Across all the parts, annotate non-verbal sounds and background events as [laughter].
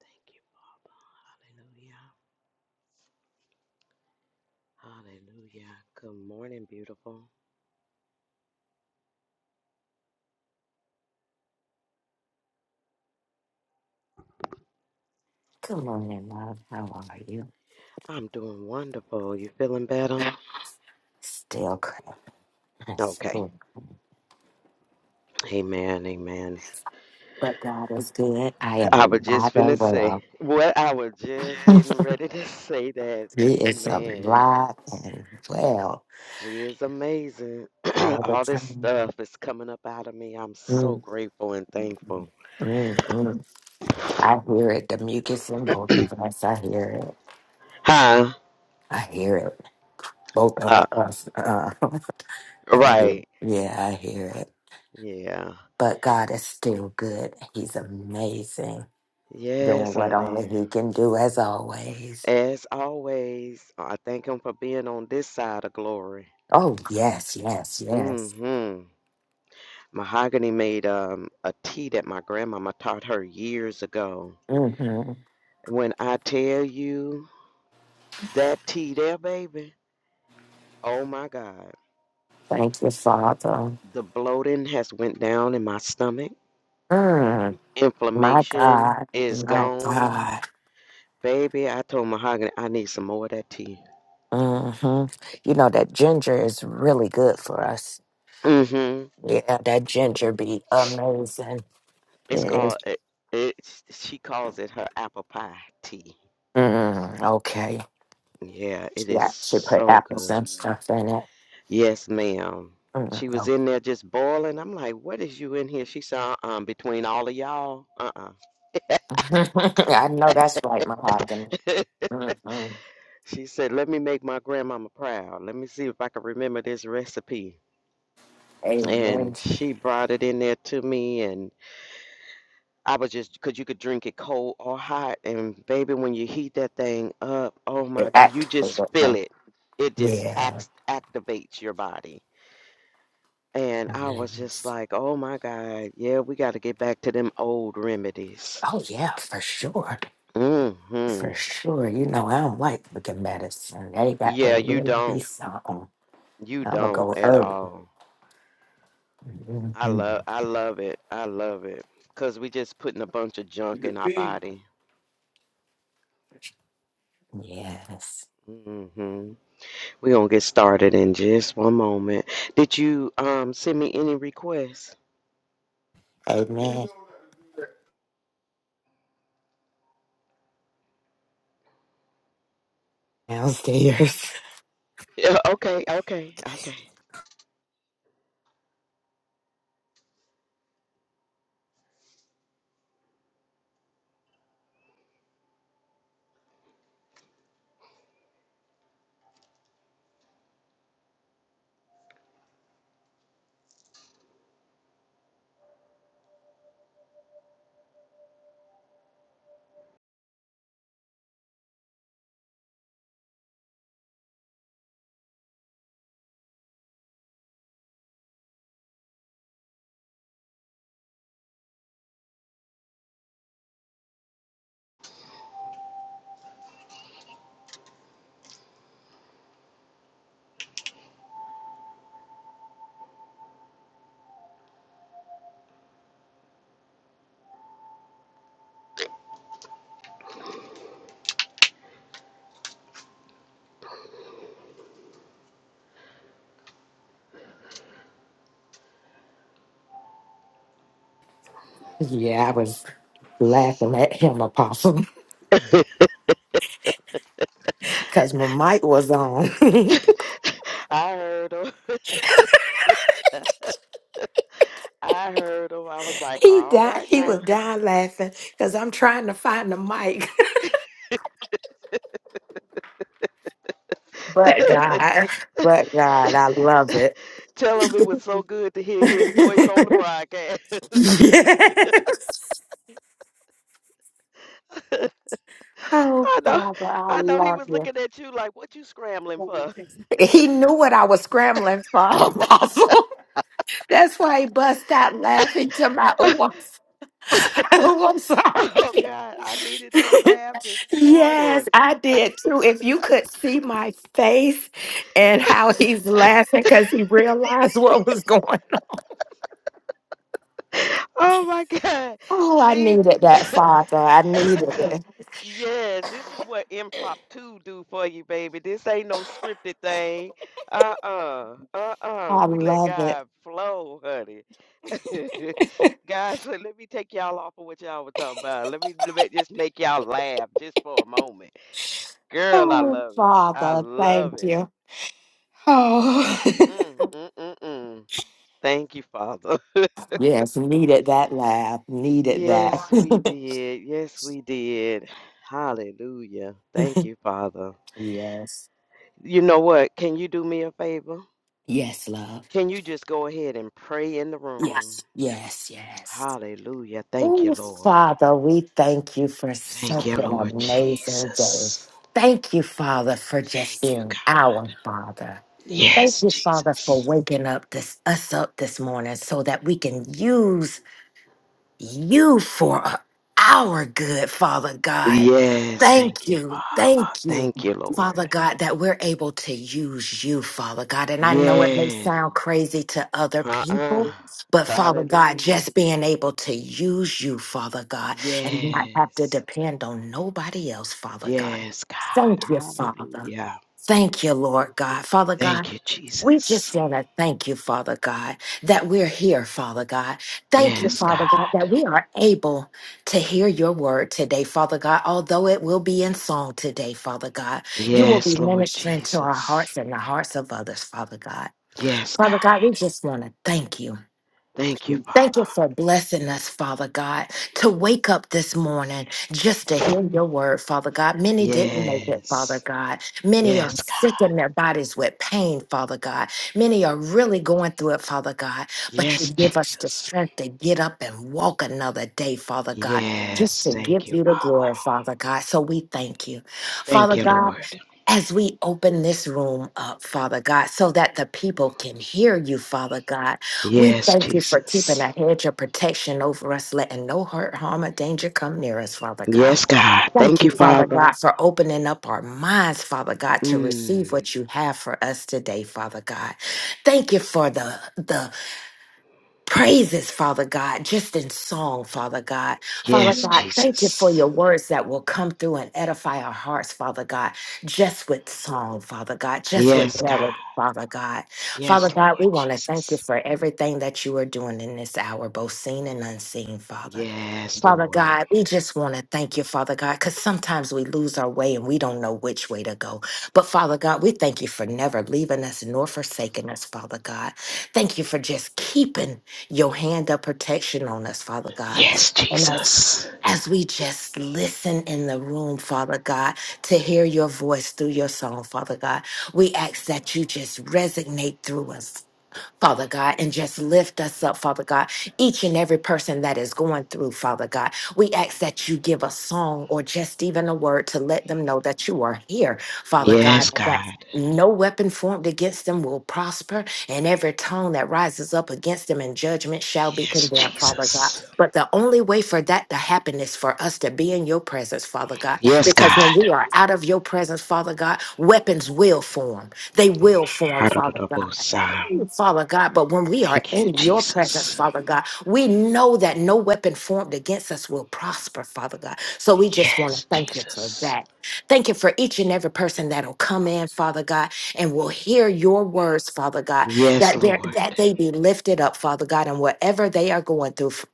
Thank you, Father. Hallelujah. Hallelujah. Good morning, beautiful. Good morning, love. How are you? I'm doing wonderful. You feeling better? Still crazy. Okay. But Amen. Amen. God is good. I am I was alive just finna and say well. what I was just getting ready to say that. He is Amen. alive and well He is amazing. [clears throat] all the All this time. stuff is coming up out of me. I'm so Mm, grateful and thankful. mm, mm. I hear it. The mucus in both of us. I hear it. Huh? I hear it. Both of Uh, us. Uh, [laughs] I hear- right. yeah, I hear it. Yeah. But God is still good. He's amazing, doing Yes, what honey. only He can do, as always. As always, I thank him for being on this side of glory. Oh, yes, yes, yes. hmm Mahogany made um, a tea that my grandmama taught her years ago. hmm When I tell you that tea there, baby, oh my God, Thank you, Father. the bloating has went down in my stomach. Mm, my Inflammation God. is My gone, God. baby. I told Mahogany I need some more of that tea. hmm You know, that ginger is really good for us. hmm Yeah, that ginger be amazing. It's It is. called it, it. She calls it her apple pie tea. Mm, okay. Yeah, it is Yeah, she put so apples good. and stuff in it. Yes, ma'am. Mm, She was no. in there just boiling. I'm like, what is you in here? She said, "Uh, um, between all of y'all, uh-uh. [laughs] I know that's right, my husband. Mm-hmm. [laughs] she said, let me make my grandmama proud. Let me see if I can remember this recipe. Amen. And she brought it in there to me, and I was just, because you could drink it cold or hot. And baby, when you heat that thing up, oh It my God, you just activated feel him. it. It just Yeah. acts, activates your body And I was just Yes. like, oh my God, yeah, we got to get back to them old remedies. Oh, yeah, for sure. hmm For sure. You know, I don't like looking medicine. They got to Yeah, you really be don't. something. You I'm going to don't go at herbal. all. I Mhm. love I love it. I love it. Cause we just putting a bunch of junk The in our pig. body. Yes. hmm We're gonna get started in just one moment. Did you um send me any requests? Amen. Downstairs. Yeah, okay, okay, [laughs] okay. Yeah, I was laughing at him, Apostle, [laughs] because my mic was on. [laughs] I heard 'em. I heard 'em. I was like, he all died. right He was now. dying laughing because I'm trying to find the mic. [laughs] But God, but God, I love it. Tell him it was so good to hear his voice on the [laughs] broadcast. yes. [laughs] Oh, I know, Father, I I know he love was you. looking at you like, what you scrambling for? He knew what I was scrambling for, [laughs] Apostle. That's why he bust out laughing to my, [laughs] oh, I'm, [laughs] oh, I'm oh sorry. God, I needed that laugh this [laughs] yes, morning. I did too. If you could see my face and how he's laughing because he realized what was going on. [laughs] Oh my God. Oh, I See, needed that, Father. I needed it. [clears throat] yes, this is what impromptu do for you, baby. This ain't no scripted thing. Uh-uh. Uh-uh. I We let love it. God flow, honey. [laughs] Guys, let, let me take y'all off of what y'all were talking about. Let me, let me just make y'all laugh just for a moment. Girl, I Oh, love it. I Father, love thank it. you. Oh, Mm, mm, mm, mm. Thank you, Father. [laughs] [laughs] yes, needed that laugh. Needed Yes, we that. did. Yes, we did. Hallelujah. [laughs] Thank you, Father. Yes. You know what? Can you do me a favor? Yes, love. Can you just go ahead and pray in the room? Yes. Yes, yes. Hallelujah. Thank you, Oh, Lord. Father, we thank you for Thank such you, an Lord amazing day. Jesus. Thank you, Father, for just Thank you, being God. our Father. Thank Yes, you, Father, for Jesus. waking up this, us up this morning so that we can use you for a- our good, Father God. Yes, Thank thank you, you. Father. Thank you, Thank you, Father Lord. God, that we're able to use you, Father God. And I know it may Yes. sound crazy to other Uh uh people, but Father God, Hallelujah. just being able to use you, Father God, and not have to Yes. depend on nobody else, Father God. Yes, God. Thank you, Father. Hallelujah. Thank you, Lord God. Father God, Thank you, we just Jesus. want to thank you, Father God, that we're here, Father God. Thank you, Yes, Father God, that God. we are able to hear your word today, Father God, although it will be in song today, Father God. You will be Yes, Lord ministering to our hearts Jesus. and the hearts of others, Father God. Yes, God. Father God, we just want to thank you. Thank you, Thank you Father. for blessing us, Father God, to wake up this morning just to hear your word, Father God. Many didn't make it, Father Yes. God. Many are Yes, sick in God. their bodies with pain, Father God. Many are really going through it, Father God. But you Yes, give us the Jesus. strength to get up and walk another day, Father God, just Yes. to give Thank you, you the Father. glory, Father God. So we thank you. Thank Father you, God, Lord. as we open this room up, Father God, so that the people can hear you, Father God. We Yes, thank you for keeping Jesus. a hedge of protection over us, letting no hurt, harm, or danger come near us, Father God. Yes, God. Thank Thank you, you, Father Father. God, for opening up our minds, Father God, to receive Mm. what you have for us today, Father God. Thank you for the the praises, Father God, just in song, Father God. Father Mm. Yes, God, thank you for Jesus. your words that will come through and edify our hearts, Father God, just with song, Father God, just with Yes, Mhm. God. melody. Father God. Father Yes, Lord God, we want to thank you Jesus. for everything that you are doing in this hour, both seen and unseen, Father. Yes, Father Lord. God, we just want to thank you, Father God, because sometimes we lose our way and we don't know which way to go. But Father God, we thank you for never leaving us nor forsaking us, Father God. Thank you for just keeping your hand of protection on us, Father God. Yes, And as, Jesus. as we just listen in the room, Father God, to hear your voice through your song, Father God, we ask that you just resonate through us. Father God, and just lift us up, Father God. Each and every person that is going through, Father God, we ask that you give a song or just even a word to let them know that you are here, Father God, Yes, and that God. no weapon formed against them will prosper, and every tongue that rises up against them in judgment shall be Yes, condemned, Father God. Jesus. But the only way for that to happen is for us to be in your presence, Father God, Yes, because when God. we are out of your presence, Father God, weapons will form. They will form, Father God. Hallelujah. Mm, Father God, but when we are Thank you, in your presence, Jesus. Father God, we know that no weapon formed against us will prosper, Father God. So we just want to Yes, thank you for Jesus. that. Thank you for each and every person that'll come in, Father God, and will hear your words, Father God, Yes, that they Lord. that they be lifted up, Father God, and whatever they are going through, F-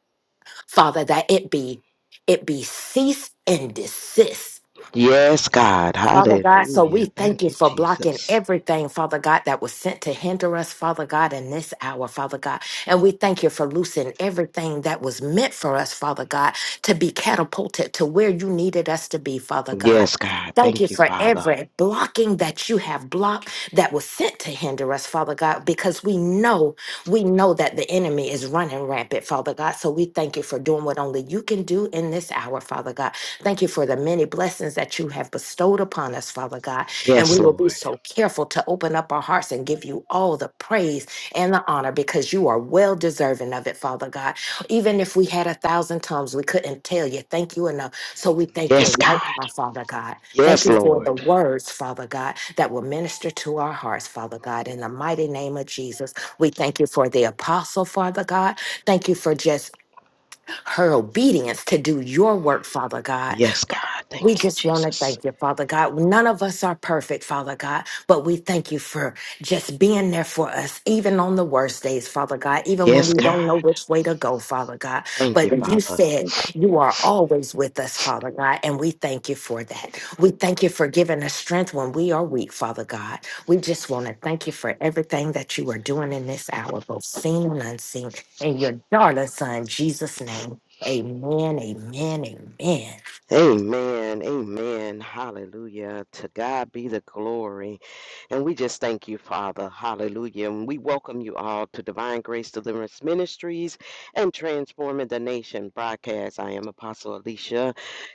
Father, that it be it be cease and desist Yes, God. Father God, so we Hallelujah. thank Thank you you, for blocking Jesus. everything, Father God, that was sent to hinder us, Father God, in this hour, Father God. And we thank you for loosing everything that was meant for us, Father God, to be catapulted to where you needed us to be, Father God. Yes, God. Thank you Thank you, for Father. every blocking that you have blocked that was sent to hinder us, Father God, because we know, we know that the enemy is running rampant, Father God. So we thank you for doing what only you can do in this hour, Father God. Thank you for the many blessings that you have bestowed upon us, Father God. And we Yes, will be Lord. so careful to open up our hearts and give you all the praise and the honor because you are well deserving of it, Father God. Even if we had a thousand tongues, we couldn't tell you thank you enough. So we thank you Yes, God. right now, Father God. Thank Yes, you for the Lord. words, Father God, that will minister to our hearts, Father God. In the mighty name of Jesus, we thank you for the apostle, Father God. Thank you for just her obedience to do your work, Father God. Yes, Fa- God. We Thank you, just want to Jesus. thank you, Father God. None of us are perfect, Father God, but we thank you for just being there for us, even on the worst days, Father God, even when Yes, we God. don't know which way to go, Father God. Thank you, But you Father. said you are always with us, Father God, and we thank you for that. We thank you for giving us strength when we are weak, Father God. We just want to thank you for everything that you are doing in this hour, both seen and unseen in your darling son, Jesus' name. Amen, amen, amen. Amen. Amen. Hallelujah. To God be the glory. And we just thank you, Father. Hallelujah. And we welcome you all to Divine Grace Deliverance Ministries and Transforming the Nation broadcast. I am Apostle Alicia.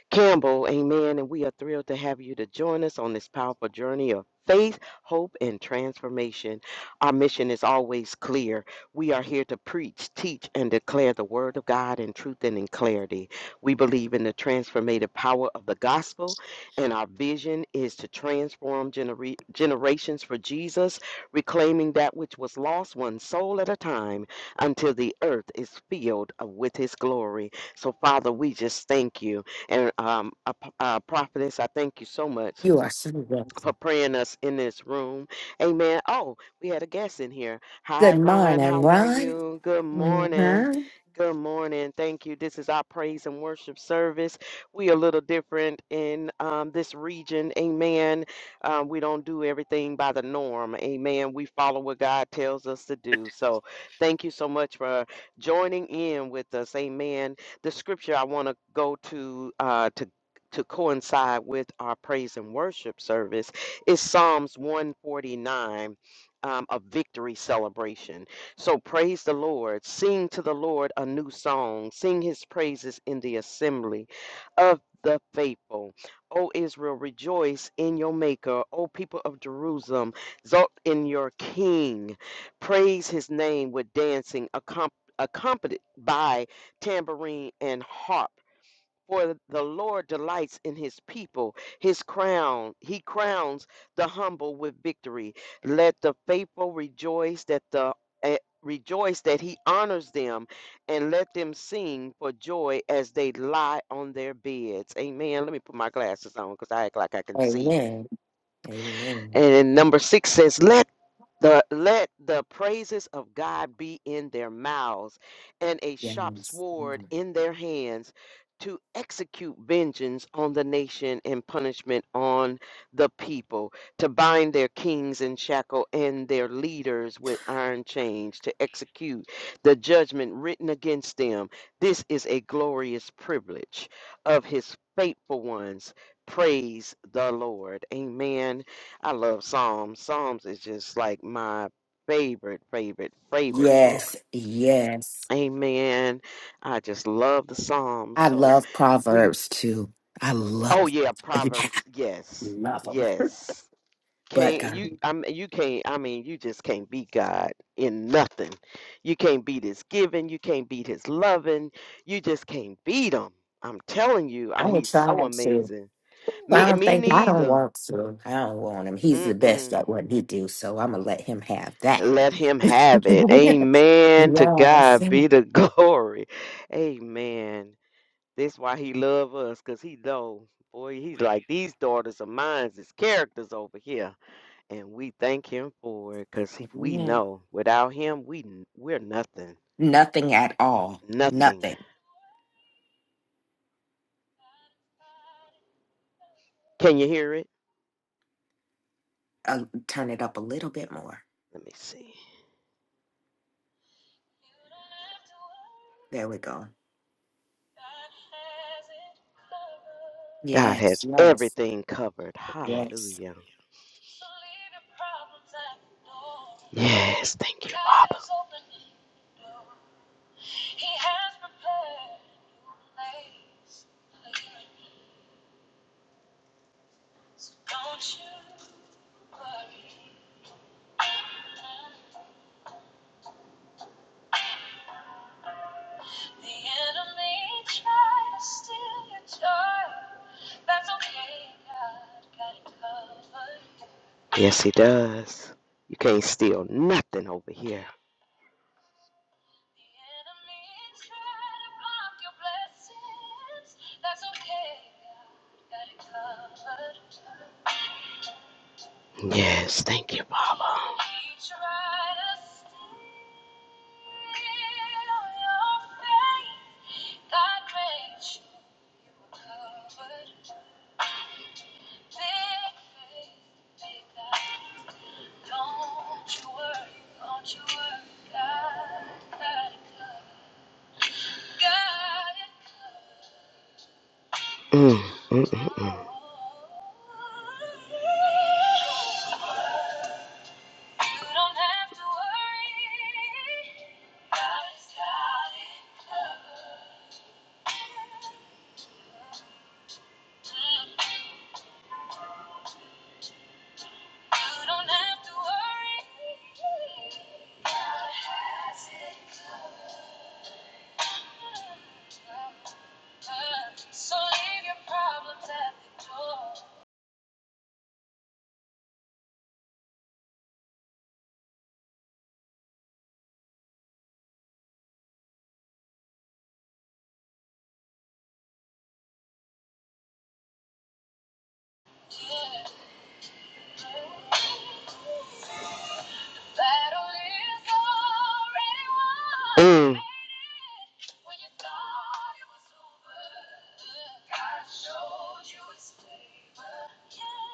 Campbell. Amen. And we are thrilled to have you to join us on this powerful journey of faith, hope, and transformation. Our mission is always clear. We are here to preach, teach, and declare the word of God in truth and in clarity. We believe in the transformative power of the gospel, and our vision is to transform genera- generations for Jesus, reclaiming that which was lost one soul at a time until the earth is filled with his glory. So, Father, we just thank you. And um, uh, uh, prophetess, I thank you so much You are so for welcome. praying us in this room. Amen. Oh, we had a guest in here. Hi, Good Ron. morning, How are Ron. you? Good morning. Mm-hmm. Good morning. Thank you. This is our praise and worship service. We are a little different in um, this region. Amen. Um, we don't do everything by the norm. Amen. We follow what God tells us to do. So thank you so much for joining in with us. Amen. The scripture I want to go to uh, to to coincide with our praise and worship service is Psalms 149, um, a victory celebration. So praise the Lord. Sing to the Lord a new song. Sing his praises in the assembly of the faithful. O Israel, rejoice in your Maker. O people of Jerusalem, exult in your King. Praise his name with dancing, accom- accompanied by tambourine and harp. For the Lord delights in his people. His crown, he crowns the humble with victory. Let the faithful rejoice that the eh, rejoice that he honors them and let them sing for joy as they lie on their beds. Amen. Let me put my glasses on because I act like I can see. Amen, amen. And number six says, Let the let the praises of God be in their mouths and a sharp Yes. sword in their hands to execute vengeance on the nation and punishment on the people, to bind their kings in shackle and their leaders with iron chains, to execute the judgment written against them. This is a glorious privilege of his faithful ones. Praise the Lord. Amen I love Psalms. Psalms is just like my favorite, favorite, favorite Yes, book. yes. Amen. I just love the Psalms. I So love we Proverbs too. I oh love yeah, I Proverbs. Yes. love them. Yes. But Can't you God, I mean you can't I mean you just can't beat God in nothing. You can't beat his giving, you can't beat his loving, you just can't beat him. I'm telling you, uh, I would he's so try to. amazing. I Me don't me think I don't neither. want to. I don't want him. He's the Mm-mm. best at what he do, so I'm gonna let him have that. Let him have it. Amen. To yes. God be the [laughs] glory. Amen. This why he love us, cause he know, boy, he's like these daughters of mine is characters over here, and we thank him for it, cause we Amen. know without him we n- we're nothing, Nothing at all. nothing. Nothing. Can you hear it? Uh, turn it up a little bit more. Let me see. There we go. God Yes, has yes, everything covered. yes. Hallelujah. Yes, thank you, Father. Yes, he does. You can't steal nothing over here. Yes, thank you, Baba. Mm, mm, mm, mm.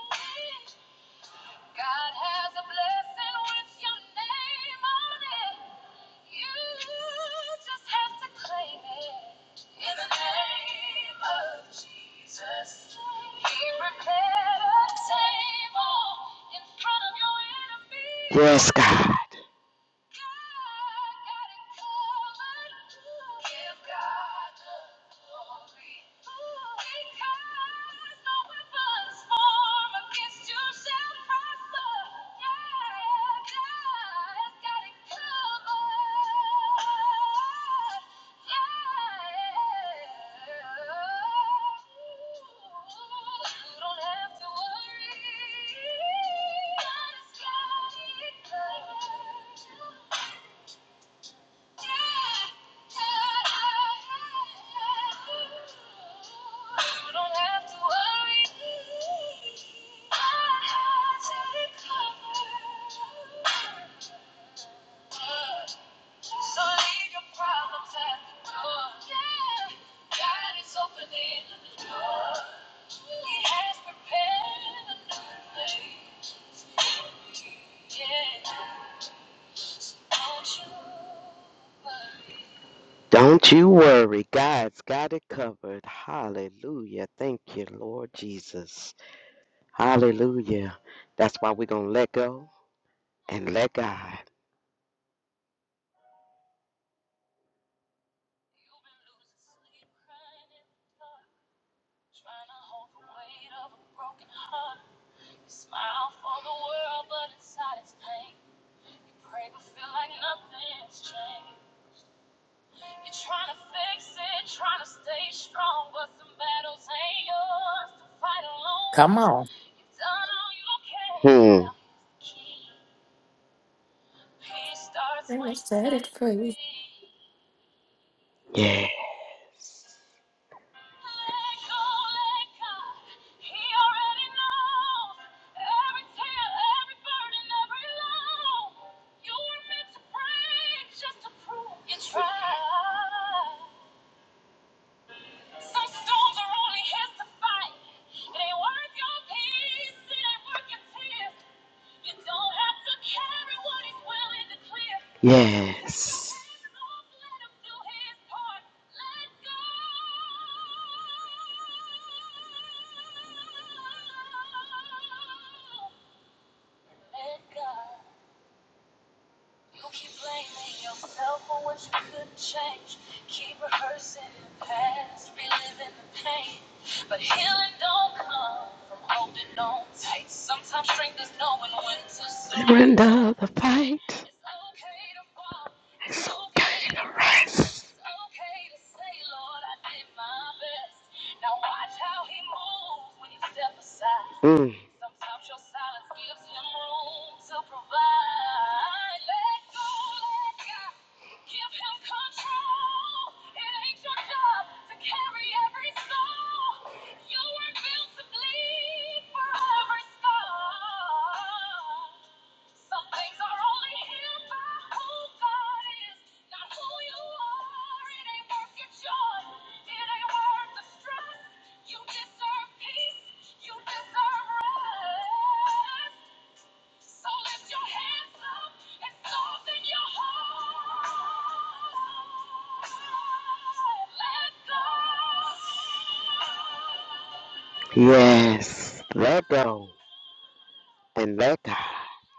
Mm. enemies. Yes, God. Don't you worry. God's got it covered. Hallelujah. Thank you, Lord Jesus. Hallelujah. That's why we're going to let go and let God. Come on. Hmm. Let me set it free. Yes. Yes. the fight. It's okay rest. It's step aside. Mm. Yes. Let go and let God.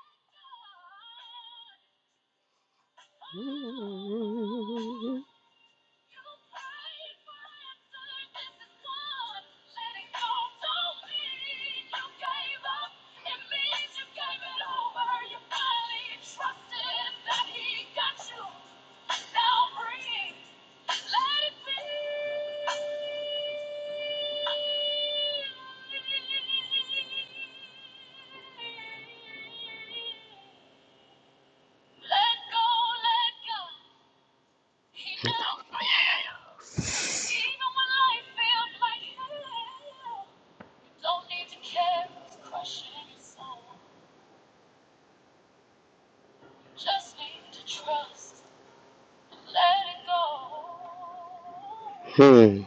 Hmm.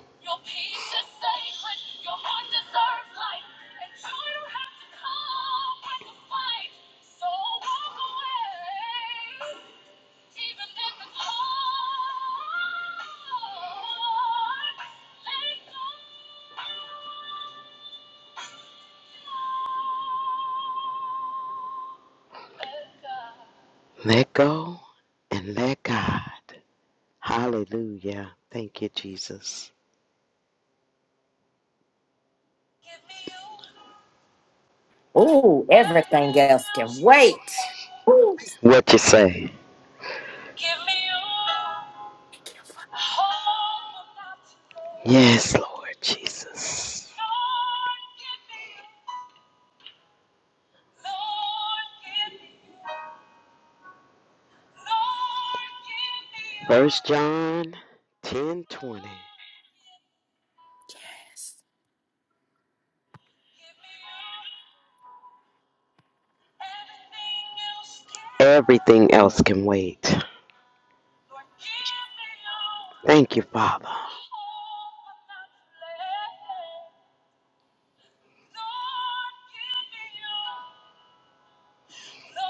Let go and let God. Hallelujah. Thank you, Jesus. Oh, everything else can wait. Ooh, What you say? Yes, Lord Jesus. First John ten twenty. else can wait. Thank you, Father.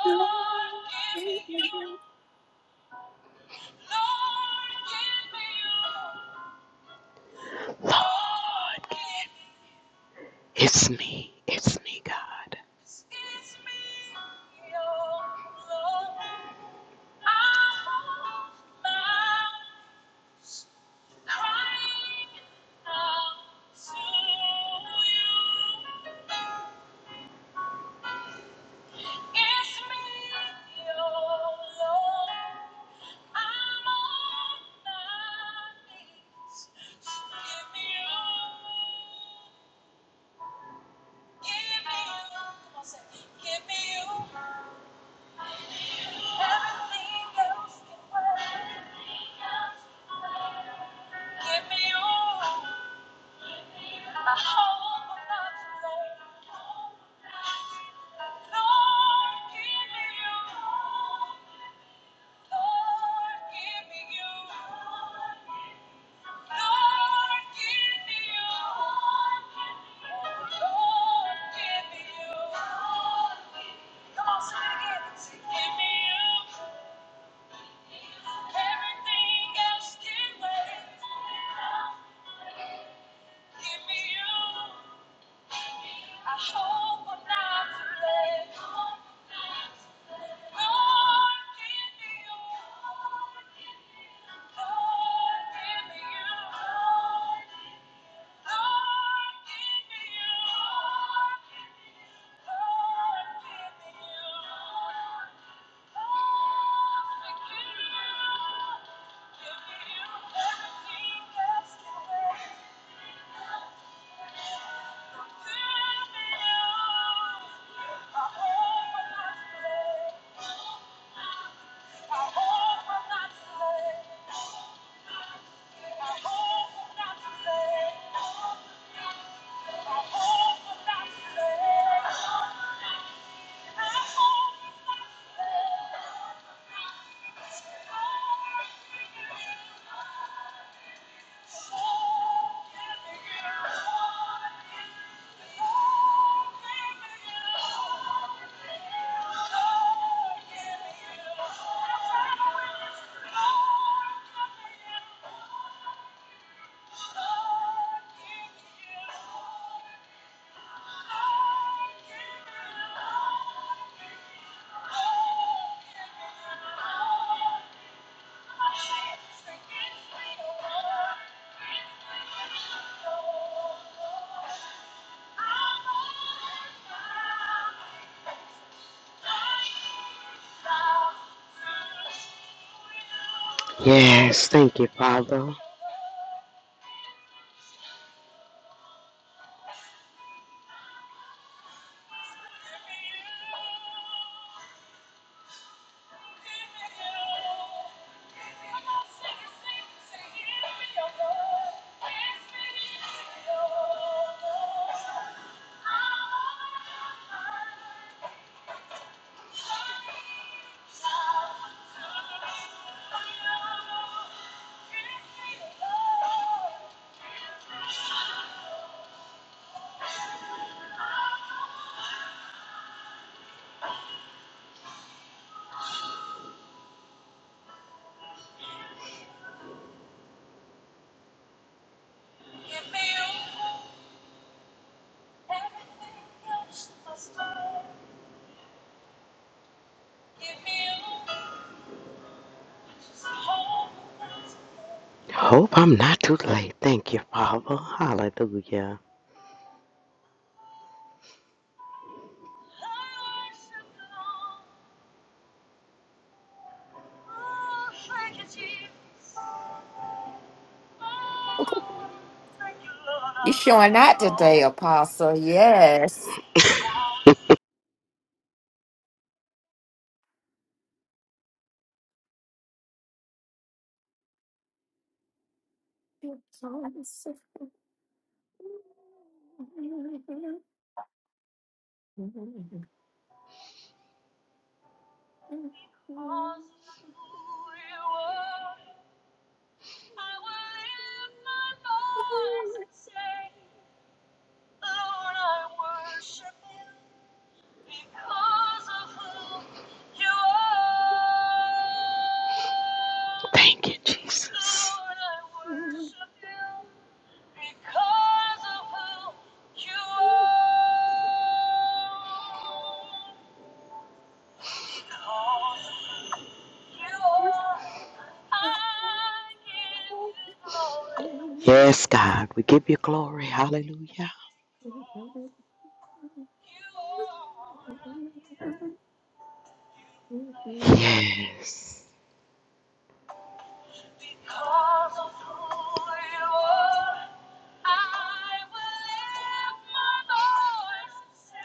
yes. It's me. It's me, God. Yes, thank you, Father. Hope I'm not too late. Thank you, Father. Hallelujah. You showing out today, Apostle. Yes. Thank you, Jesus. Yes, God, we give you glory. Hallelujah. Yes.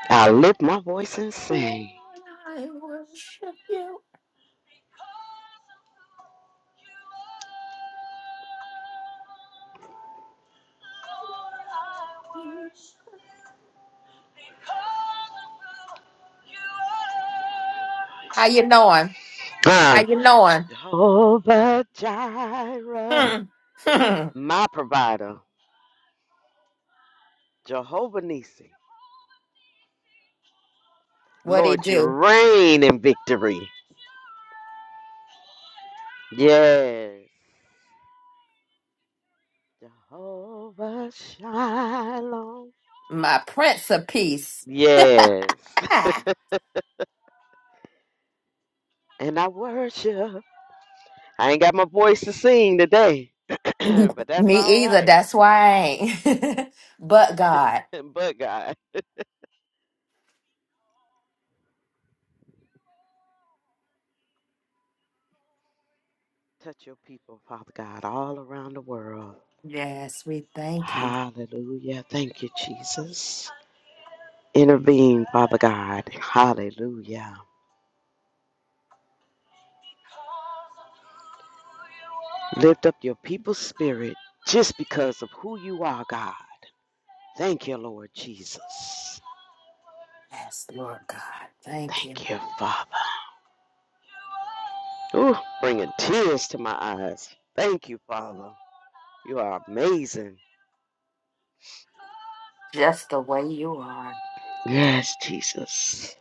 I lift my voice and sing. How you knowing? How Uh, you knowing? Jehovah Jireh, Hmm. Hmm. my provider. Jehovah Nisi. what he Lord, you do? reign in victory. Yes. Jehovah Shalom. My Prince of Peace. Yes. [laughs] Ah. And I worship. I ain't got my voice to sing today, [clears throat] but [laughs] that's Me all either. right. That's why I ain't. [laughs] but God. [laughs] but God, touch your people, Father God, all around the world. Yes, we thank you. Hallelujah. Thank you, Jesus. Intervene, Father God. Hallelujah. Lift up your people's spirit just because of who you are, God. Thank you, Lord Jesus. Yes, Lord God. Thank you. Thank you, Father. Ooh, bringing tears to my eyes. Thank you, Father. You are amazing. Just the way you are. Yes, Jesus.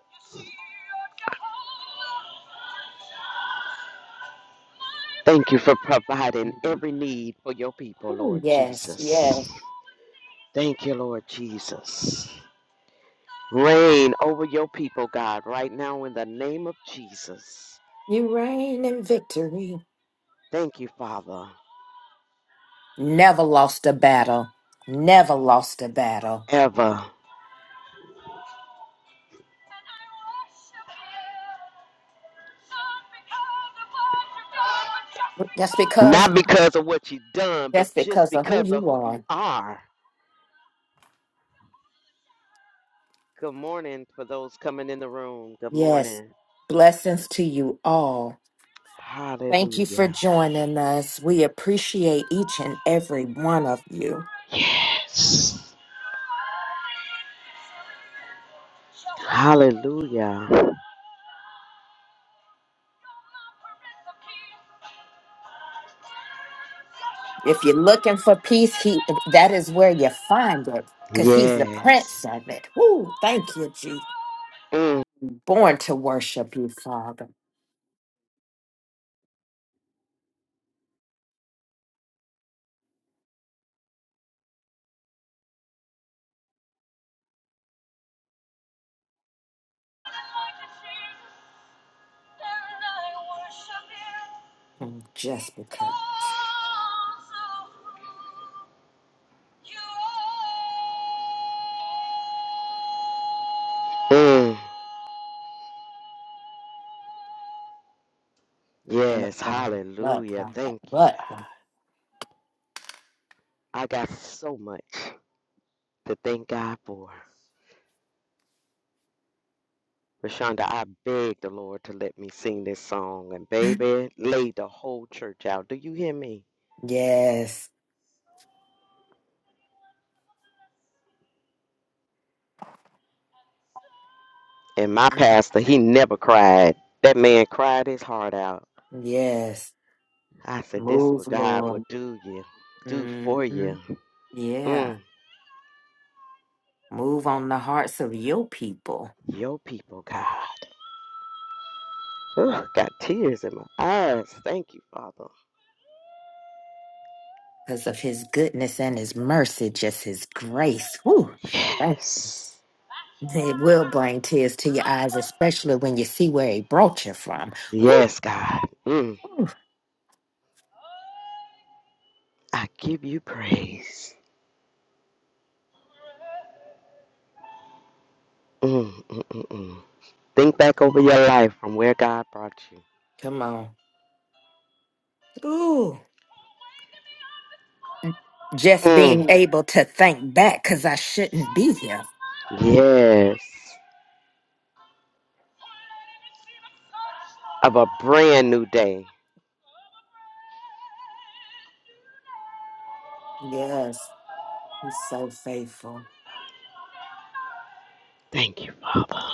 Thank you for providing every need for your people, Oh, Lord yes, yes. Jesus. Thank you, Lord Jesus. Reign over your people, God, right now in the name of Jesus. You reign in victory. Thank you, Father, Never lost a battle. Never lost a battle. ever. That's because Not because of what you've done, but that's just because of who because of you who you are. are. Good morning for those coming in the room. Good Yes. morning. Blessings to you all. Thank you for Hallelujah. joining us. We appreciate each and every one of you. Yes. Hallelujah. If you're looking for peace, he that is where you find it, because he's the prince Yes. of it. Woo! Thank you, Jesus. Mm, Born to worship you, Father. And just because. mm. But, Yes. but, but, Hallelujah. but, Thank you, God. but. Father. I got so much to thank God for. Rashonda, I beg the Lord to let me sing this song. And baby, laid the whole church out. Do you hear me? Yes. And my pastor, he never cried. That man cried his heart out. Yes. I said, This Move, what God will Lord. do you, do for hmm you. Yeah. Mm, Move on the hearts of your people your people, God. Ugh, got tears in my eyes. Thank you, Father. because of his goodness and his mercy, just his grace. Woo! Yes. They will bring tears to your eyes, especially when you see where he brought you from. Woo, Yes, God. Mm, woo. I give you praise. Mm, mm, mm, mm. Think back over your life from where God brought you. Come on. Ooh. Just Mm. being able to think back because I shouldn't be here. Yes. Of a brand new day. Yes, he's so faithful. Thank you, Father.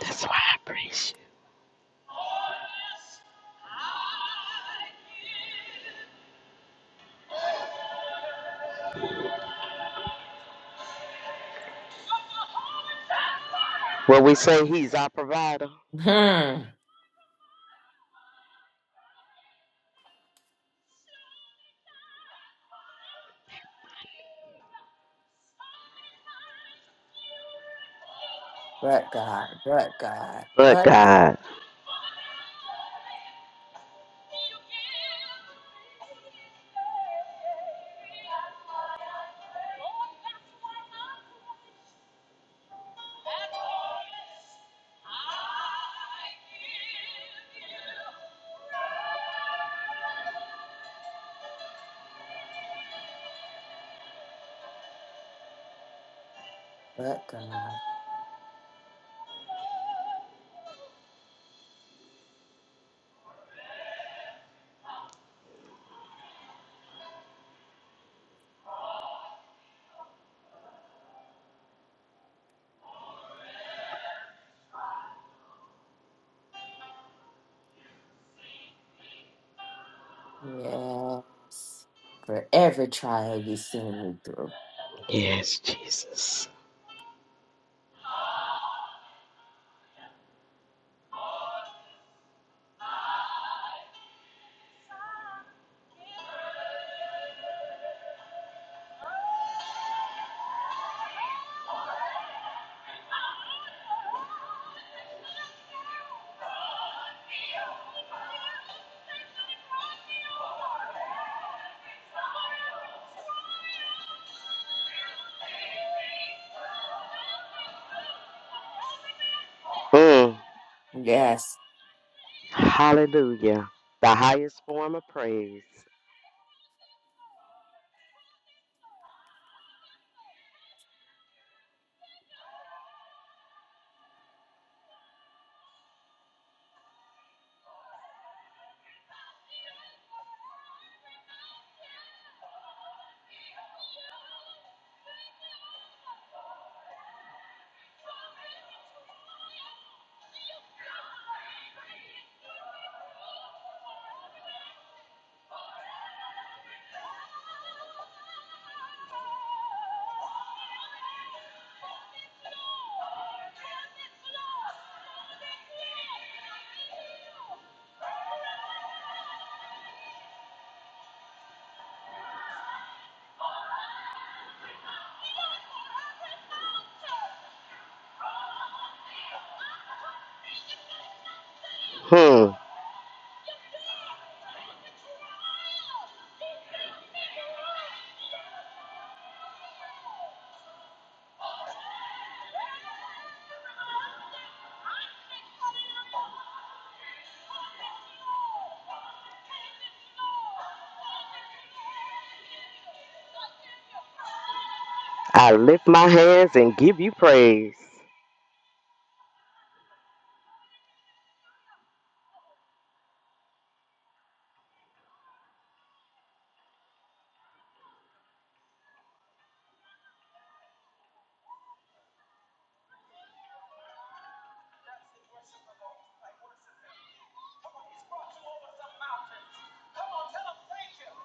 That's why I praise you. Well, we say He's our provider, Hmm. But God, but God, but but, God, God. but God. Yes. For every trial you see me through. Yes, Jesus. Mm. Yes. Hallelujah. The highest form of praise. Hmm. I lift my hands and give you praise.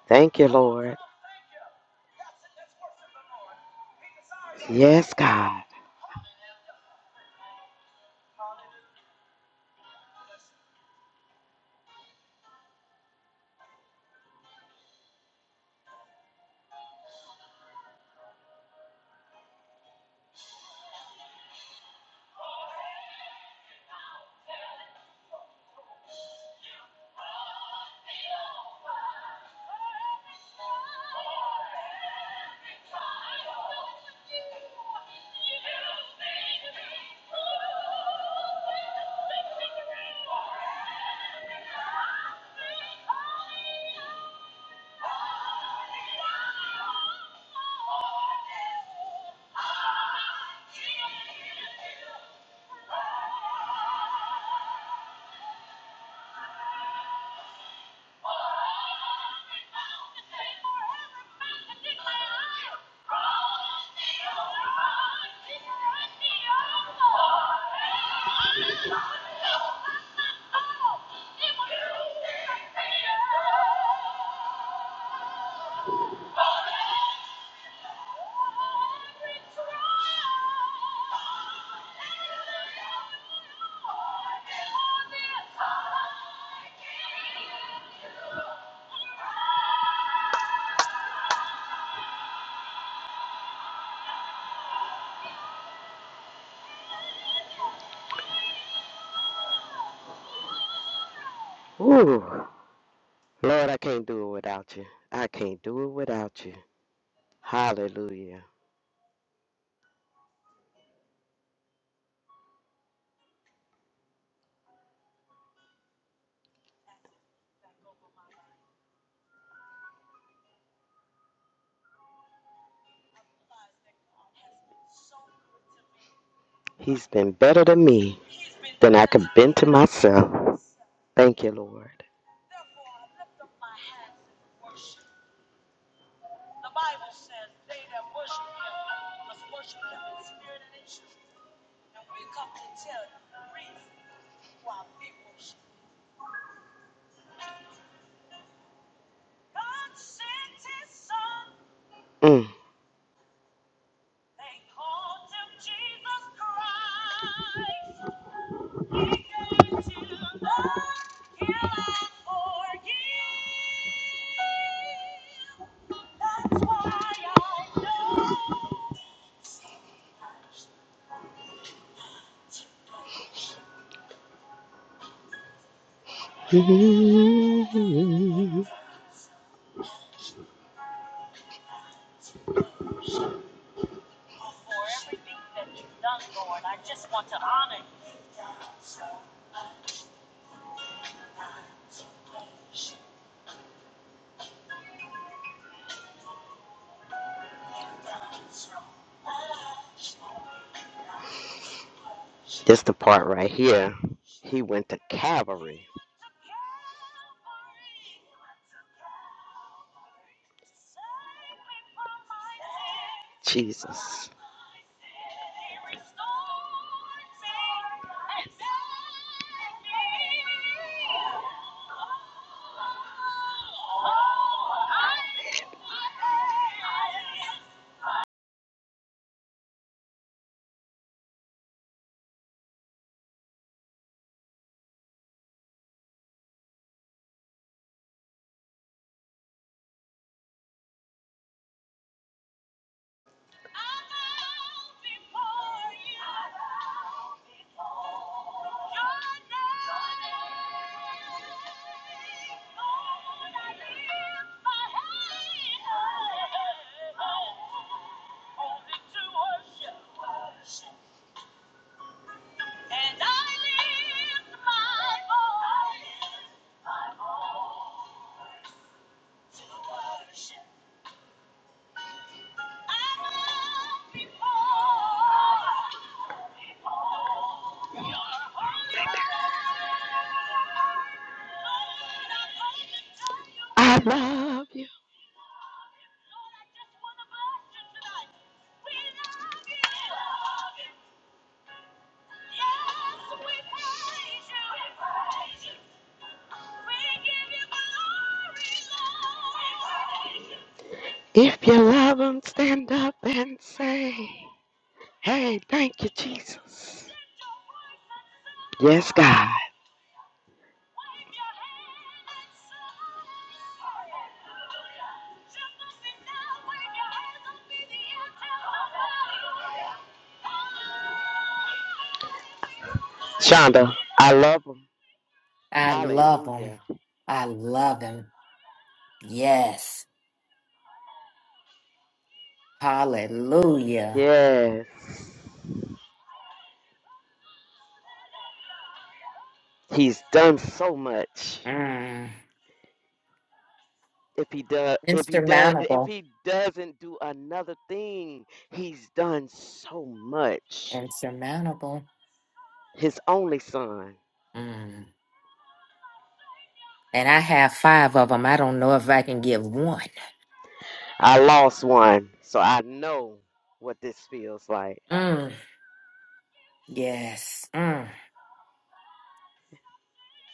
Thank you, Lord. Yes, God. Ooh. Lord, I can't do it without you. I can't do it without you. Hallelujah. He's been better to me than I could been to myself. Thank you, Lord. Mm. This the part right here. He went to Calvary. Jesus. I love you. If you love him, stand up and say, Hey, thank you, Jesus. Yes, God. Shonda, I love him. I love them. Hallelujah. I love them. Yes. Hallelujah. Yes. He's done so much. Mm. If he does if he does if Insurmountable. he doesn't do another thing, he's done so much. Insurmountable. His only son. Mm. And I have five of them. I don't know if I can give one. I lost one, so I know what this feels like. Mm. Yes. Mm.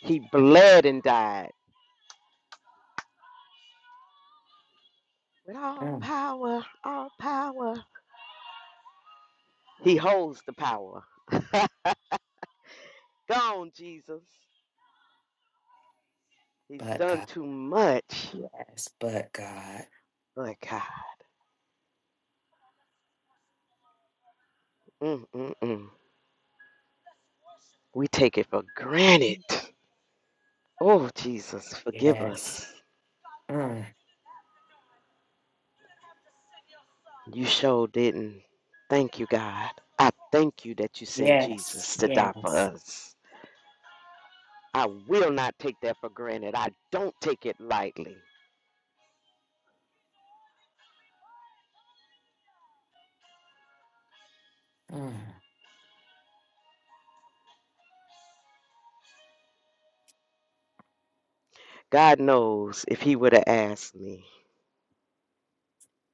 He bled and died. With all Mm. power, all power. He holds the power. Gone, Jesus. He's But done God. too much. Yes. But God. But God, mm, mm, mm. we take it for granted. Oh, Jesus, forgive Yes. us. Mm. You sure didn't. Thank you, God. I thank you that you sent Yes. Jesus to die for Yes. us. I will not take that for granted. I don't take it lightly. Mm. God knows if He would have asked me,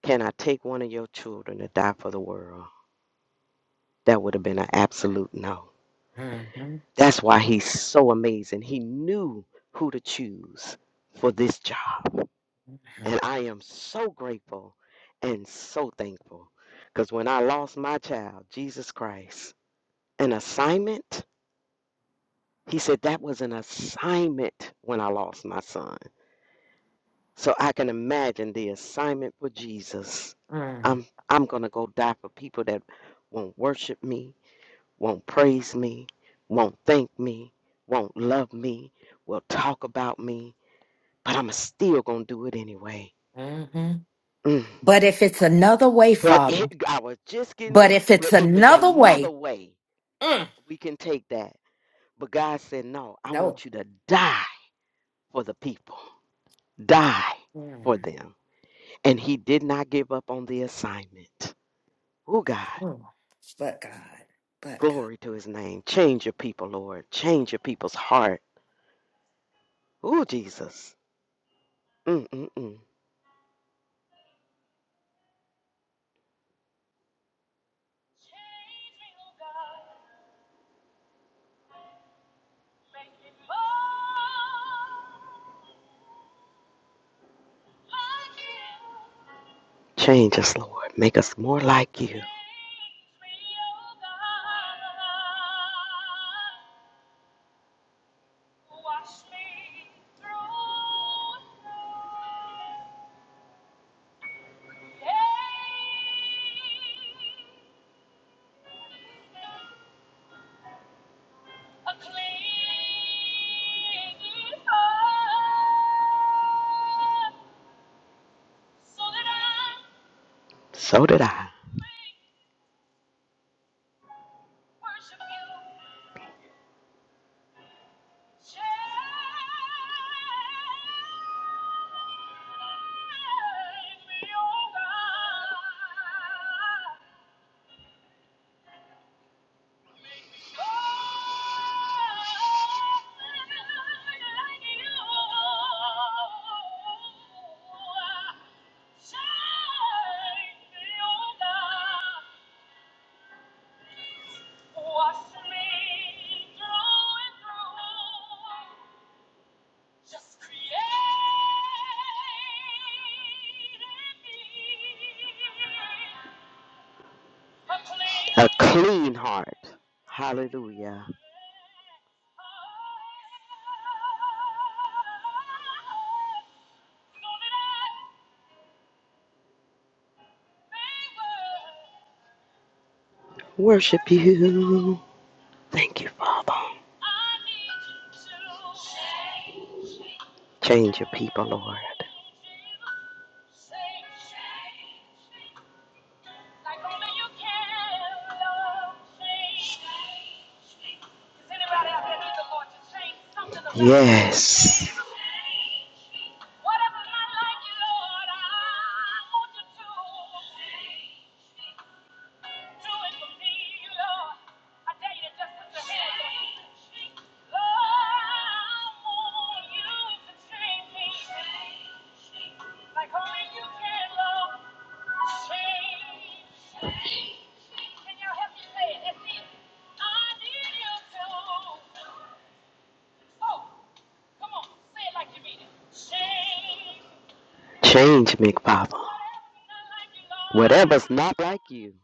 Can I take one of your children to die for the world? That would have been an absolute no. Mm-hmm. That's why He's so amazing. He knew who to choose for this job. Mm. And I am so grateful and so thankful. Because when I lost my child, Jesus Christ, an assignment, he said that was an assignment when I lost my son. So I can imagine the assignment for Jesus. Mm-hmm. I'm I'm gonna go die for people that won't worship me, won't praise me, won't thank me, won't love me, will talk about me, but I'm still gonna do it anyway. Mm-hmm. Mm. But if it's another way, But Father. it, I was just getting But ready. if But it's if it's another another way, way, mm, we can take that. But God said, No, I no. want you to die for the people, die Mm, for them. And He did not give up on the assignment. Oh, God, mm. But God, but God, glory to His name. Change your people, Lord. Change your people's heart. Oh, Jesus. Mm-mm-mm. Change us, Lord. Make us more like you. So did I. A clean heart. Hallelujah. Worship you. Thank you, Father. Change your people, Lord. Yes. Change me, Father. Whatever's not like you.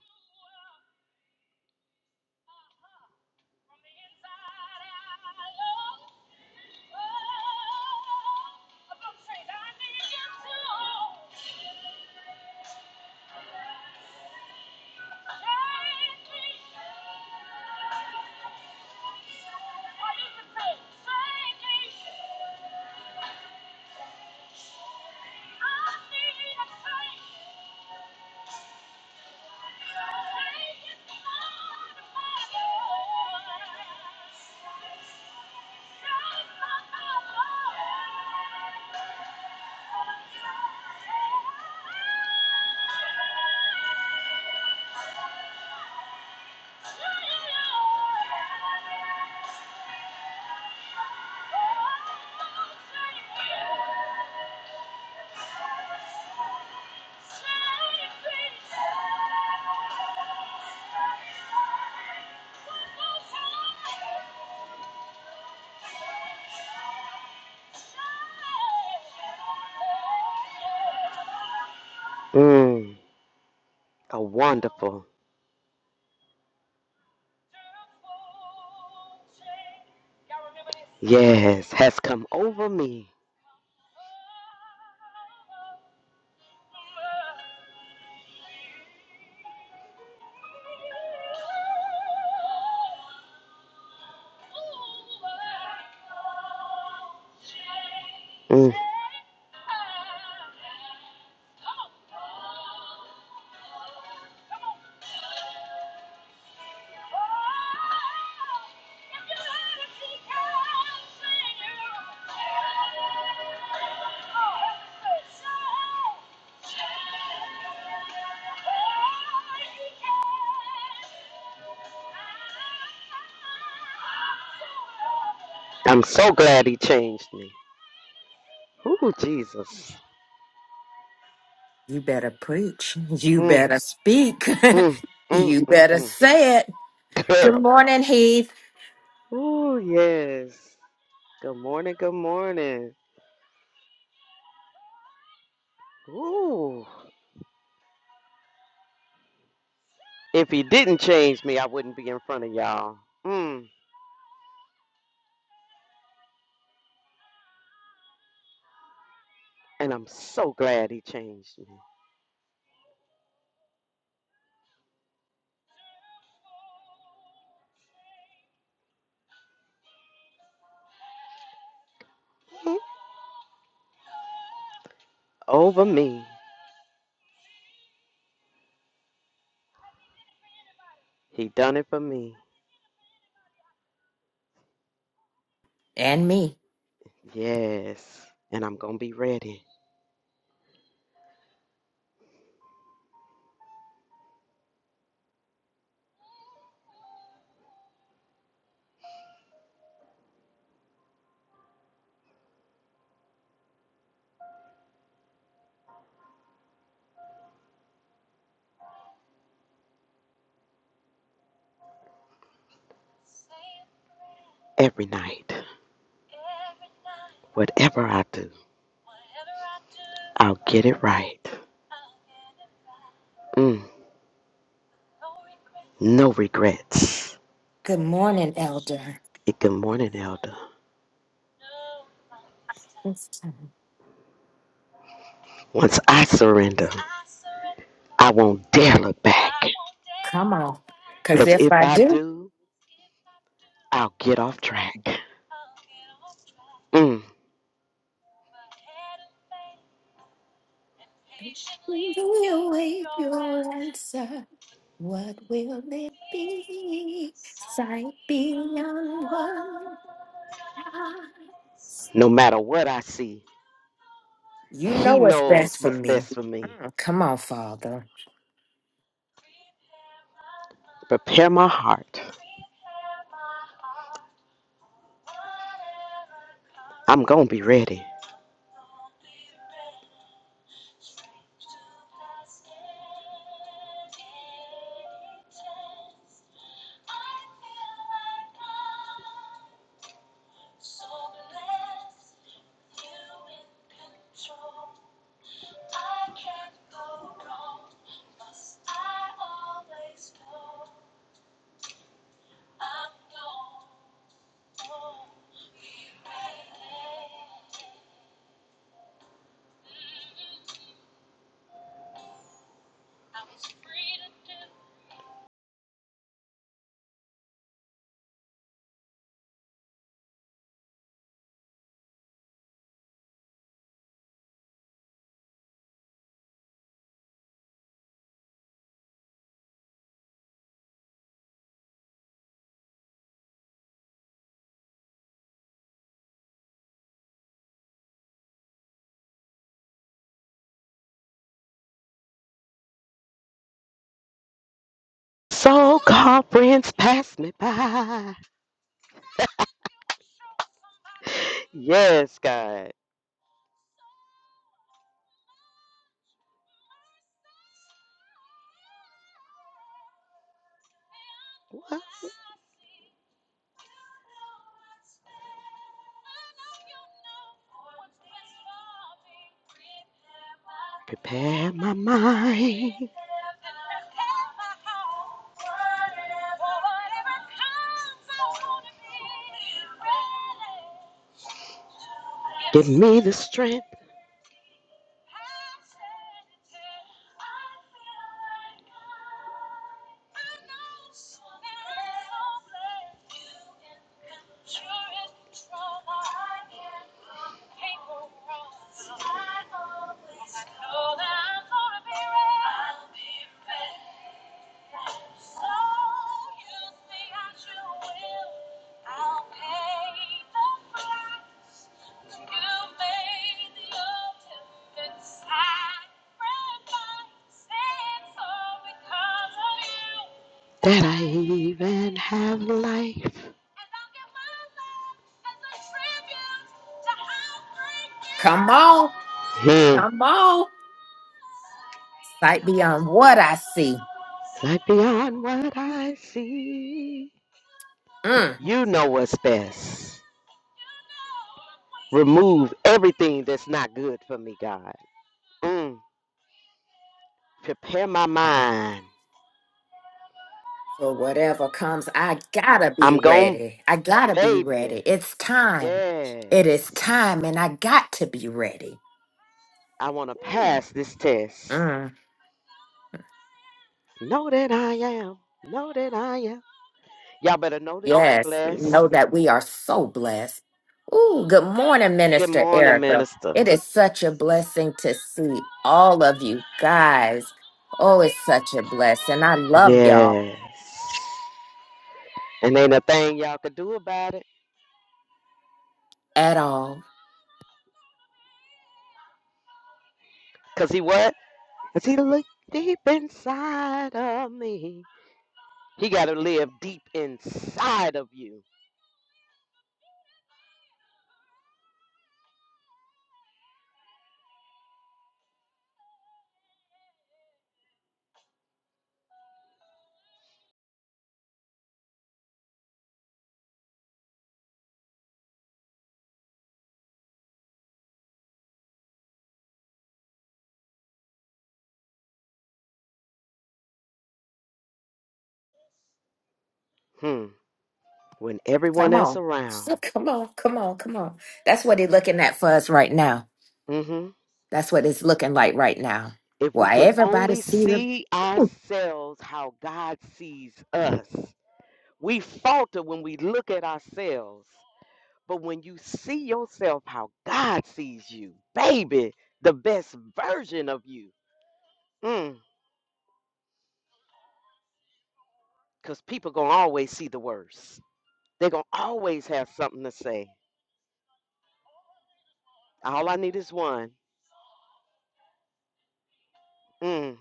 Mm, a wonderful. Yes, has come over me. Mm. I'm so glad he changed me. Ooh, Jesus. you better preach. You Mm, better speak. mm, [laughs] mm, you mm, better mm. say it. Good Girl. morning, Heath, Ooh, yes. Good morning, good morning. Ooh. If he didn't change me, I wouldn't be in front of y'all. Mm. And I'm so glad he changed me. Over me. He done it for me. and me. Yes. And I'm going to be ready every night. Whatever I do, I'll get it right. Mm, no regrets. Good morning, Elder. Eh, Good morning, Elder. Once I surrender, I won't dare look back. Come on. Because Because if if I I do, do, I'll get off track. Mm. we'll your answer. What will it be? Sight beyond words. No matter what I see, You know He what's knows best for what's me. best for me. Mm, come on, Father. Prepare my heart. I'm going to be ready. So called friends pass me by. Yes, God. What? Prepare my mind. Give me the strength. that I even have life. Come on. Hmm. Come on. Sight beyond what I see. Sight beyond what I see. Mm. You know what's best. Remove everything that's not good for me, God. Mm. Prepare my And mind. For whatever comes, I gotta be I'm going, ready. I gotta be baby. ready. It's time. It is Yes. time, and I got to be ready. I want to pass this test. Mm. Know that I am. Know that I am. Y'all better know that y'all Yes, blessed. know that we are so blessed. Ooh, good morning, Good Minister morning, Erica. minister. It is such a blessing to see all of you guys. Oh, it's such a blessing. I love Yes. y'all And ain't a thing y'all could do about it. at all. Cause he what? Cause he look deep inside of me. He gotta live deep inside of you. Hmm. When Come everyone else on. [laughs] around. Come on, come on, come on. That's what he's looking at for us right now. Mm-hmm. That's what it's looking like right now. If we Why can everybody only see the see Ooh, ourselves how God sees us. We falter when we look at ourselves. But when you see yourself how God sees you, baby, the best version of you. Mm, Cause people gonna always see the worst. They're gonna always have something to say. All I need is one. Mm,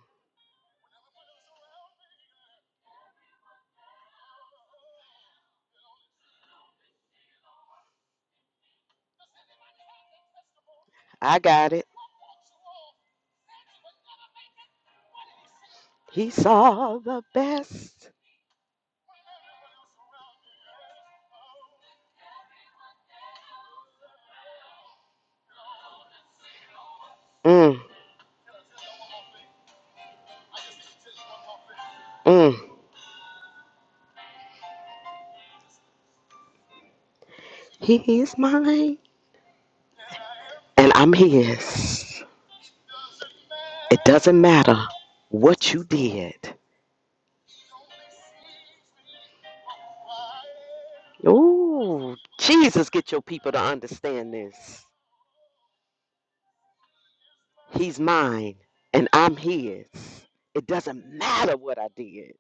I got it. He saw the best. Mm, mm. He is mine. And I'm his. It doesn't matter what you did. Ooh, Jesus, get your people to understand this. He's mine and I'm his. It doesn't matter what I did.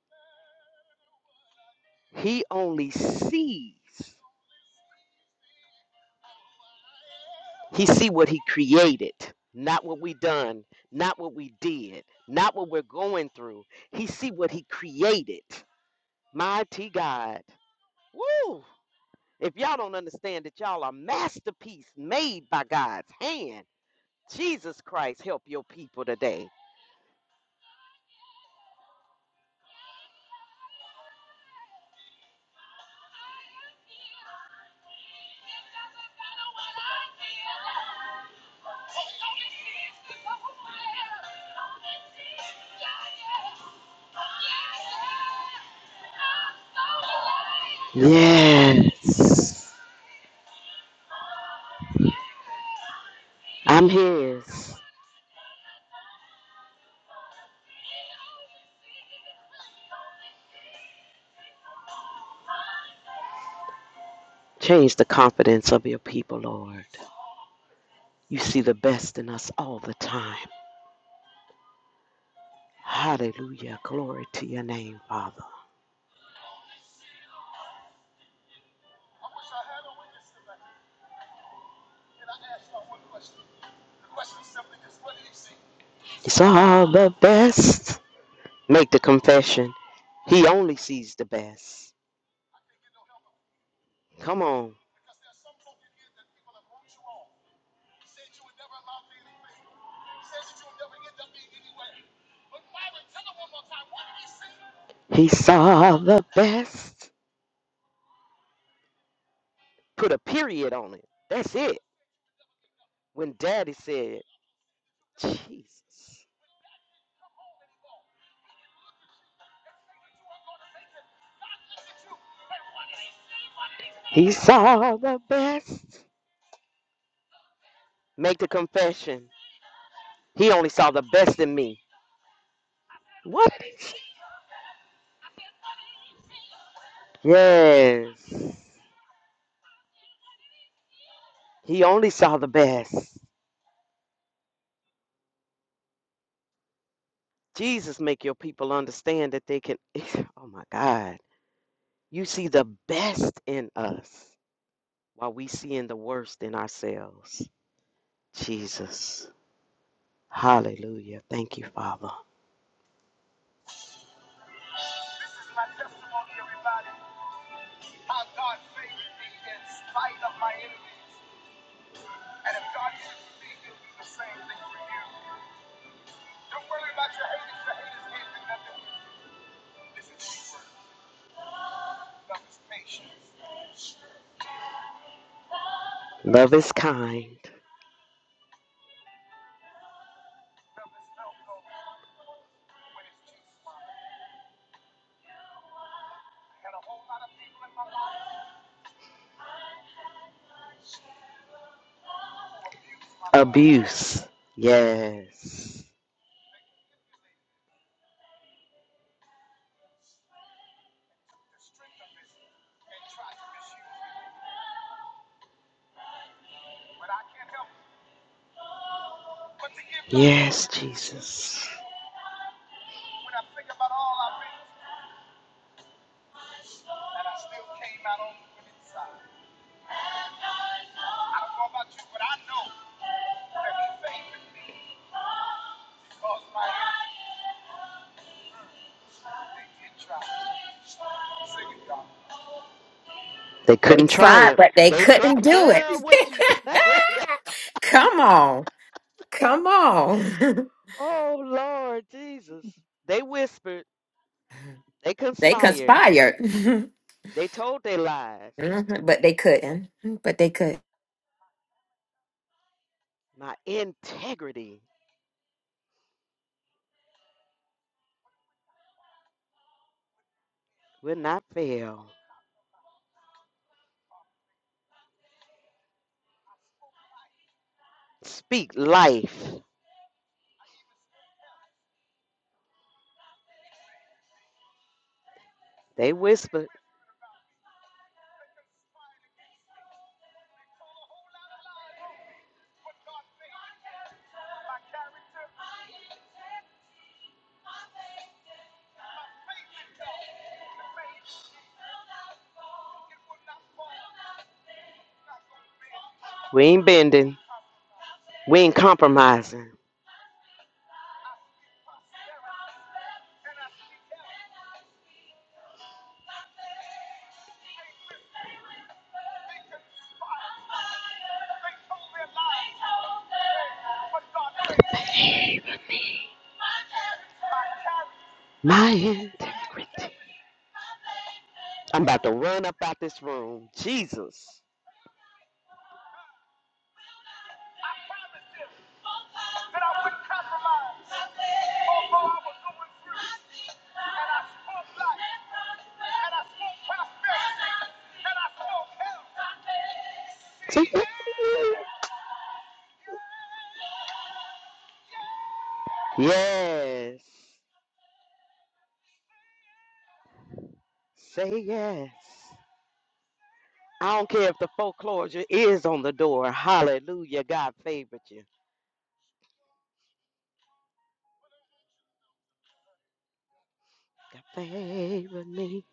He only sees. He see what he created, not what we done, not what we did, not what we're going through. He see what he created. Mighty God. Woo! If y'all don't understand that y'all are masterpiece made by God's hand, Jesus Christ help your people today. Yes. I'm His. Change the confidence of your people, Lord. You see the best in us all the time. Hallelujah. Glory to your name, Father. It's all the best. Make the confession. He only sees the best. Come on. He saw the best. Put a period on it. That's it. When Daddy said, Jesus, he saw the best. Make the confession. He only saw the best in me. What? Yes. He only saw the best. Jesus make your people understand that they can [laughs] Oh my God. You see the best in us while we seeing the worst in ourselves. Jesus. Hallelujah. Thank you, Father. Love is kind. Does it smell good when it's too strong? And a whole lot of people in my life who abuse my love. Abuse. Yes. The strength of it and try to misuse it. But I can't help but to give God Yes, glory. Jesus. When I think about all I've been through, and I still came out on the winning side. I don't know about you, but I know that He favored me. Because my enemies They They couldn't try tried, it. but they They couldn't tried, do it. girl. What you say? [laughs] [laughs] come on. Come on. oh Lord Jesus! They whispered. They [laughs] they conspired. conspired, [laughs] They told their lies. Mhm, but they couldn't. But they could. My integrity will not fail. Speak life. They whispered. We ain't bending. We ain't compromising. My integrity. I'm about to run up out this room. Jesus. [laughs] Say yes. Say yes. I don't care if the foreclosure is on the door. Hallelujah. God favored you. God favored me.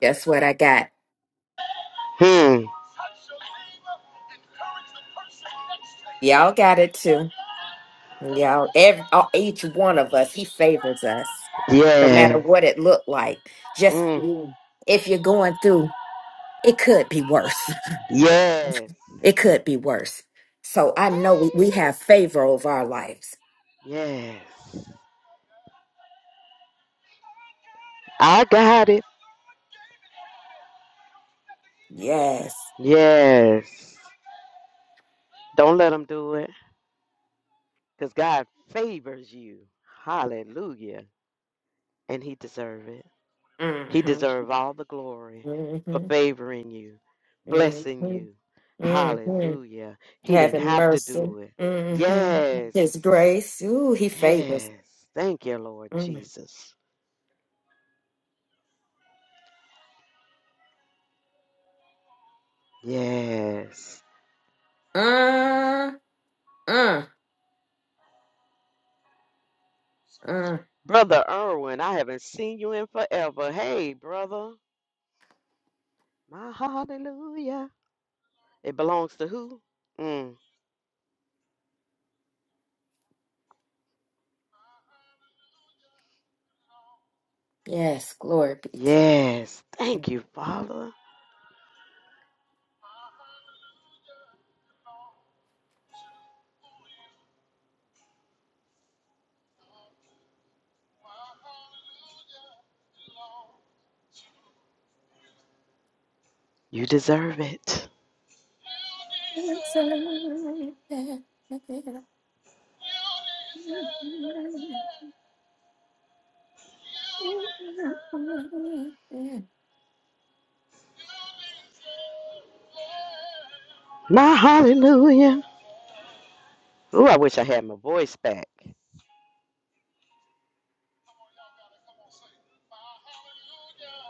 Guess what I got? Hmm. Y'all got it too. Y'all, every, all, each one of us, he favors us, no matter Yes. what it looked like. Just Mm. mm, if you're going through, it could be worse. [laughs] Yes. It could be worse. So I know we, we have favor over our lives. Yes. I got it. Yes. Yes. Don't let them do it. Because God favors you. Hallelujah. And he deserve it. He hmm deserve all the glory for hmm favoring you, blessing Mm-hmm. you. Mm-hmm. Hallelujah. He didn't Having have to mercy. do it. Mm-hmm. His Yes. grace. Ooh, he favors. Yes. Thank you, Lord Mm. Jesus. Yes. Uh, uh, uh. Brother Irwin, I haven't seen you in forever. Hey, brother. My hallelujah. It belongs to who? Mm. Yes, glory be to the Yes. name. Thank you, Father. You deserve it. My hallelujah. Ooh, I wish I had my voice back.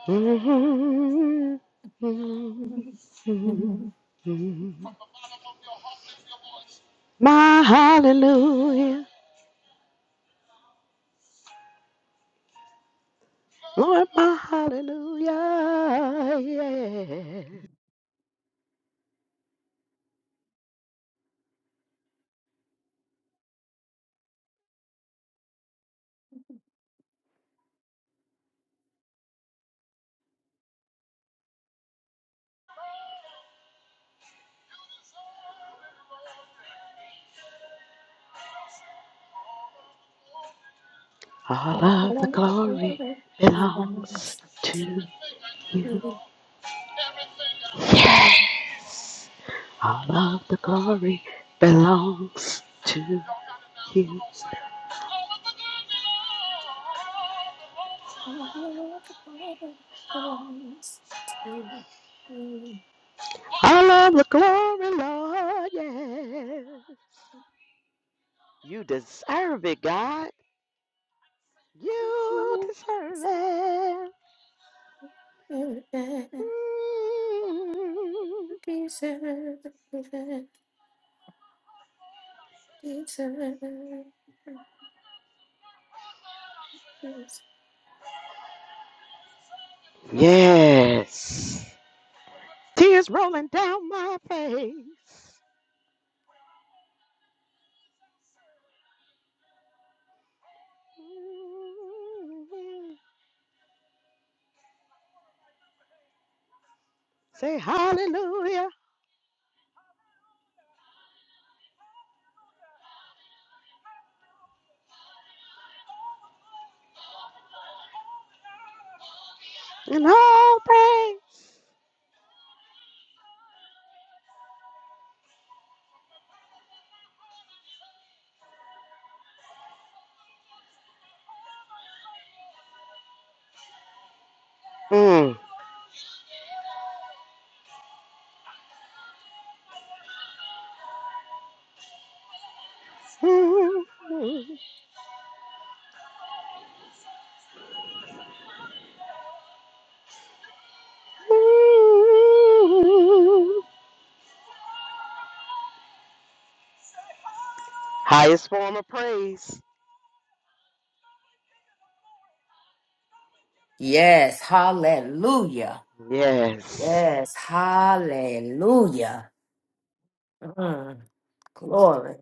[laughs] My hallelujah. Lord, my hallelujah. Yeah. All All of the of the glory glory belongs belongs to to you. you. Yeah. All of the glory belongs to you. All of the glory belongs to you. All of the glory, Lord. Yeah. You deserve it, God. You deserve it. Mm. Yes. Tears rolling down my face. Mm. Say hallelujah and all praise. Mm. [laughs] Mm. Highest form of praise. Yes, hallelujah. Yes. Yes, hallelujah. Mm, glory.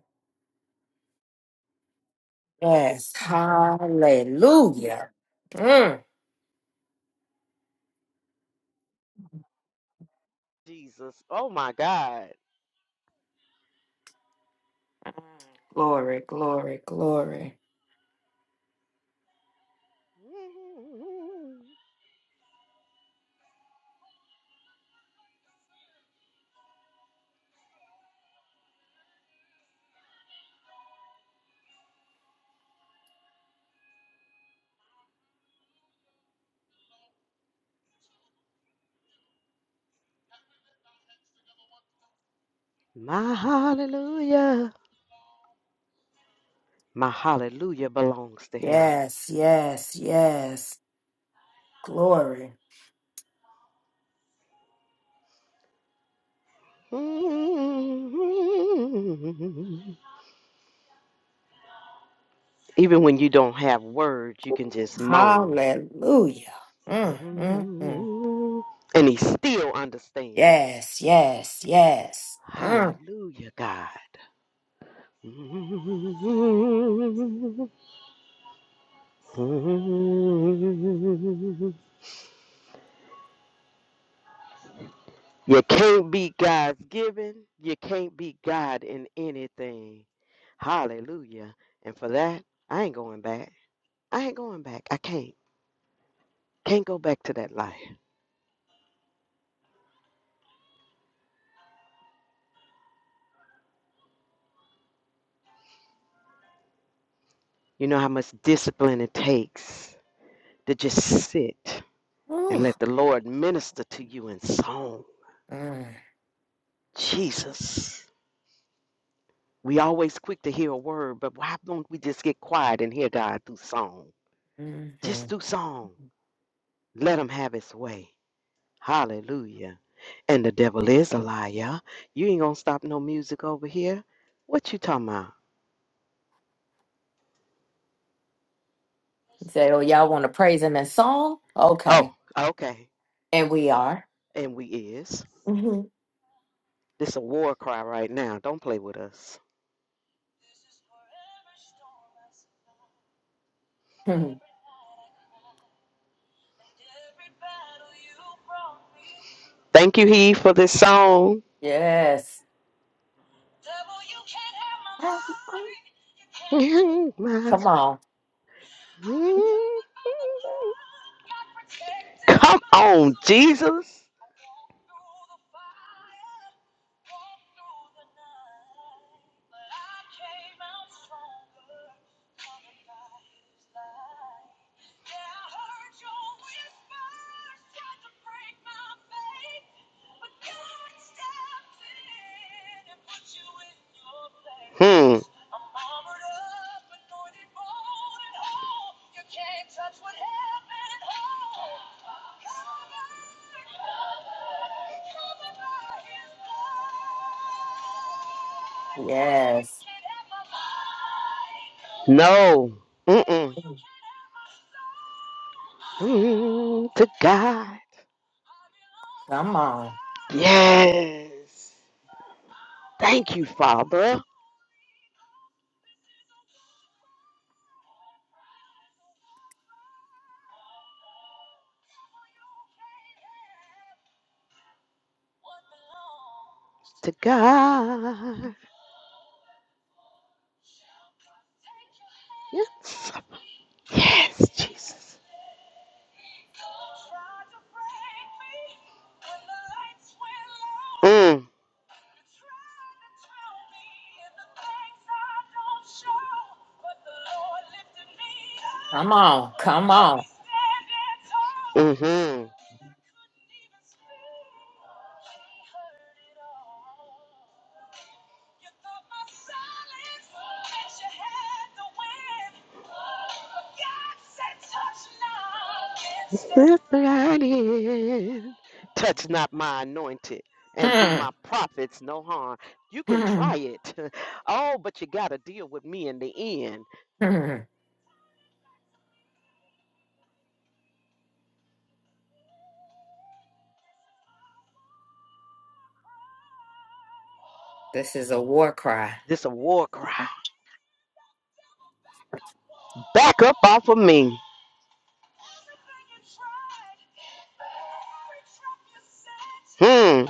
Yes, hallelujah. Mm, Jesus. Oh my God. glory, glory, glory. Mm. My hallelujah. My hallelujah belongs to him. Yes, yes, yes. Glory. Mm. Even when you don't have words, you can just moan. Hallelujah. Mm, mm, mm. And he still understands. Yes, yes, yes. Mm. Hallelujah, God. You can't be God's given. You can't be God in anything. Hallelujah. And for that, I ain't going back. I ain't going back. I can't. Can't go back to that life. You know how much discipline it takes to just sit. and Ooh. let the Lord minister to you in song. Mm, Jesus. We always quick to hear a word, but why don't we just get quiet and hear God through song? mhm. Just through song. Let him have his way. Hallelujah. And the devil is a liar. You ain't gonna stop no music over here. What you talking about? You say, oh, y'all want to praise him in song? Oh, Okay. okay. And we are. And we is. hmm This a war cry right now. Don't play with us. [laughs] Thank you, He, for this song. yes. Devil, you can't have my mind. You can't. [laughs] Come on. [laughs] Come on, Jesus. Hmm. Yes. No. Mm-mm. Mm, to God. Come on. Yes. Thank you, Father. To God. Yes. Yes, Jesus. Mm. Come on. Come on. Mm-hmm. With thine hand. Touch not my anointed and do [laughs] my prophets no harm. You can Hmm. try it. [laughs] Oh, but you got to deal with me in the end. Hmm. Hmm. this is a war cry. This a war cry. Back up off of me. Hmm.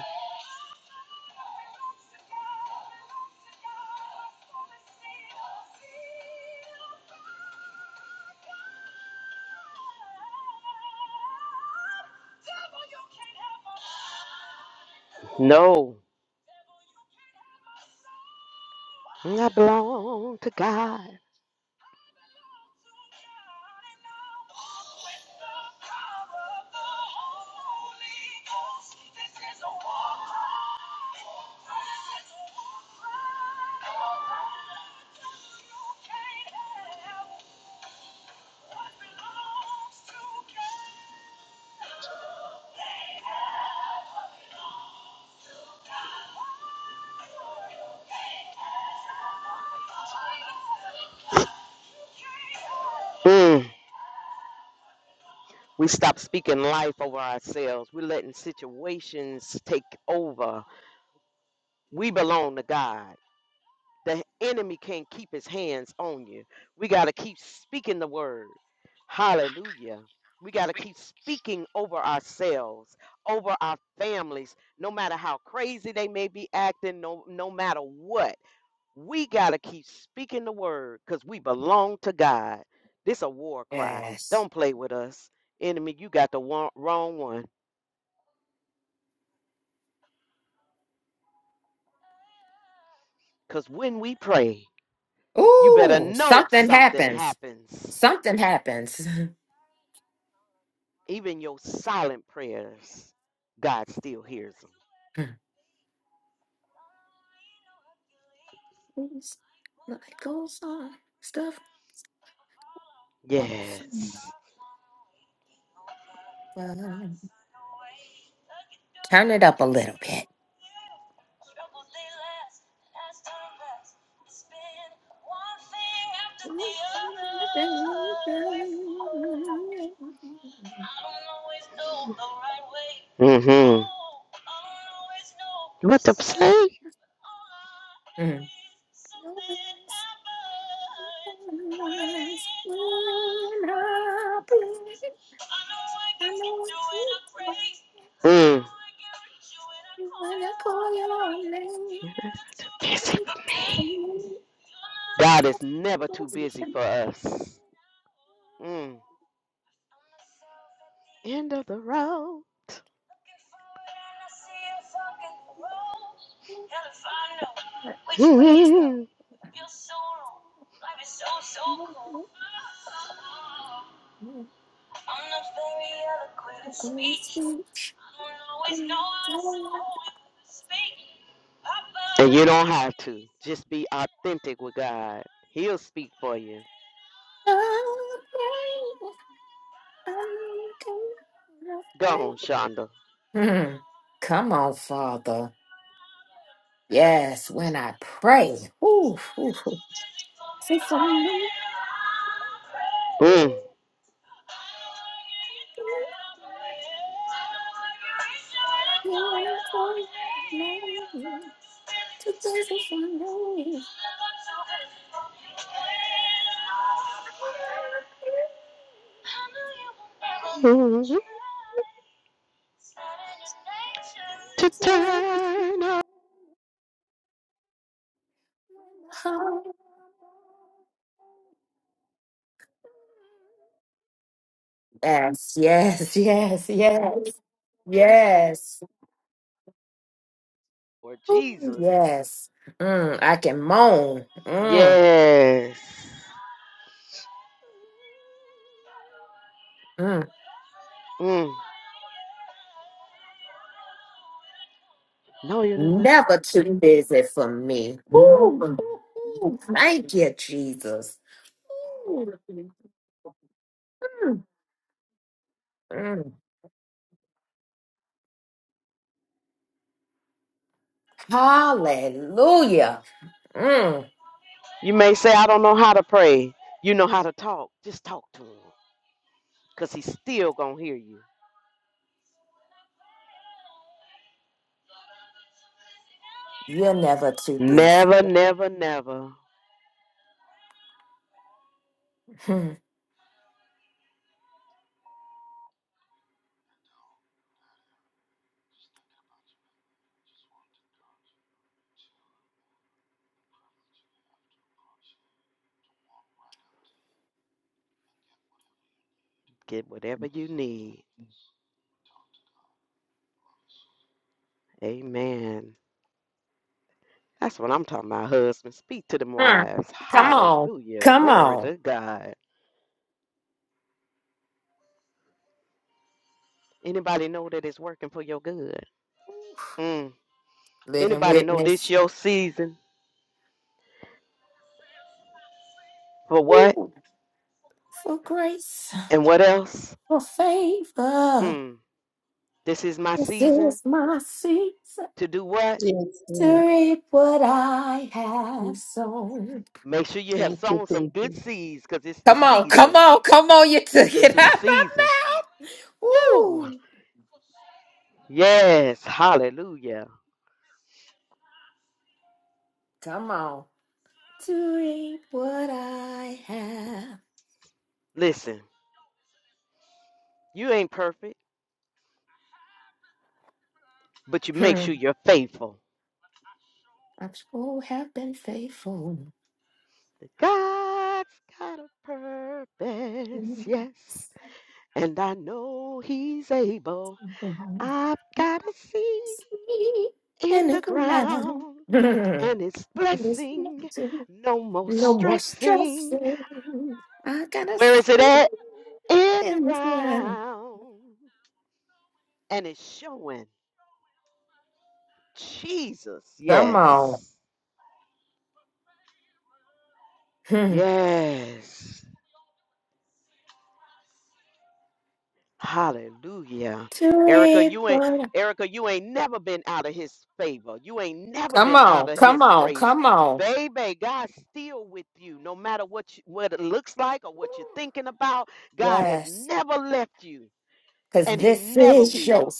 No. I belong to God. Hmm. We stop speaking life over ourselves. We're letting situations take over. We belong to God. The enemy can't keep his hands on you. We got to keep speaking the word. Hallelujah. We got to keep speaking over ourselves, over our families, no matter how crazy they may be acting, no, no matter what. We got to keep speaking the word because we belong to God. This a war cry. Yes. Don't play with us. Enemy, you got the wrong one. Because when we pray, you better Ooh, know something something happens. happens. Something happens. Even your silent prayers, God still hears them. [laughs] Light goes on. Stuff. goes Yes. on. Turn it up a little bit. Mm-hmm. What the play? Mm. Mm. Busy for me. God is never too busy for us. Mm. End of the road. Mhm. and you don't have to. Just be authentic with God. He'll speak for you. Go on, Shonda. Hmm. Come on, Father. Yes, when I pray. Ooh, ooh, ooh. If I'm a Mm. Mhm. To turn up Yes, yes, yes, yes, yes, for Jesus. yes. Mm, I can moan. Mm, Yes. mm. Mm. No, you never. Never too busy for me. Woo! Thank you, Jesus. Mm. mm. Hallelujah. Mm. You may say, I don't know how to pray. You know how to talk. Just talk to him. Because he's still going to hear you. You're never too busy. Never, never, never. Mm. Get whatever you need. Amen. That's what I'm talking about, husbands. Speak to them Mm. wives. Come on. Hallelujah. Come Glory on. to God. Anybody know that it's working for your good? Mm. Living Anybody know this witness. your season for what Ooh, for grace, and what else? for favor. Hmm. This is my This season is my season to do what? Yes, Lord. to reap what I have sown. Make sure you have Thank you, sown some thank good you. seeds because it's the Come on, come season. on, come on. You took It's it the out my season. mouth. Woo! Woo. Yes. Hallelujah. Come on. To reap what I have. Listen, you ain't perfect, but you make Hmm. sure you're faithful. I so have been faithful. [laughs] that God's got a purpose, yes. And I know He's able. I've In got a seed in the the ground. ground, Hmm. and it's There's blessing, nothing, no more No more stressing. stressing. I gotta Where is it see at? In the in this ground. ground. And it's showing Jesus, Come on. yes. Hmm. Yes. Hallelujah. To Erica, reap you ain't what I- Erica, you ain't never been out of his favor. You ain't never Come been on, out of his come on, grace. come on. Baby, God's still with you. No matter what you, what it looks like or what you're thinking about, God has Yes, never left you because and he this never is your will.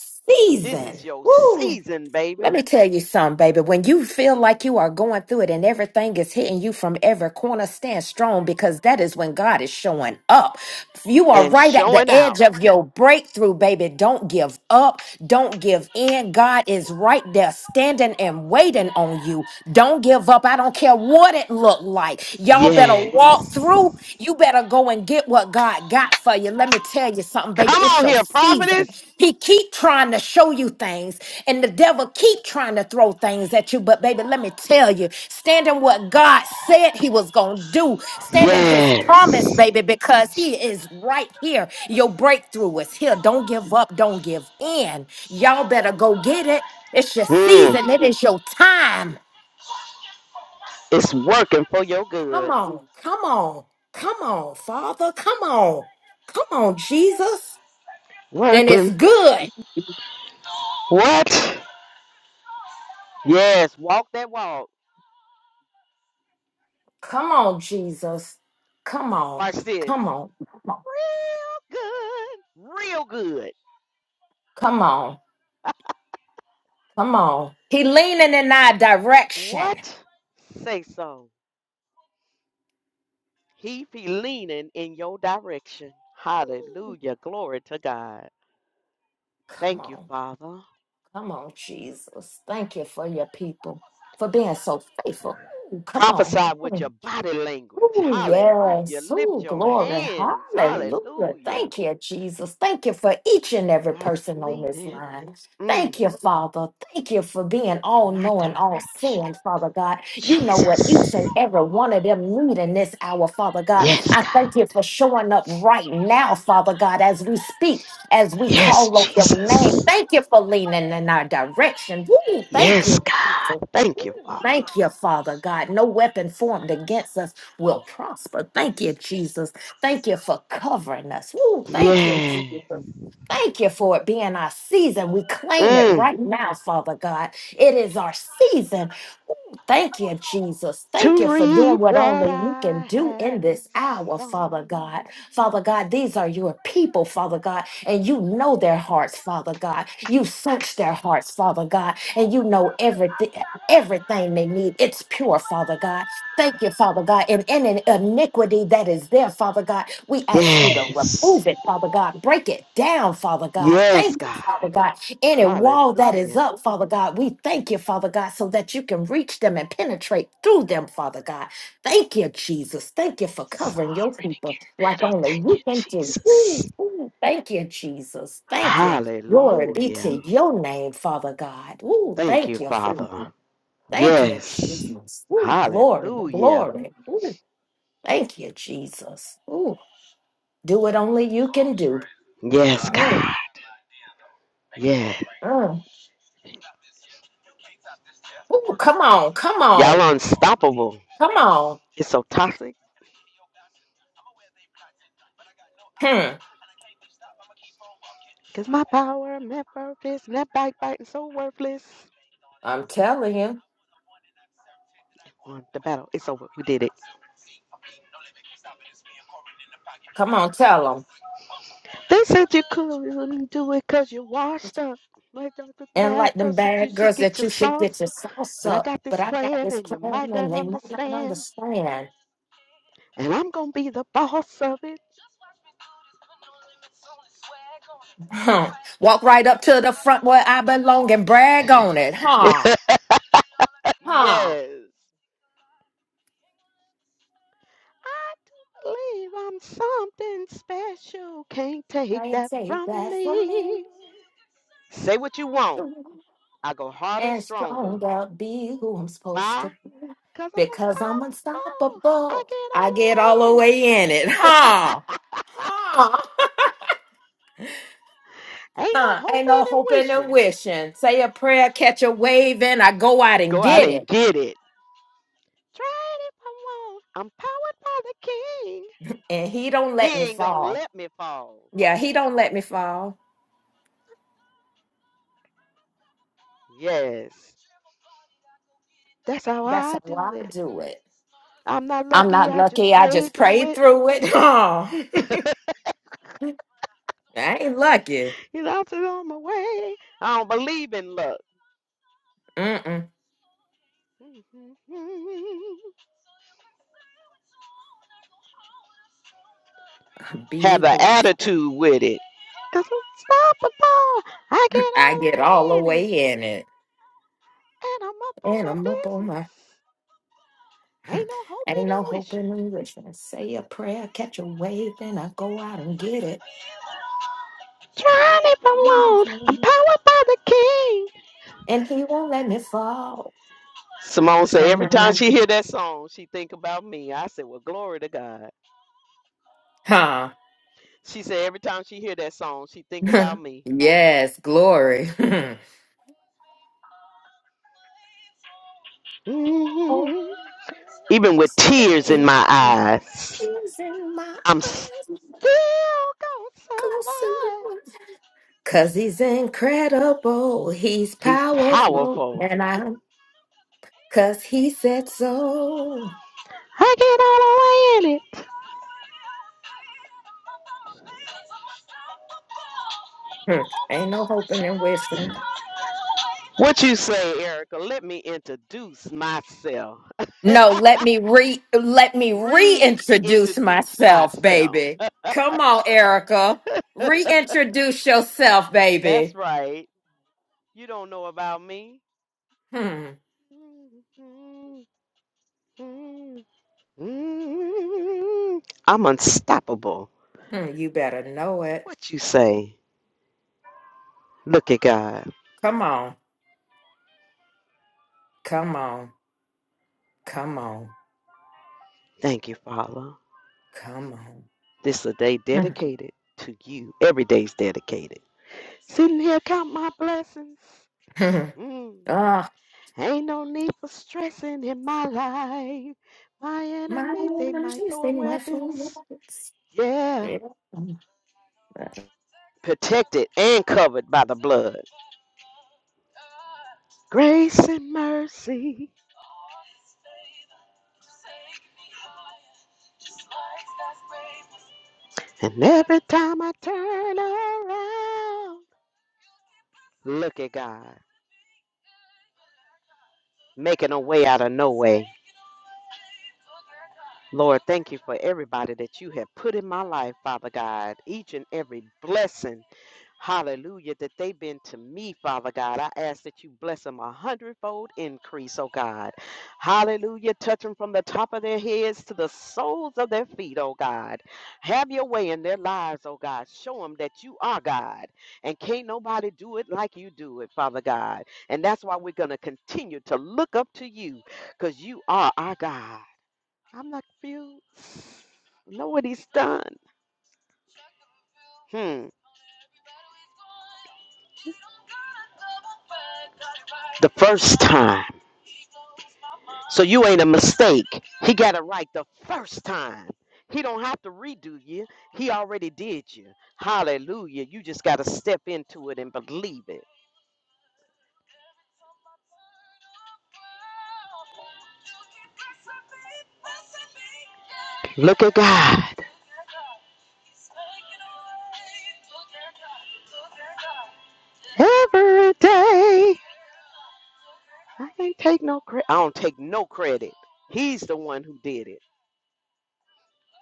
This is your Woo! season, Let baby, me tell you something, baby. When you feel like you are going through it and everything is hitting you from every corner, stand strong because that is when God is showing up. You are and right at the showing edge out. of your breakthrough, baby. Don't give up. Don't give in. God is right there standing and waiting on you. Don't give up. I don't care what it looked like. Y'all better walk through. Yes. You better better go and get what God got for you. Let me tell you something, baby. Come It's on your here, prophetess. season. He keep trying to show you things, and the devil keep trying to throw things at you. But baby, let me tell you, stand in what God said He was gonna do. Stand in His promise, Yes. baby, because He is right here. Your breakthrough is here. Don't give up. Don't give in. Y'all better go get it. It's your Mm. season. It is your time. It's working for your Come good. on, come on, come on, Father, come on, come on, Jesus. And it's Working. good. What? Yes, walk that walk. Come on, Jesus. Come on, Watch this. come on, come on, Real good. Real good. come on, come on. He leaning in our direction. What? Say so. He be leaning in your direction. Hallelujah. Glory to God. Come Thank you, on, Father. come on, Jesus. Thank you for your people, for being so faithful. Ooh, come Prophesy on. with your body language. Oh, Hallelujah. yes. Oh, Lift your glory. hands. Hallelujah. Hallelujah. Thank you, Jesus. Thank you for each and every God is person on this leaning line. mm, Thank you, Father. Thank you for being all in my knowing, all direction. seeing, Father God. You know what each Jesus. and every one of them need in this hour, Father God. Yes, I thank you God. for showing up right now, Father God, as we speak, as we Yes, call on your name. Jesus. Thank you for leaning in our direction. Woo, thank Yes, you. Jesus. God. Thank you, Father. Thank you, Father God. No weapon formed against us will prosper. Thank you, Jesus. Thank you for covering us. Woo, thank you, Yeah. Jesus. Thank you for it being our season. We claim it Mm. right now, Father God. It is our season. Ooh, Thank you, Jesus. Thank you To for doing reap what what only you can I do have in this hour, Father sown. God. Father God, these are your people, Father God, and you know their hearts, Father God. You search their hearts, Father God, and you know everything everything they need. It's pure, Father God. Thank you, Father God. And any iniquity that is there, Father God, we ask you to Yes. remove it, Father God. Break it down, Father God. Yes, Thank you, God. Father God. Any wall that is Hallelujah. up, Father God, we thank you, Father God, so that you can reach them and penetrate through them, Father God. Thank you, Jesus. Thank you for It's covering your already people like getting better. only Thank you you, can do. Ooh, Jesus. ooh, Thank you, Jesus. Thank you. Glory be to Hallelujah. your name, Father God. Ooh, Thank thank you, you. Father. Thank you, Yes. Jesus. Ooh, glory, Hallelujah. glory. Ooh, thank you, Jesus. Ooh, do what only you can do. Yes, Mm, God. Yeah. mm. Ooh, come on, come on, Y'all unstoppable. come on. It's so toxic. Hmm. Cause my power, and my purpose, and that bike biting so worthless. I'm telling you. On the battle, it's over. We did it. Come on, tell them. They said you couldn't do it cause you washed up. But don't look And bad like them cause you bad should girls get that your you should get sauce. your sauce But I up. got But this I got plan this and you plan might and not they might not understand. understand. [laughs] And I'm gonna be the boss of it. Huh. Walk right up to the front where I belong and brag on it. [laughs] Huh. Huh. yes. I do believe I'm something special. Can't take Can't that take from that from me. me. Say what you want. I go harder and and stronger. strong I'll be who I'm supposed Why? to be Cause I'm because I'm unstoppable. I unstoppable. get all I the get all way the in it. way in it, huh? Huh? [laughs] Ain't no Huh. Ain't hoping no and hoping and wishing. wishing. Say a prayer, catch a wave, and I go out and Go out get and it. get it. Try it if I want. I'm powered by the king. And he don't let me He ain't gonna fall. let me fall. Yeah, he don't let me fall. Yes. That's how That's I how do I it. do it. I'm not I'm lucky, not I just lucky. I prayed just through prayed it. through it. [laughs] Huh. I ain't lucky. He's out on my way. I don't believe in luck. Mm-mm. [laughs] Have Be the who attitude with it. Cause I'm unstoppable. I get [laughs] I get all the all the way in it. way in it. And I'm up on And my I'm up business. on my Ain't no ain't hoping no and hope wishing. in me. Just gonna say a prayer, catch a wave, then I go out and get it. Trying if I want. I'm powered by the King. And he won't let me fall. Simone said Na, every na, time na. she hear that song, she think about me. I said, well, glory to God. Huh. She said every time she hear that song, she think about [laughs] me. yes, glory. [laughs] oh, Mhm. Even with still tears in my eyes, is in my I'm still eyes. gonna Glistening survive. with- Cause he's incredible, he's He's powerful, powerful. and I, cause he said so. I get all the way in it. Hmm, Ain't no hoping and wishing. What you say, Erica? Let me introduce myself. No, let me re let me reintroduce Reintroduce myself, myself. baby. Come on, Erica. Reintroduce yourself, That's baby. right. You don't know about me. Hmm. I'm unstoppable. Hmm. You better know it. What you say? Look at God. Come on. Come on. Come on. Thank you, Father. Come This is a day on. dedicated to you. Every day's dedicated. Sitting here count my blessings. Hmm. [laughs] Mm. Ah, Ain't no need for stressing in my life. My my enemy, they might throw weapons. lips. Yeah. Yeah. Protected and covered by the blood. Grace and mercy. And every time I turn around, look at God. Making a way out of no way. Lord, thank you for everybody that you have put in my life, Father God. Each and every blessing, hallelujah, that they've been to me, Father God. I ask that you bless them a hundredfold increase, oh God. Hallelujah. Touch them from the top of their heads to the soles of their feet, oh God. Have your way in their lives, oh God. Show them that you are God. And can't nobody do it like you do it, Father God. And that's why we're going to continue to look up to you because you are our God. I'm not confused. Know what he's done. Hmm. The first time. So you ain't a mistake. He got it right the first time. He don't have to redo you. He already did you. Hallelujah. You just got to step into it and believe it. Look at God. Every day. I can't take no credit. I don't take no credit. He's the one who did it.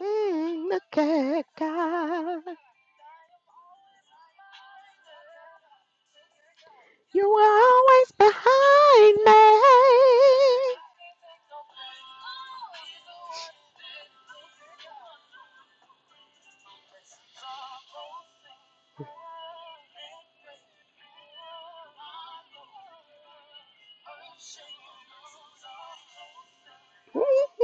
Mm, look at God. You were always behind me. [laughs]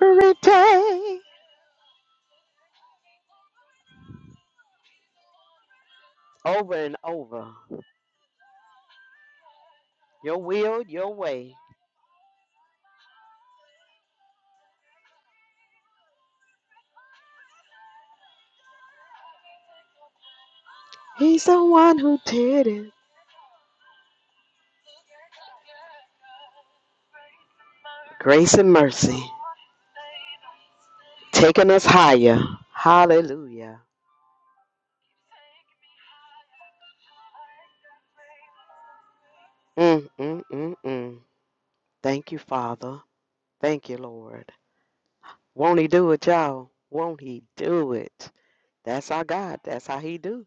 Every day, over and over. Your will, your way. He's the one who did it. Grace and mercy, taking us higher. Hallelujah. Mm, mm, mm, mm. Thank you, Father. Thank you, Lord. Won't He do it, y'all? Won't He do it? That's our God. That's how He do.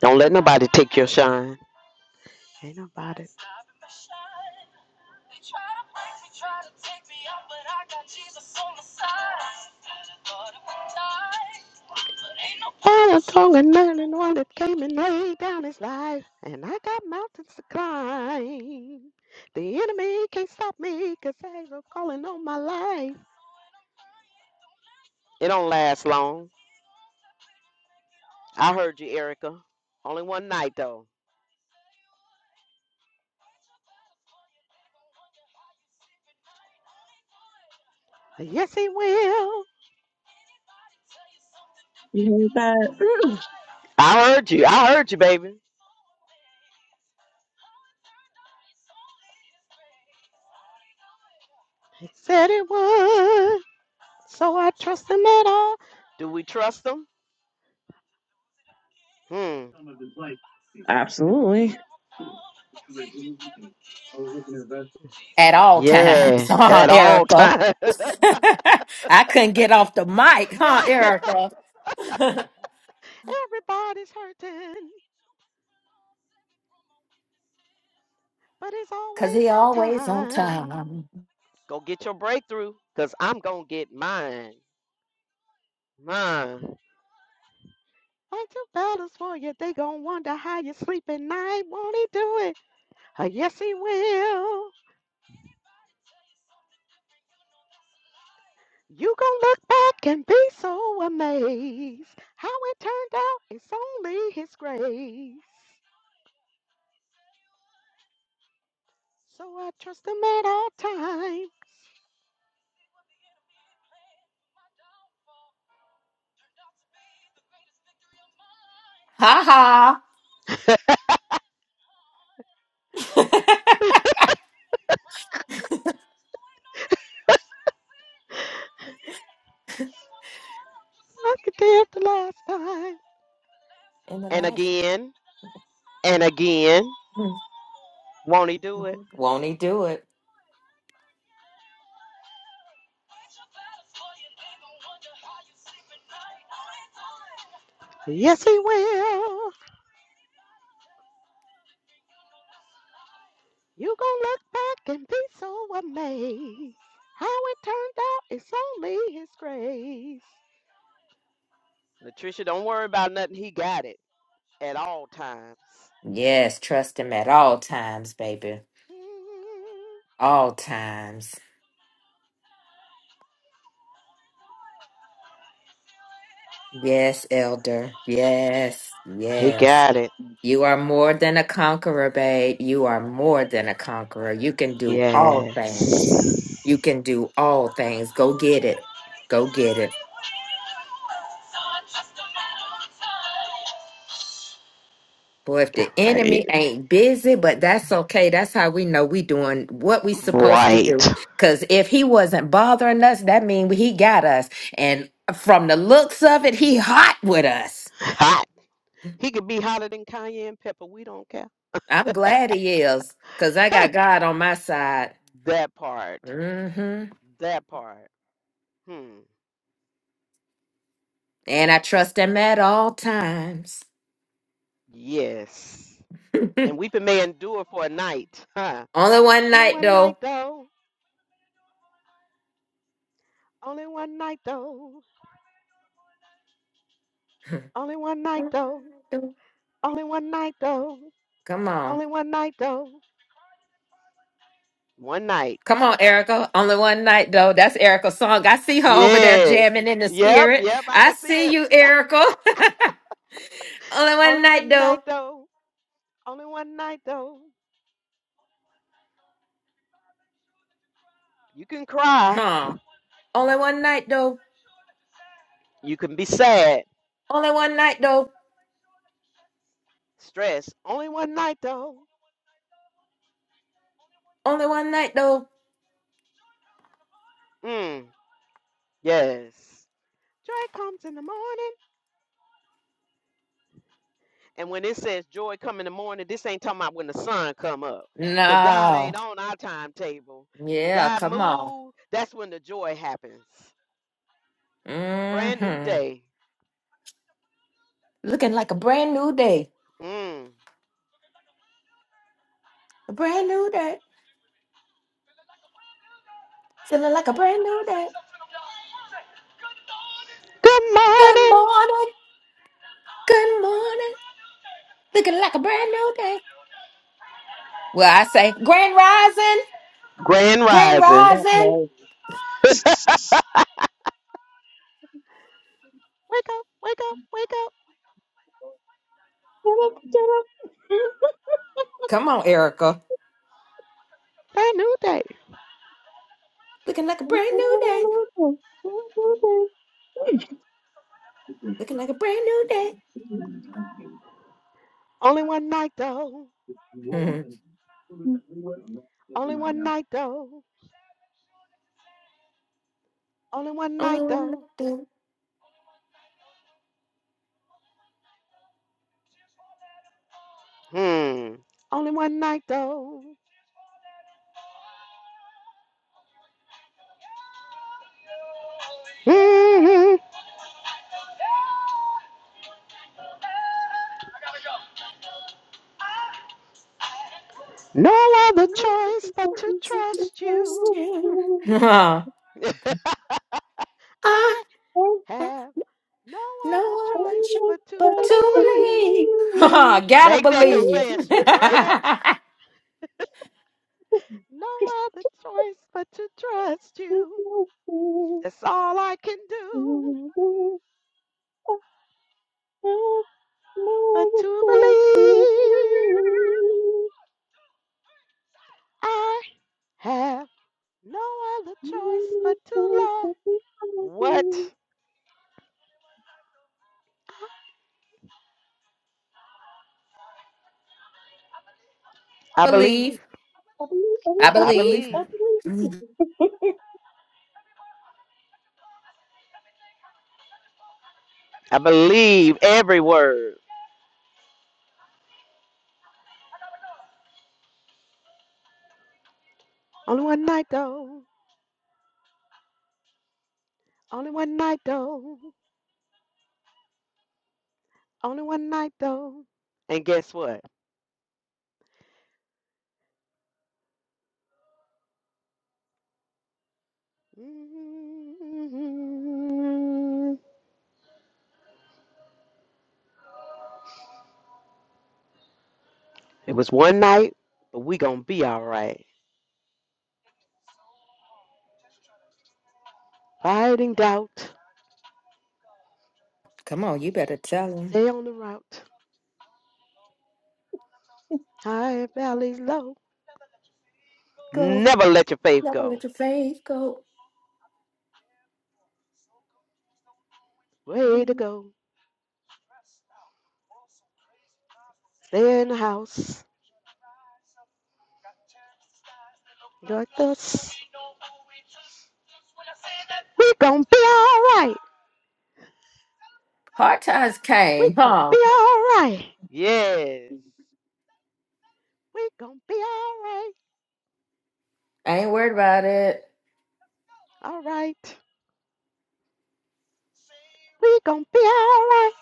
Don't let nobody take your shine. Ain't nobody. I am stronger than the one that came and laid down his life, and I got mountains to climb. The enemy can't stop me 'cause I ain't calling on my life. It don't last long. I heard you, Erica. Only one night though. Yes, he will. You heard that? I heard you. I heard you, baby. He said it would. So I trust him at all. Do we trust him? Hmm. [laughs] Absolutely. At all times, Yeah, [laughs] huh, at all Erica? times. [laughs] [laughs] I couldn't get off the mic, huh, right. Erica? [laughs] Everybody's hurting, but it's Cause always he on always on time. time. Go get your breakthrough, cause I'm gonna get mine. Mine. Fight your battles for you. They gonna wonder how you sleep at night. Won't he do it? Uh, yes, he will. You gonna look back and be so amazed. How it turned out, it's only his grace. So I trust him at all times. Ha ha. [laughs] Like I did the last time. In the And last again, and again. Mhm. Won't he do it? they do it. Yes, he will. You gonna look back and be so amazed. How it turned out, it's only his grace. Latricia, don't worry about nothing. He got it at all times. Yes, trust him at all times, baby. All times. Yes, elder. Yes, He yes. got it. You are more than a conqueror, babe. You are more than a conqueror. You can do all things. You Yes. can do all things. Go get it. Go get it. Boy, if the Right. enemy ain't busy, but that's okay. That's how we know we doing what we supposed to Right. do. Cause if he wasn't bothering us, that means he got us. And from the looks of it, he hot with us. Hot. He could be hotter than Kanye and Pepper. We don't care. I'm glad he is. Cause I got God on my side. That part. hmm That part. Hmm. And I trust him at all times. Yes. [laughs] And weeping may endure for a night. Huh. Only one Only night one though. night though. Only one night though. Only one night though. [laughs] Only one night though. Come on. Only one night though. One night. Come on, Erica. Only one night though. That's Erica's song. I see her over there Yes. jamming in the Yep. spirit. Yep. I I can see see it. you, Erica. [laughs] Only one Only night one night though. though. Only one night though. You can cry. Huh. Only one night though. You can be sad. Only one night though. Stress. Only one night though. Only one night though. Mm. Yes. Joy comes in the morning. And when it says joy come in the morning, this ain't talking about when the sun come up. Because God No. ain't on our timetable. When Yeah, God come on. moves, that's when the joy happens. Brand new hmm day. Looking like a brand new day. Mm. A brand new day. Feeling like a brand new day. Good Good morning. morning. Good morning. Looking like a brand new day. Well, I say, Grand Rising. Grand Grand rising. Rising. That Wake up, wake up, wake up. Come on, Erica. Brand new day. Looking like a brand new day. part. Looking like a brand new day. [laughs] Only one night though. Mhm. Only one night though. Only one Only night one I though. do. Hmm. Only one night though. hmm No other Only one choice but to I trust you. do. [laughs] Huh. [laughs] I I. have Have no other no other choice choice but to but to believe. believe. [laughs] Huh, Gotta Make that believe. [laughs] confession, right? No other choice but to trust you. That's all I can do [laughs] I but to believe. I have no other choice but to love. What? I believe. believe. believe, I I believe. I believe. believe. [laughs] I believe every word. Only one night though. Only one night though. Only one night though. And guess what? It was one night, but we gonna be all right. Fighting doubt, Come on, you better tell him. stay on the route. High valleys low, Go. never let your faith Never go. let your faith go. Way to go, stay in the house. Like this, we gonna be all right. Hard times We came, gonna huh? be all right. Yes, we gonna be all right. I ain't worried about it. All right, we gonna be all right.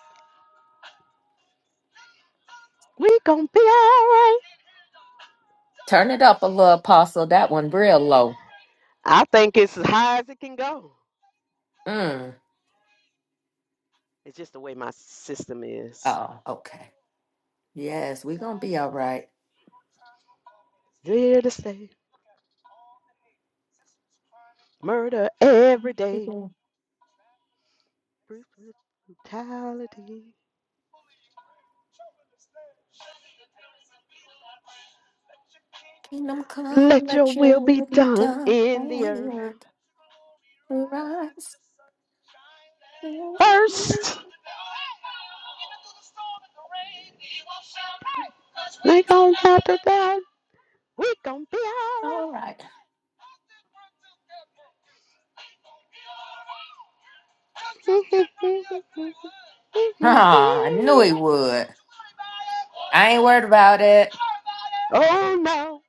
We gonna be all right. Turn it up a little, Apostle. That one real low. I think it's as high as it can go. Mm. It's just the way my system is. Oh, okay. Yes, we're gonna be all right. Here to stay. Murder every day. Bruce brutality. Kingdom come, Let your let will your be will be done done in the on earth. earth rise. [laughs] First, we gon' have to die. We gon' be alright. [laughs] Ah, I knew he would. I ain't worried about it. Oh no,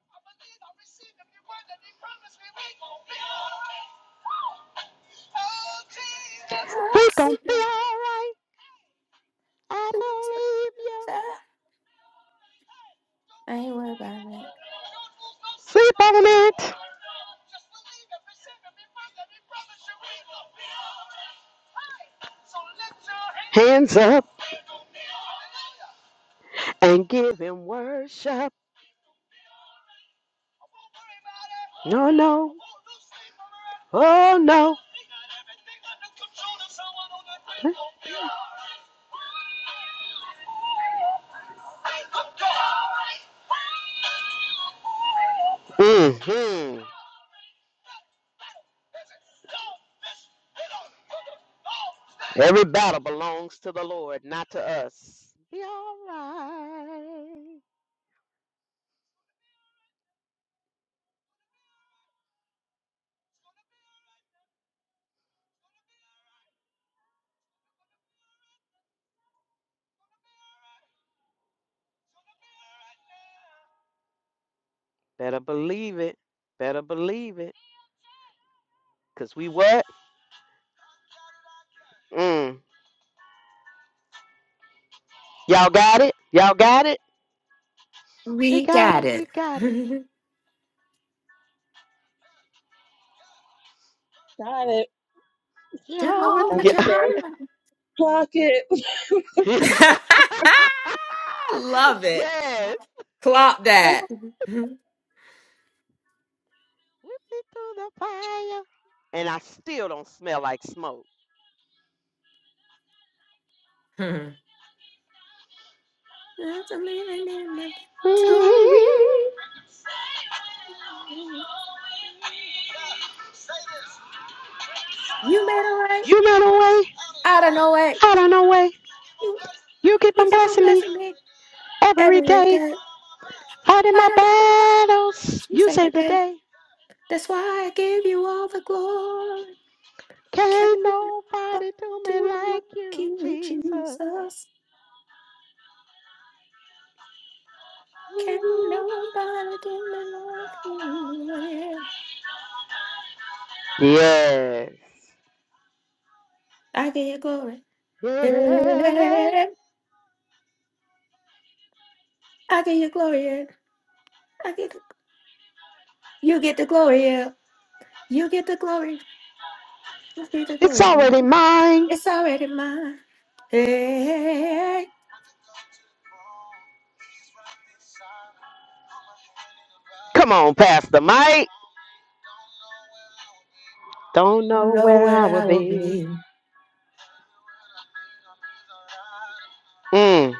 I we gon' see be that, alright. I please, but believe you. please, I I ain't worried about it. Sleep on it. Hands up and give him worship. No, no. Oh, no. Mm hmm Every battle belongs to the Lord, not to us. Be all right. Better believe it. Better believe it. Cause we what? Mm. Y'all got it? Y'all got it? We We got got it. it. We [laughs] got it. Got it. Jehovah. And Jehovah they say, Jireh. clock it. Yeah. [laughs] [laughs] Love it. yes. Clock [laughs] that. [laughs] That's Whip me through the fire. And I still don't smell like smoke. a living in my Mhm. [laughs] You made a way You know the way. out of no way. I don't know way. You You keep you on kept on blessing me blessing me every every day. day. Fighting I my don't know why. battles. else you You say save that the day. day. That's why I give you all the glory. Can Can't nobody nobody do me do me like like you, you, Jesus? Jesus. Can nobody do me like you? Yeah. Yes. I give you glory. Yeah. Yeah. I give you glory. yeah. I get the, you get the glory. yeah. You get the glory. I get the It's glory. already Yeah. mine. It's already mine. Hey, Come on, Pastor Mike. Don't I don't know know where I where will I will be. be. Mm.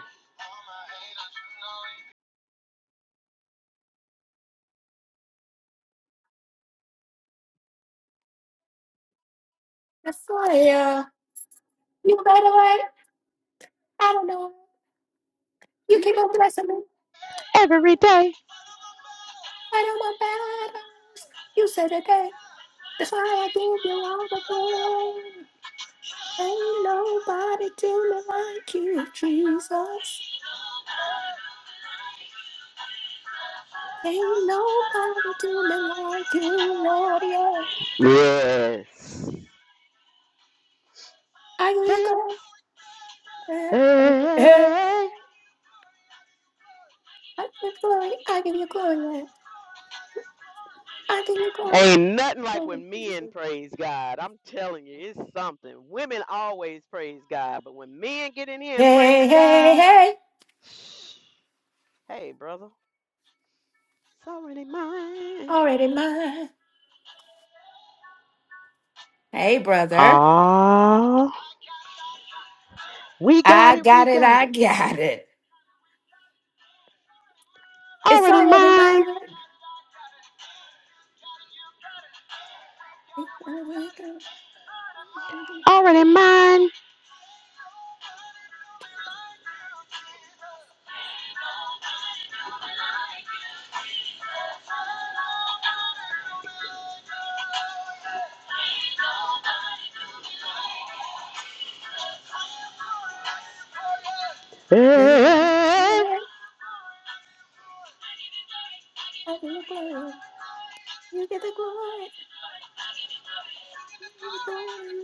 I saw ya. You better wait. I don't know. You keep on blessing me. Every day. I don't want battles. You said it that. That's why I give you all the glory. Ain't nobody do me like you, Jesus. Ain't nobody do me like you, Lord. Yeah. Yes. I give you Hey. glory. Hey, I give you glory. I give you glory. I give you glory. Ain't nothing like Hey, when men praise God. I'm telling you, it's something. Women always praise God, but when men get in here and praise hey, hey. God, hey. [sniffs] hey, brother, it's already mine. All right. Hey, brother. Ah. We got I it. got We it. got I it. got it. It's Already already mine. mine. I wake up. I Already mine. give Yeah, you glory. You get the glory. You get the glory. You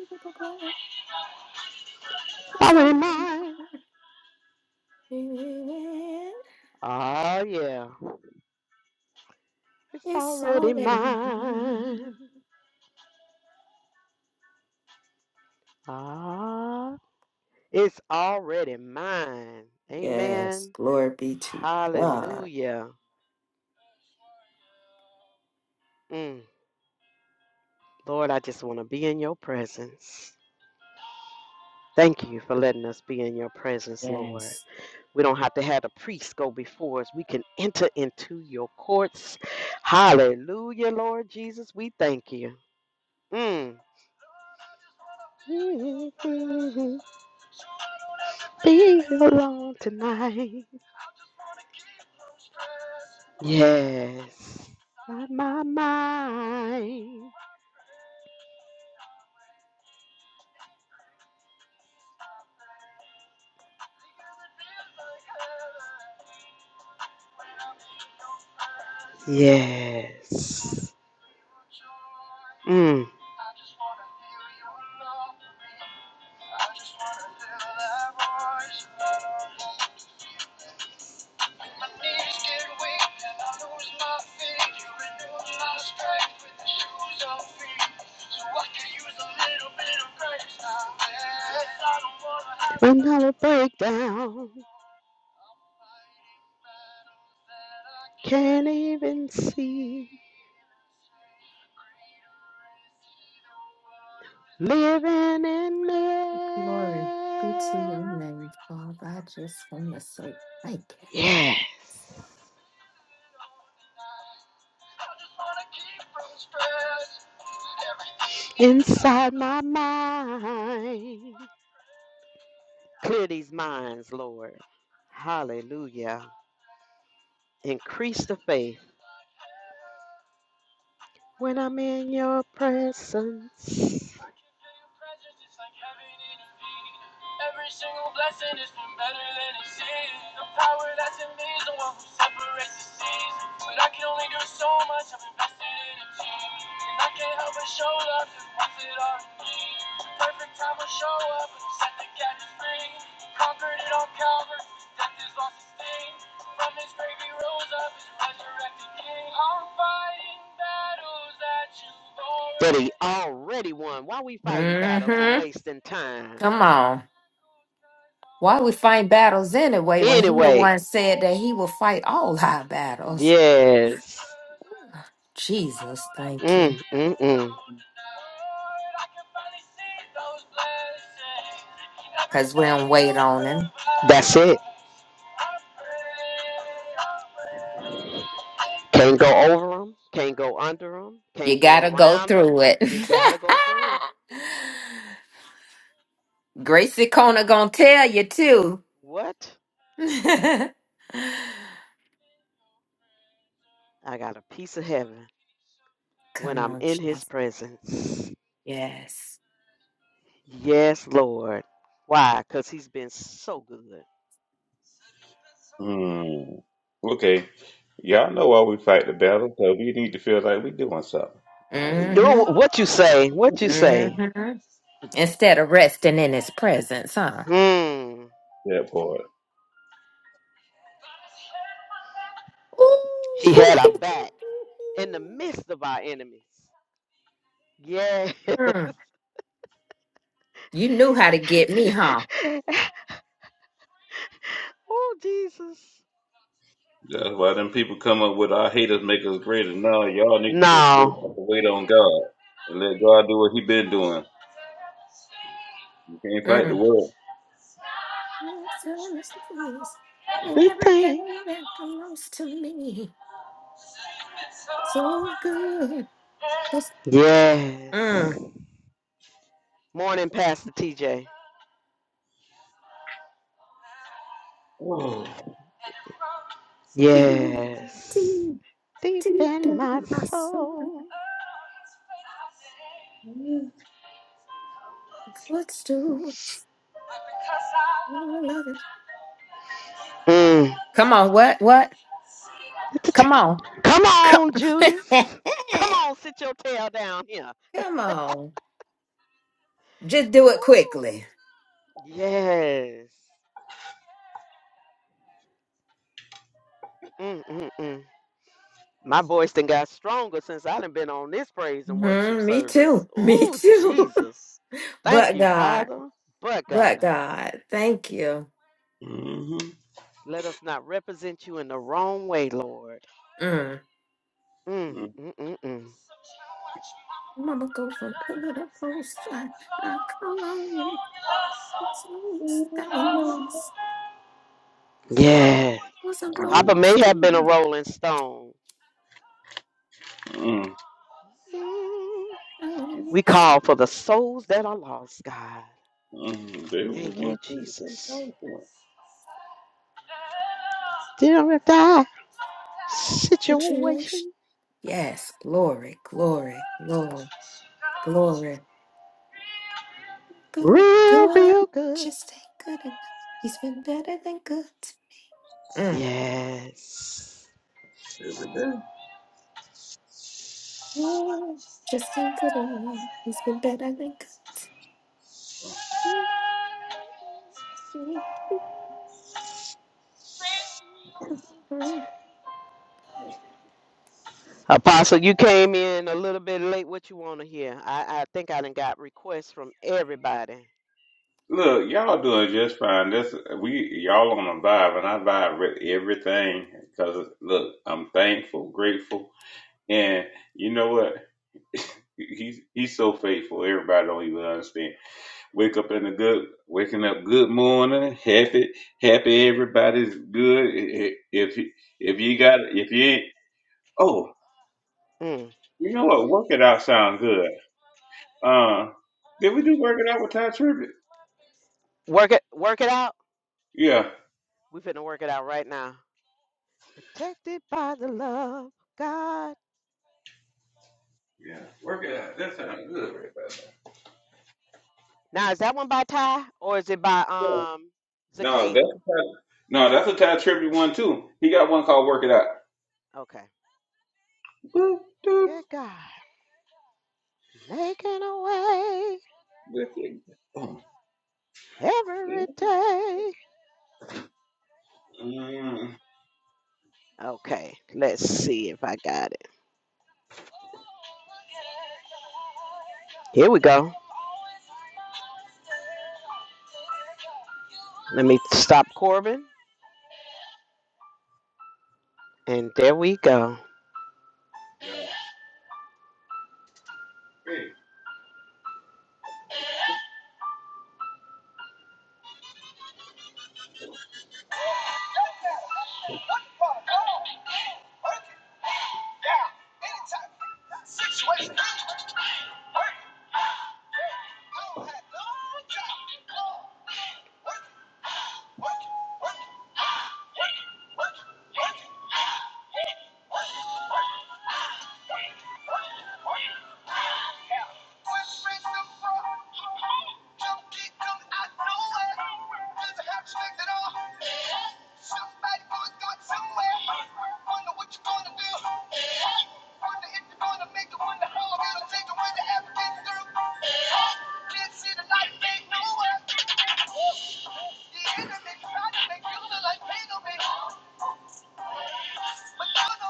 get the glory. It's already already mine. mine. Oh, yeah. It's It's already already mine. mine. Ah, it's already mine. Yes. Amen. Glory be to God. Hallelujah. Mm. Lord, I just want to be in your presence. Thank you for letting us be in your presence, Lord. Yes. We don't have to have the priest go before us. We can enter into your courts. Hallelujah, Lord Jesus. We thank you. Mm. [laughs] Be alone tonight. Yes. My, my mind. Yes. Mm. Another breakdown. Can't even see. Living in Glory be to your there. name, Father. I just want to say thank you. Yes. inside my mind. Clear these minds, Lord. Hallelujah. Increase the faith when I'm in your presence. That he already won. Why are we fighting battles and hmm wasting time? Come on. Why we fight battles anyway when he the Anyway, one said that he will fight all our battles? yes. Jesus, thank you. Mm, mm, mm. Because we don't wait on him. That's it. Can't go over them. Can't go under them. You Can't go gotta go around them. through it. You gotta go through 'em. [laughs] Gracie Kona gonna tell you too. What? [laughs] I got a piece of heaven when Come I'm on, in His Jesus. presence. Yes. Yes, Lord. Why? Cause He's been so good. Mm. Okay. Y'all know why we fight the battle, so we need to feel like we doing something. Uh, we, Yo, hmm What you say? What you say? hmm Instead of resting in his presence, huh? Hmm. that part. Ooh, He hoo, had our hoo. back in the midst of our enemies. Yeah. Mm. You knew how to get me, huh? [laughs] oh, Jesus. That's why them people come up with our haters make us greater. No, y'all need to just lay back No. and wait on God and let God do what He been doing. You can't fight the Mm. world. Good thing. Everything that belongs to me. So good. Just mm. Yes. Morning, Pastor TJ. Oh. deep, Yes. deep, Deep deep in my in my soul. soul. hmm Footstools. Oh, I love it. Mm. Come on. What? What? Come on. Come Come, on, Judas. [laughs] Come on, sit your tail down here. Come on. Just do it Woo. quickly. Yes. Mm-mm-mm. My voice done got stronger since I done been on this praise and worship Mhm, me service. too. Me Ooh, too. Jesus. [laughs] Thank but you, God. Father. But But God, God. Thank you. let us not represent you in the wrong way, Lord. Mm. Mm-mm-mm. Mama go from pillar to post. That was Yeah. was a Papa rose. may have been a rolling stone. Mm-hmm. Mm. That was We call for the souls that are lost, God. Mm-hmm. They was Thank you, one Jesus. thing. Dear if thy situation. situation Yes, glory, glory, glory, glory. Good, Real, good. real good. Just ain't good enough. He's been better than good. Mm. Yes. Every day. Good. Just ain't good enough. He's been better than good. Apostle, you came in a little bit late. What you want to hear? I, I think I done got requests from everybody. Look, y'all doing just fine. This we y'all on a vibe, and I vibe with everything because look, I'm thankful, grateful, and you know what? He's he's so faithful. Everybody don't even understand. Wake up in the good, waking up good morning, happy, happy. Everybody's good. If if you got if you ain't, oh, Mm. you know what? Work it out sound good. Uh, did we do work it out with Ty Tribbett? Work it, work it out. Yeah, We finna work it out right now. Protected by the love of God. yeah. Work it out. That sounds good. Now is that one by Ty or is it by right? um No, that's Zakata? a Ty, no, that's a Ty Trippy one too. He got one called "Work It Out." Okay. Boop, doop. Look at God making a way That's it. Boom. every day. Mm, Okay, let's see if I got it. Here we go. Let me stop Corbin. And there we go. yeah. Hey. Situation. Work. Lord had long time. Work. Work. Work. Work.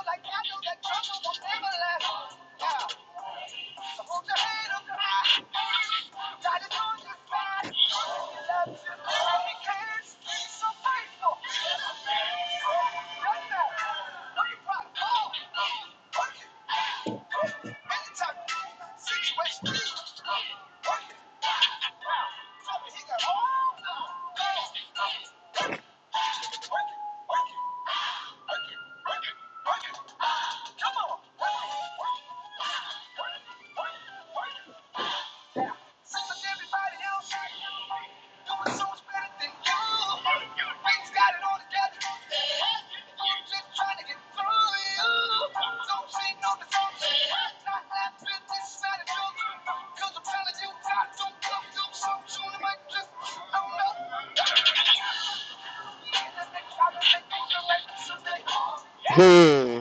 Like, I know that trouble will never last. Yeah. Anytime, Situation, work it. Wow, Doing so much better than you. Ain't got it all together. Hmm.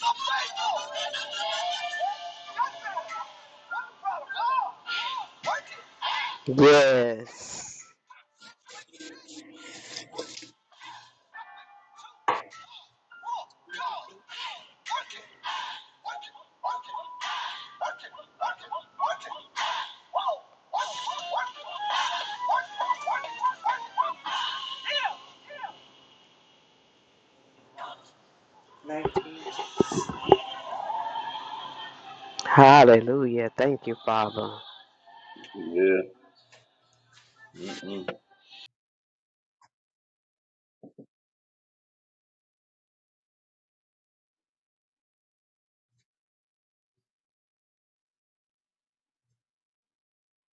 so Yes. Nineteen. Hallelujah. Thank you, Father. Yeah. Mm-mm.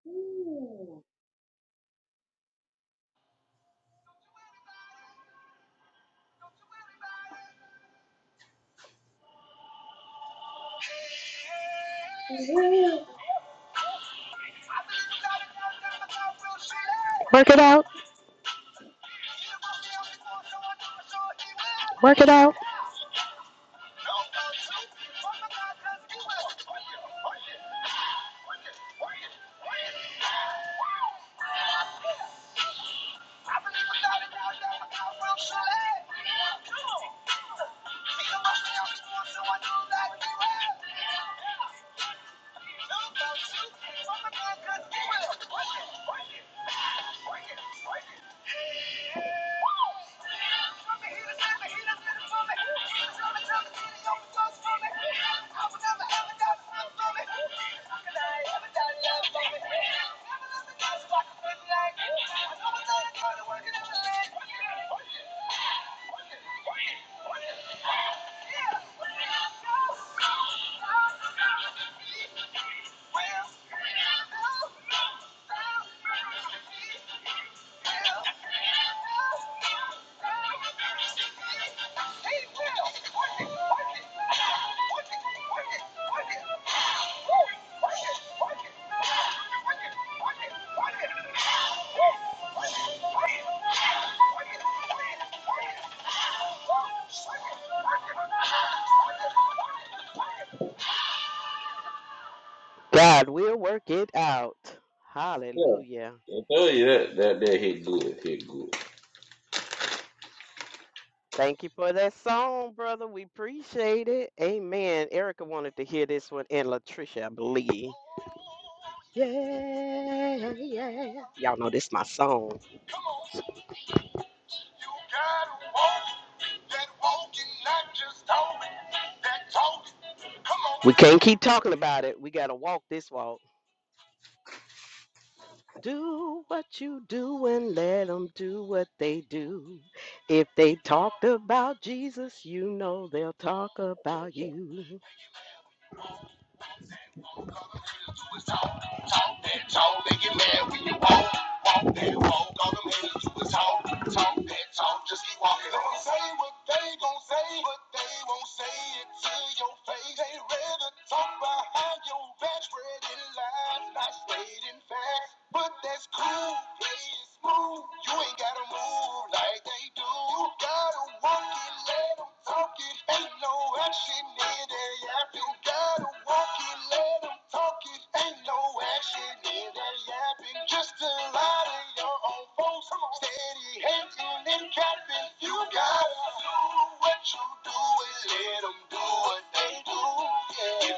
Ooh. Work it out. Work it out. God will work it out. Yeah. Hallelujah. I tell you that that that hit good, hit good. Thank you for that song, brother. We appreciate it. Amen. Erica wanted to hear this one and Latricia, I believe. Yeah, yeah. Y'all know this my song. We can't keep talking about it. We gotta walk this walk. Do what you do and let them do what they do. If they talked about Jesus, you know they'll talk about you. But that's cool, lady smooth. You ain't gotta move like they do. You gotta walk it, let them talk it. Ain't no action in the app. You gotta walk it, let them talk it. Ain't no action in the app. just a lot of your own folks. Steady hating and capping. You gotta do what you do. Yeah.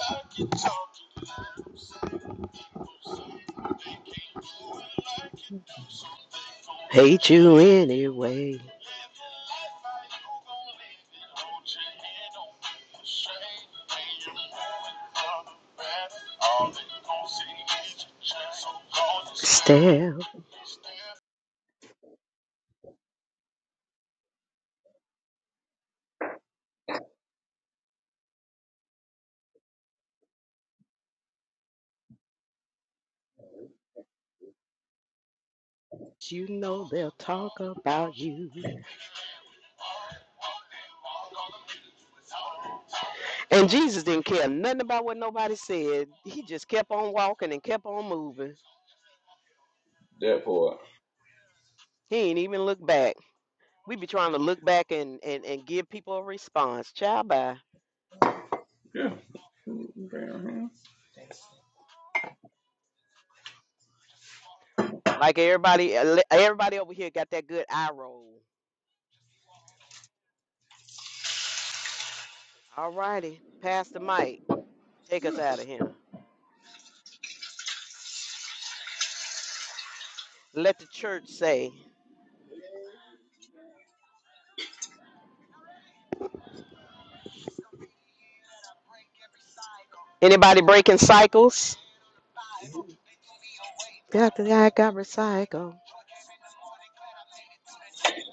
like Hate you anyway. Still, you know they'll talk about you. And Jesus didn't care nothing about what nobody said. He just kept on walking and kept on moving. That part. He ain't even look back. We be trying to look back and, and, and give people a response. Child by. Yeah. Like everybody ele- everybody over here got that good eye roll. All righty. Pass the mic. Take us out of here. Let the church say. Anybody breaking cycles? Got the guy got recycled.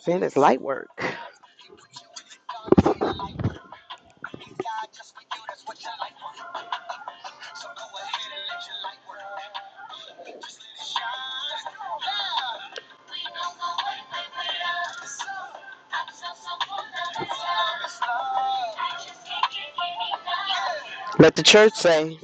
Man, it's light work. [laughs] Let the church say,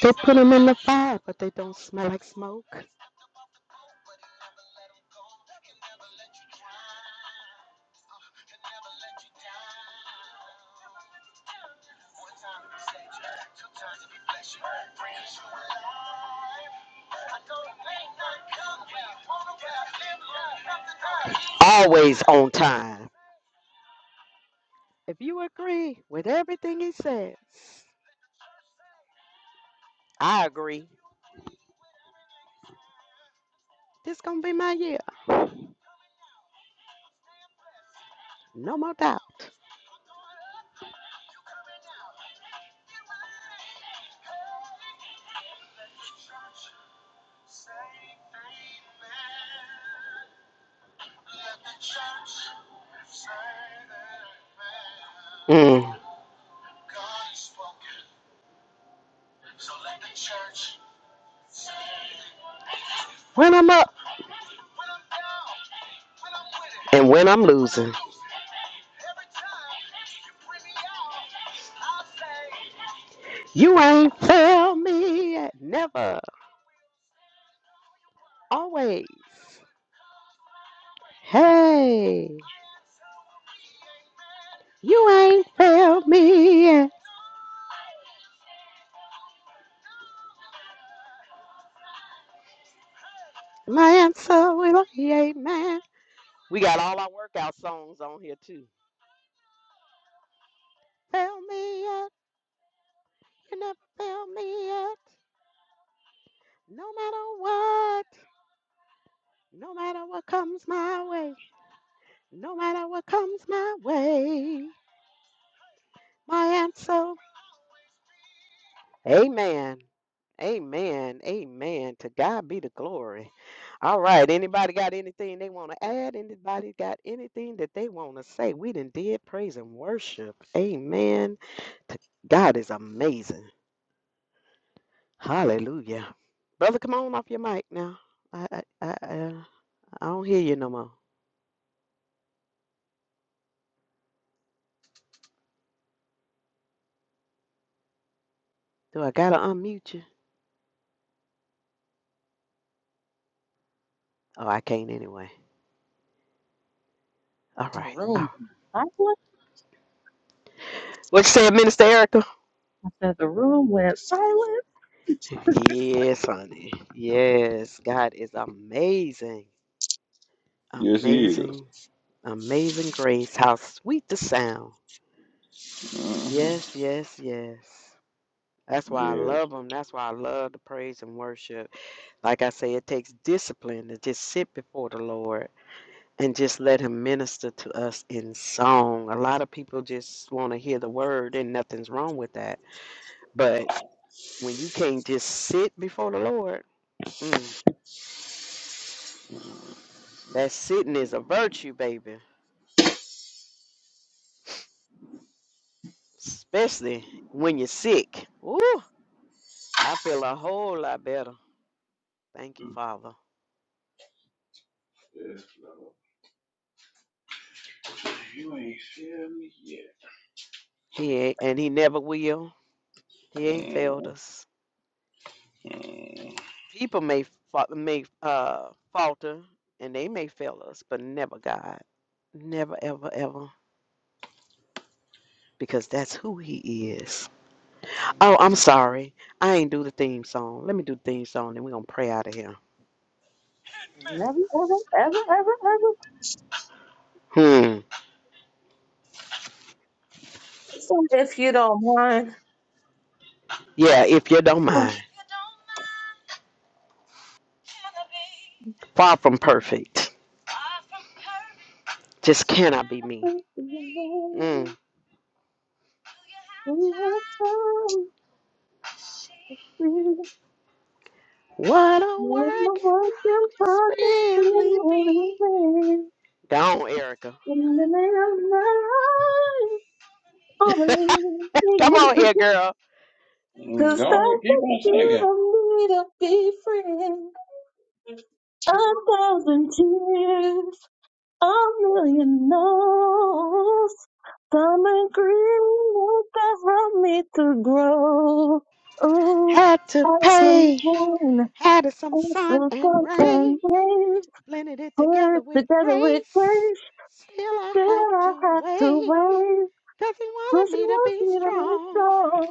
They put them in the fire, but they don't smell like smoke. always on time. If you agree with everything he says, I agree. this gonna be my year. No more doubt. Mm. When I'm up, And when I'm losing, you ain't failed me yet. Never. Always. Hey, you ain't failed me yet. My answer will be amen. We got all our workout songs on here too. Fail me yet. You never failed me yet. No matter what. No matter what comes my way. No matter what comes my way. My answer Amen. Amen. Amen. To God be the glory. All right. Anybody got anything they want to add? Anybody got anything that they want to say? We done did praise and worship. Amen. To God is amazing. Hallelujah. Brother, come on off your mic now. I I I, I, I don't hear you no more. Do I gotta unmute you? Oh, I can't anyway. All The right. room. Oh. I went, silent. What you said, Minister Erica? I said the room went silent. Yes, honey. Yes, God is amazing. Yes, he is. Amazing, amazing grace. How sweet the sound. Mm-hmm. Yes, yes, yes. That's why I Yes. love them. That's why I love the praise and worship. Like I say, it takes discipline to just sit before the Lord and just let Him minister to us in song. A lot of people just want to hear the word, and nothing's wrong with that. But when you can't just sit before the Lord, mm, that sitting is a virtue, baby. Especially when you're sick. Ooh, I feel a whole lot better. Thank you, Father. Yes, Lord. You ain't feel me yet. He ain't, and he never will. He ain't failed us. Mm-hmm. People may fa- may uh, falter and they may fail us, but never God. Never, ever, ever. Because that's who he is. Oh, I'm sorry. I ain't do the theme song. Let me do the theme song and we're going to pray out of here. I never, ever, ever, ever, ever. Hmm. So if you don't mind. Yeah, if you don't [laughs] mind. Far from perfect. Just cannot be me. Mm. We have time. What a Wanna work work your it's pocket really cool every day. Gone, Erica. In the name of my life, Come on only. here, girl. [laughs] Cause Go on, that's keep what on you do me need to be free. A thousand tears, a million no's. Some agreement that helped me to grow. Ooh, Had to that's some pay. pain, Had it some that's sun some and fun rain. and pain. Blended it together Work with together with grace. grace. Still I Still have I to have to wait. wait? 'Cause he When wanted she me to wants be me to be strong. strong.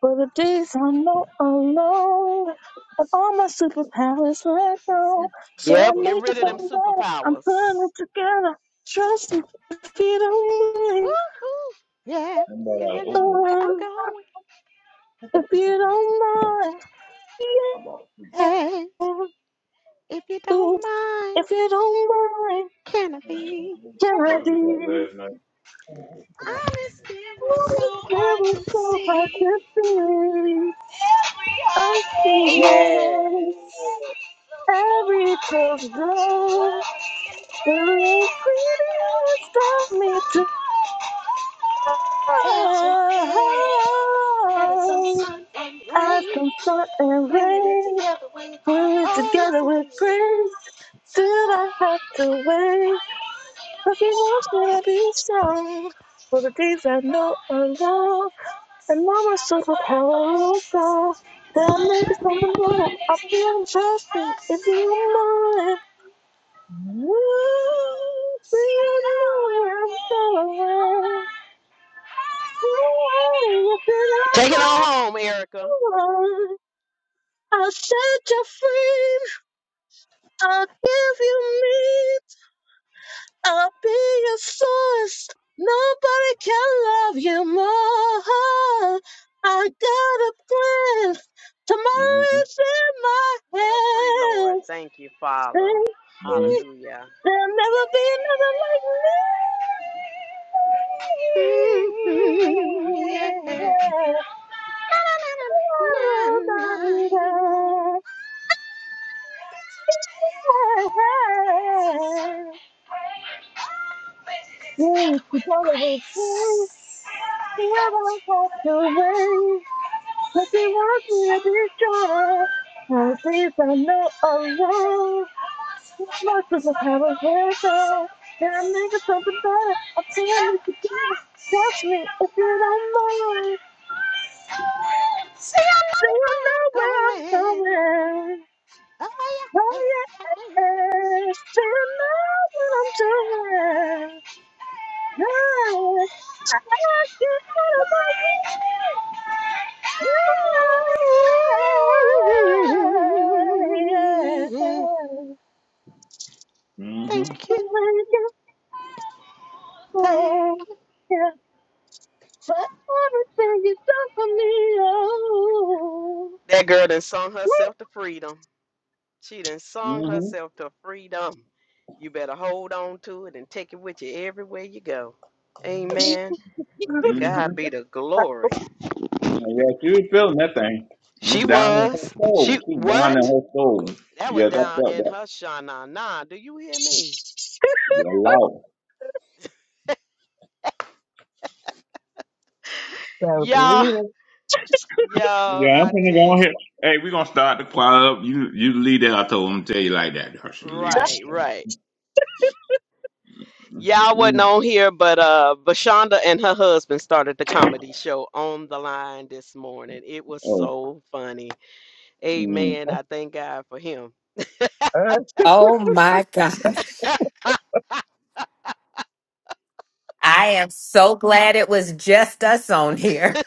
For the days I'm not alone. And all my superpowers right now. So I Yep, get make rid it of singing. them all better. I'm putting it superpowers. together. Trust me, if you don't mind. Woohoo! Yeah, I'm about girl, out I of know oatmeal. where I'm Oh, going. if you don't mind. I bought three. Hey, Yeah. if you Ooh, don't mind, if you don't mind. can I be? Can That I be? was like last Ooh, night. never thought I could be. Every Yeah. every closed door will got me to fall. As from sun and rain, we're together with grace. Did I have to wait? Cause you want me to be strong. For the days I know are long, and mama showed up how I go. There may be something that I'm up to, trust me if you don't mind. You going Take it on home, Erica. you I'll set you free. I'll give you meat. I'll be your source. Nobody can love you more. I got a plan. Tomorrow Mm-hmm. is in Get her free, my Lord. hands. Thank you, Father. Mm-hmm. Hallelujah. [laughs] There'll never be another like me. Mhm, yeah. Na, Mm-hmm. na, na, na, na. You together with me, never have to wait. If wants me to be strong, How least I know alone. No more superpowers left out. Then I'm making something better. I promise you can. Touch me if you don't mind. Then I Where I'm know where going. I'm going. Oh, yeah. Oh yeah, still know what I'm doing. Yeah, I get out of my way. Yeah, yeah, yeah. Thank Mm-hmm. you. Thank For everything you done for me, oh. That girl that sung herself to freedom. She done sung herself to freedom. You better hold on to it and take it with you everywhere you go. Amen. To [laughs] God Mm-hmm. be the glory. Yeah, she was feeling that thing. She I'm down in her was. She soul. She's down in what? her soul. That was Yeah, that's that down felt in that. her shana. Nah, do you hear me? Yeah, loud. So Y'all, believe it. Yeah, y'all, I'm I finna go tell on here. you. Hey, we're gonna start the choir up. You you lead that. I told him to tell you like that. I should lead Right, right. that. Y'all wasn't Mm. on here, but uh Vashonda and her husband started the comedy show on the line this morning. It was Oh. so funny. Mm. Amen. I thank God for him. Oh my God. I am so glad it was just us on here. [laughs]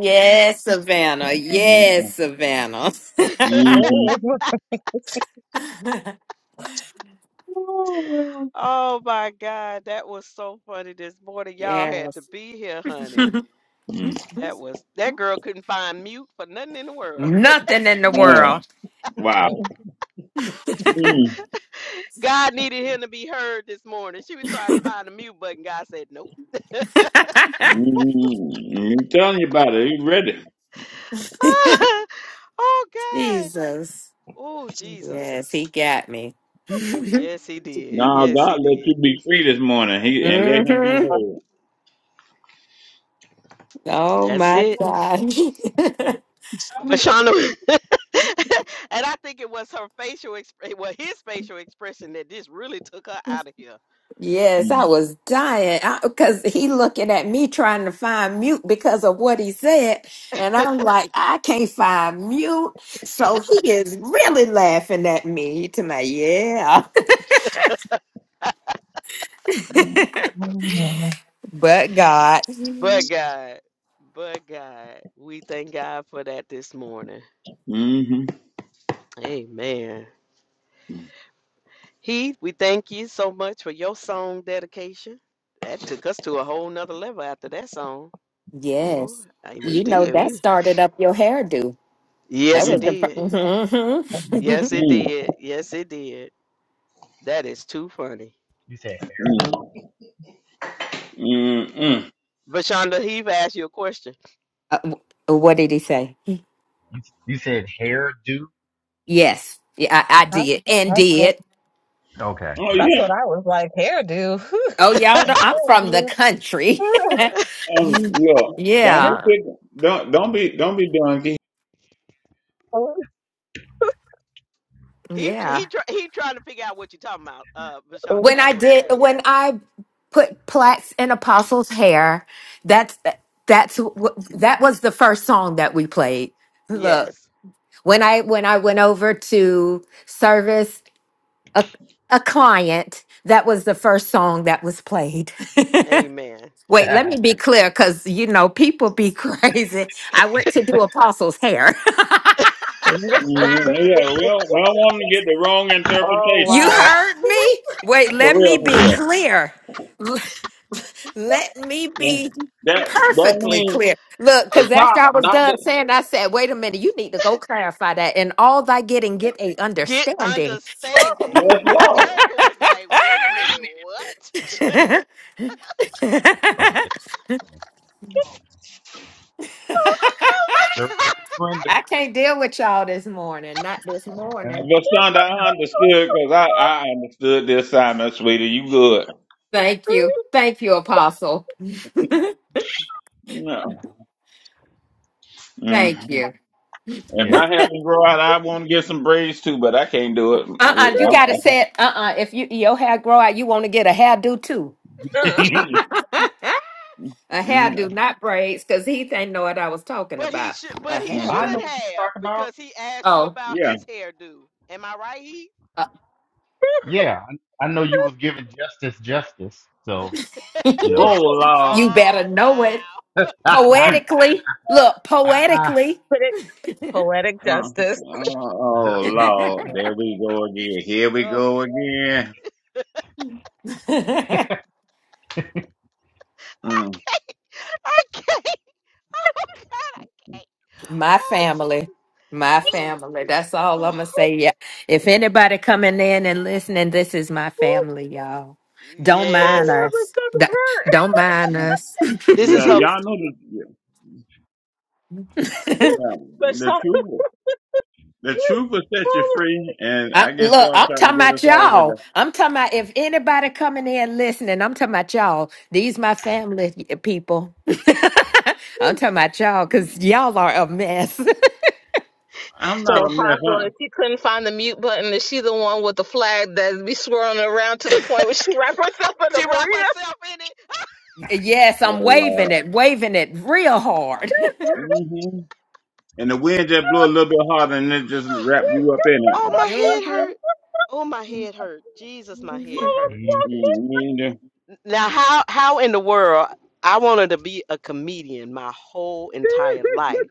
Yes, Savannah. Yes, Mm. Savannah. [laughs] Mm. [laughs] [laughs] Oh my God, that was so funny this morning. Y'all had to yes. [laughs] be here, honey. Mm. That was that girl couldn't find mute for nothing in the world. Nothing in the Mm. world. Oh, Oh. Wow. [laughs] God needed him to be heard this morning. She was trying to find the mute button. God said, Nope. [laughs] Mm, I'm telling you about it. He ready. [laughs] oh God. Jesus. Oh Jesus. Yes, he got me. [laughs] Yes, he did. Now Yes, God he let did. you be free this morning. He and let him be hmm Mm, heard. oh That's my it. God. But Shauna, [laughs] [laughs] and I think it was her facial expression, well, his facial expression that just really took her out of here [laughs] yes, I Mm, was dying because he looking at me trying to find mute because of what he said. And I'm like, I can't find mute. So he is really laughing at me to my, yeah, mm, [laughs] but God. But God, but God, we thank God for that this morning. mm-hmm. Amen. Heath, we thank you so much for your song dedication. That took us to a whole nother level after that song. Boy, Yes. I- we You know, did. that We started up your hairdo. That yes, it was the. did. Mhm. Yes, it Mm, did. Yes, it did. That is too funny. You said mm, hairdo? mm, mm, mm. Vashonda, Heath asked you a question. [laughs] uh, w- what did he say? You, you said hairdo? [laughs] Yes. Yeah, I, I That's did. And that's what did. Okay. Oh that's Uh, yeah. what I was like. Hairdo, [laughs] Oh, y'all, know I'm from the hairdo. country. [laughs] Um. Yeah. Don't be yeah. pick. Don't don't be don't be donkey. He Yeah. he try, he trying to figure out what you're talking about. Uh, Vashonda, When I that's what he did, asked. when I put plaits in Apostle's hair, that's, uh, that's, wh- that was the first song that we played. Look, Yes. when I, when I went over to service a a client that was the first song that was played [laughs] Amen. wait let me be clear because you know people be [laughs] crazy i went to do apostles hair Mm, yeah. We don't, we don't want 'em to get the wrong Oh [laughs] you interpretation. wow! heard me wait For let me real. For be real. clear L- let me Yeah. be That that perfectly means clear look the because after top, i was not the done saying i said wait a minute you need to go clarify that and all thy getting get a get understanding understanding. yes, Cause Lord. Erica was like, wait a minute, what? [laughs] oh, [laughs] [laughs] the [laughs] Oh my service god. rendered. I can't deal with y'all this morning. Not this Yeah. morning. Vasanda, I understood because I, I understood the assignment, sweetie. You good. Thank you. Thank you, Apostle. No. Thank Mm. you. If yeah. my hair can grow out, I want to get some braids too, but I can't do it. Uh-uh. You gotta It- say it. Uh-uh. If you your hair grow out, you want to get a hairdo too. [laughs] I- [laughs] a Mm, hairdo, not braids, because Heath ain't know what I was talking But he about. should A but he mm. should I know hairdo. what you talk have about. because he asked you Oh, about yeah. his hairdo. Am I right, he? uh, Yeah. I, I know you was giving justice justice. So, you know. Oh, Lord. you better Oh know it wow. [laughs] [laughs] ah, [laughs] poetically. Look, poetically. Put it poetic Uh, justice. oh, justice. Lord. There we go again. Here we Ugh. go again. [laughs] I Mm. can't I can't. [laughs] Oh god, I can't. My Oh family. Jesus. My Oh, family. That's all I'm gonna oh. say. Yeah. If anybody coming in and listening, this is my Oh family, y'all. Don't mind Yes. Lord, my us. D- stomach Don't mind us. [laughs] This is Yeah, her y'all know the, yeah, hurt. But so, the truth. The truth will set you free, and I, I guess look, y'all I'm trying talking to get us about all y'all. with I'm talking about if anybody coming in listening, I'm talking about y'all. These my family people. [laughs] I'm talking about y'all because the. y'all are a mess. I'm so not a mess, huh? apostle, if she couldn't find the mute button, is she the one with the flag that be swirling around to the point where she wrapped herself in a she wrapped burrito? herself in it. [laughs] yes, Oh, I'm waving Lord. it, waving it real hard. hmm And the wind just blew a little bit harder and it just [gasps] wrapped [laughs] you up in Oh, oh, it. my head [laughs] hurt. Oh, my head hurt. Jesus, my hmm head hurt. Mm-hmm. Now, how how in the world I wanted to be a comedian my whole entire life.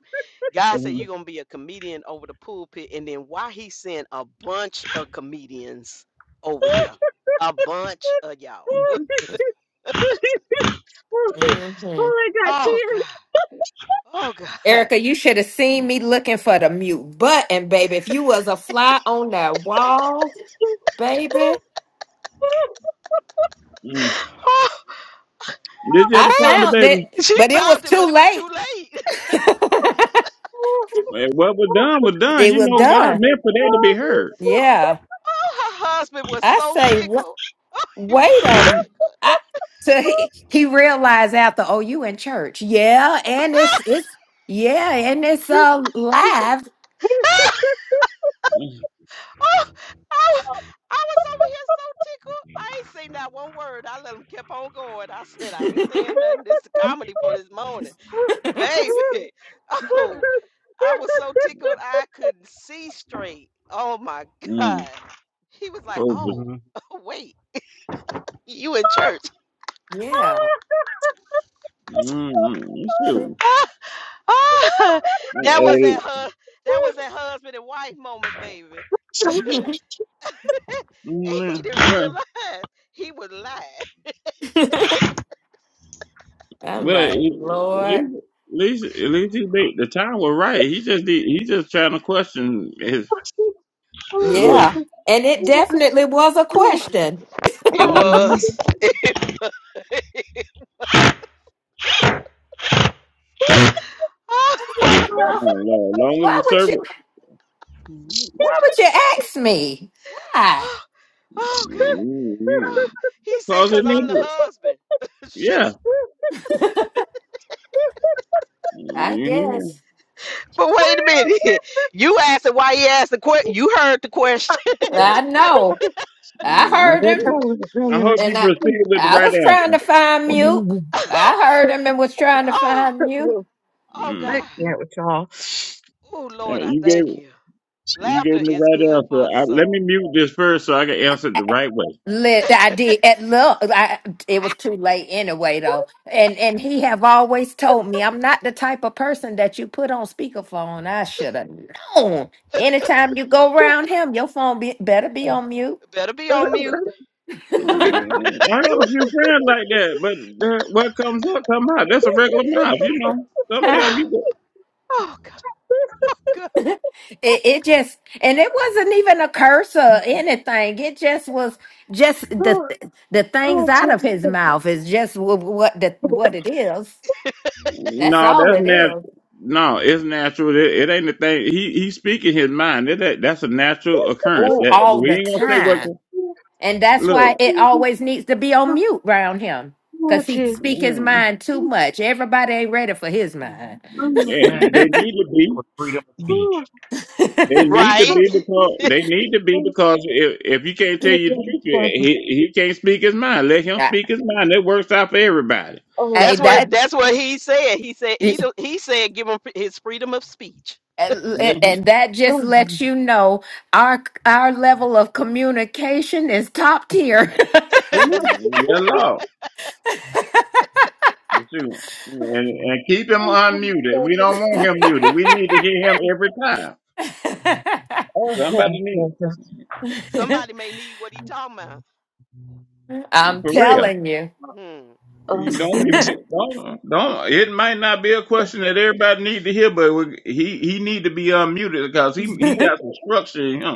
God said Mm-hmm. you're gonna be a comedian over the pulpit, and then why he sent a bunch of comedians over here, oh, a bunch of y'all. hmm I got Oh God, tears. oh God, Erica, you should have seen me looking for the mute button, baby. If you was a fly on that wall, baby, [laughs] Mm-hmm. oh, Did you I ever find the oh. found baby? it, She but it was found it, but too it was late. too late. [laughs] [laughs] Well, What was done was done. it You was know, God done. meant for that to be heard. Yeah, Oh, her husband was I so say, wa- tickled. [laughs] Oh, he was wait a. so m- tickled. I so he, he realized after, oh, you in church? Yeah, and it's it's yeah, and it's uh live. [laughs] Oh, I, I was over here so tickled. I ain't saying not one word. I let him keep on going. I said, I ain't [laughs] saying nothing. This is comedy for this morning. Baby. [laughs] Oh, I was so tickled I couldn't see straight. Oh my Mm-hmm. God. He was like, Oh, but, Oh, Mm-hmm. [laughs] wait, you in church. Yeah, mm-hmm. Shoot. [laughs] Ah, Eh, [laughs] that was eh, that hus- that was that husband and wife moment, baby. [laughs] and he mm, didn't Well, realize he was lying. I'm well, at like, Lord. least, at least he made, the time was right. He just, did- he just trying to question his [gasps] look. Yeah. And it definitely was a question. It oh, Mm-hmm. was. [laughs] It was. Jesus. oh, I'm like, Oh, girl, Oh, Lord. Long as why the would you servant. why would you ask me? Why? oh, God. Mm-hmm. Oh, he said, Cause because it I'm the needed. husband. [laughs] Yeah. Shoot. I hmm guess. But wait a minute. [laughs] You asked it why he asked the question. You heard the question. [laughs] I You- know. I I heard hope him you. I hope and you I proceed with the I right was trying to answer. find mute. [laughs] I heard him and was trying to oh, find mute. oh, Mm. I God. can't with y'all. Oh, Uh, Lord, I you thank gave you. you Laughter gave me the is right good for the answer. I, let me soul. [laughs] mute this first so I can answer it the right way. Lit, I did at look. I, it was too late anyway, though. And and he have always told me I'm not the type of person that you put on speakerphone. I should have known. Anytime you go around him, your phone be, better be on mute. Better be on mute. [laughs] it, Mm. I got a few friends like that, but that, what comes up come out. That's a regular mouth, you Oh, know. [sighs] Sometimes oh, you go. God. Oh, God. Oh. it just and it wasn't even a curse or anything. It just was just the the oh, things out of Jesus. his mouth is just what, what the what it is. That's No, all that's it is. natural. No, it's natural. It, it ain't a thing. He he's speaking his mind. It, that, that's a natural occurrence. Oh, That all we the ain't gonna say time. what. And that's Look. why it always needs to be on mute around him. Oh, Cause he Jesus. speak his Mm. mind too much. Everybody ain't ready for his mind. Oh, my Yeah, Man, they that, need to that be. was freedom of speech. God. [laughs] They need to Right. be because they need to be Oh, because if if you can't tell you the truth, yeah, my God. he he can't speak his mind. Let him I, speak his mind. That works out for everybody. Oh, I- That's what that that's what he said. He said he do- he said give him his freedom of speech. Mm-hmm. and that just lets you know our our level of communication is top tier. oh, Yeah, Lord. You see. And, and keep him unmuted. We don't want [laughs] him muted. We need to hear him every time. Somebody need Somebody may need what he talking about. I'm for real. telling you. Hmm. You Don't [laughs] mute it. Don't don't. It might not be a question that everybody need to hear, but we, he he need to be unmuted because he he got some structure in him.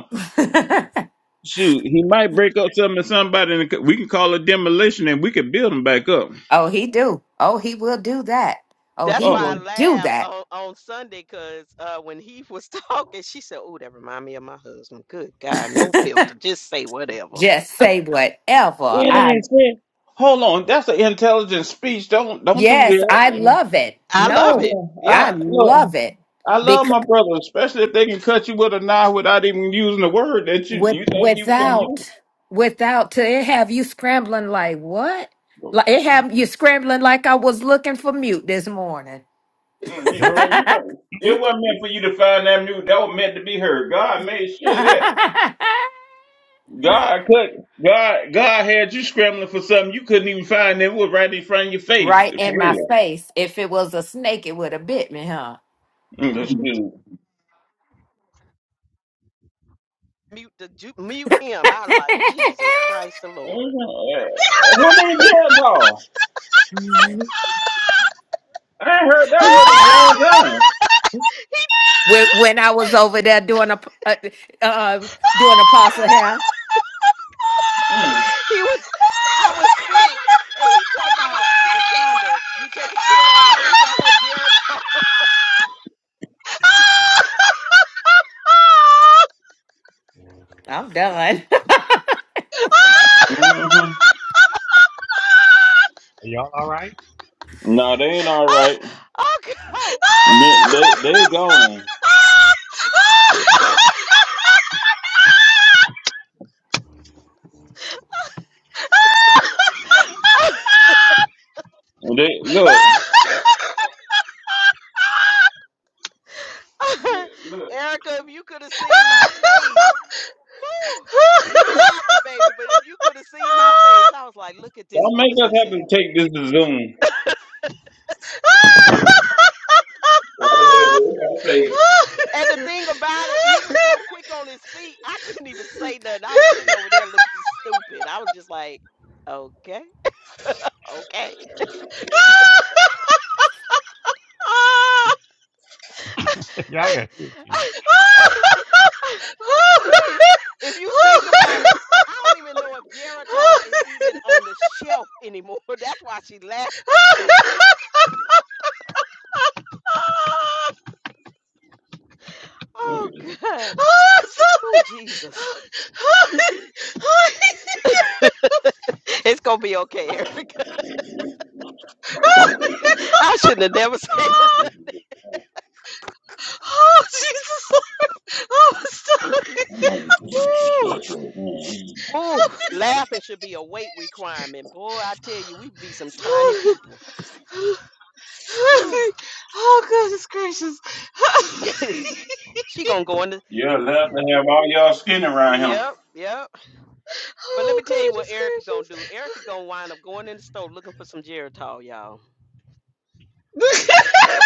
Shoot, he might break up something to somebody, and we can call it demolition, and we can build him back up. oh, he do. Oh, he will do that. Oh, That's he Oh, why will I do laughed that. on, on Sunday because uh, when he was [laughs] talking, she said, "Oh, that remind me of my husband." Good God, [laughs] no filter, just say whatever. just say whatever. it I ain't fair. Hold on, that's an intelligent speech. Don't don't do yes, I that. love it. I love No, it. Yeah, I I Yeah, look. love it I love because my brother, especially if they can cut you with a knife without even using the word that you with you think you can use. without without to it have you scrambling like what? Like it have you scrambling like I was looking for mute this morning. Mm, you- bro, Yup. [laughs] you got- It wasn't meant for you to find that new. That was meant to be heard. God made sure of that. God could God God had you scrambling for something you couldn't even find that was right in front of your face. right For in my real. face. If it was a snake, it would have bit me, huh? Mm, that's [laughs] true. mute the ju- mute him. I like Jesus Christ the Lord. Mhm. Uh, Who named Jericho? I ain't heard that word in a long [laughs] time. he, when wha- when I was over there doing a uh, uh, doing apostle hair. Mm. he was I was sick, and he talking about oh, Vashonda. You taking care of her? You got her Geritol. I'm done. [laughs] hmm [laughs] Are y'all all right? No, they ain't [laughs] all oh right. oh God. They they, they gone. [laughs] They look. Yeah, [laughs] look. Erica, if you could have seen my face, woo, you laughing, baby. But if you could have seen my face, I was like, look at this Don't make us foolishness have here. to take this to Zoom. And the thing about it, he was so quick on his feet, I couldn't even say nothing. I was sitting over there looking stupid. I was just like, okay, okay. [laughs] y'all got to you. [laughs] Woo. If you think about it, I don't even know if Geritol is even on the shelf anymore. [laughs] That's why she laughing so hard. Oh, God. Oh, Jesus. [laughs] it's going to be okay, Eric. Thank [laughs] I shouldn't have never said it. Oh, Jesus. Oh, I'm sorry. Ooh, ooh, laughing should be a weight requirement. Boy, I tell you, we be some tiny people. Ooh. Oh, goodness gracious. [laughs] [laughs] she gonna go in the You'll love to have all y'all skin around him. Yep, yep. But let Oh, me tell you what goodness Erica gonna do. Erica gonna wind up going in the store looking for some Geritol, y'all. gracious. [laughs]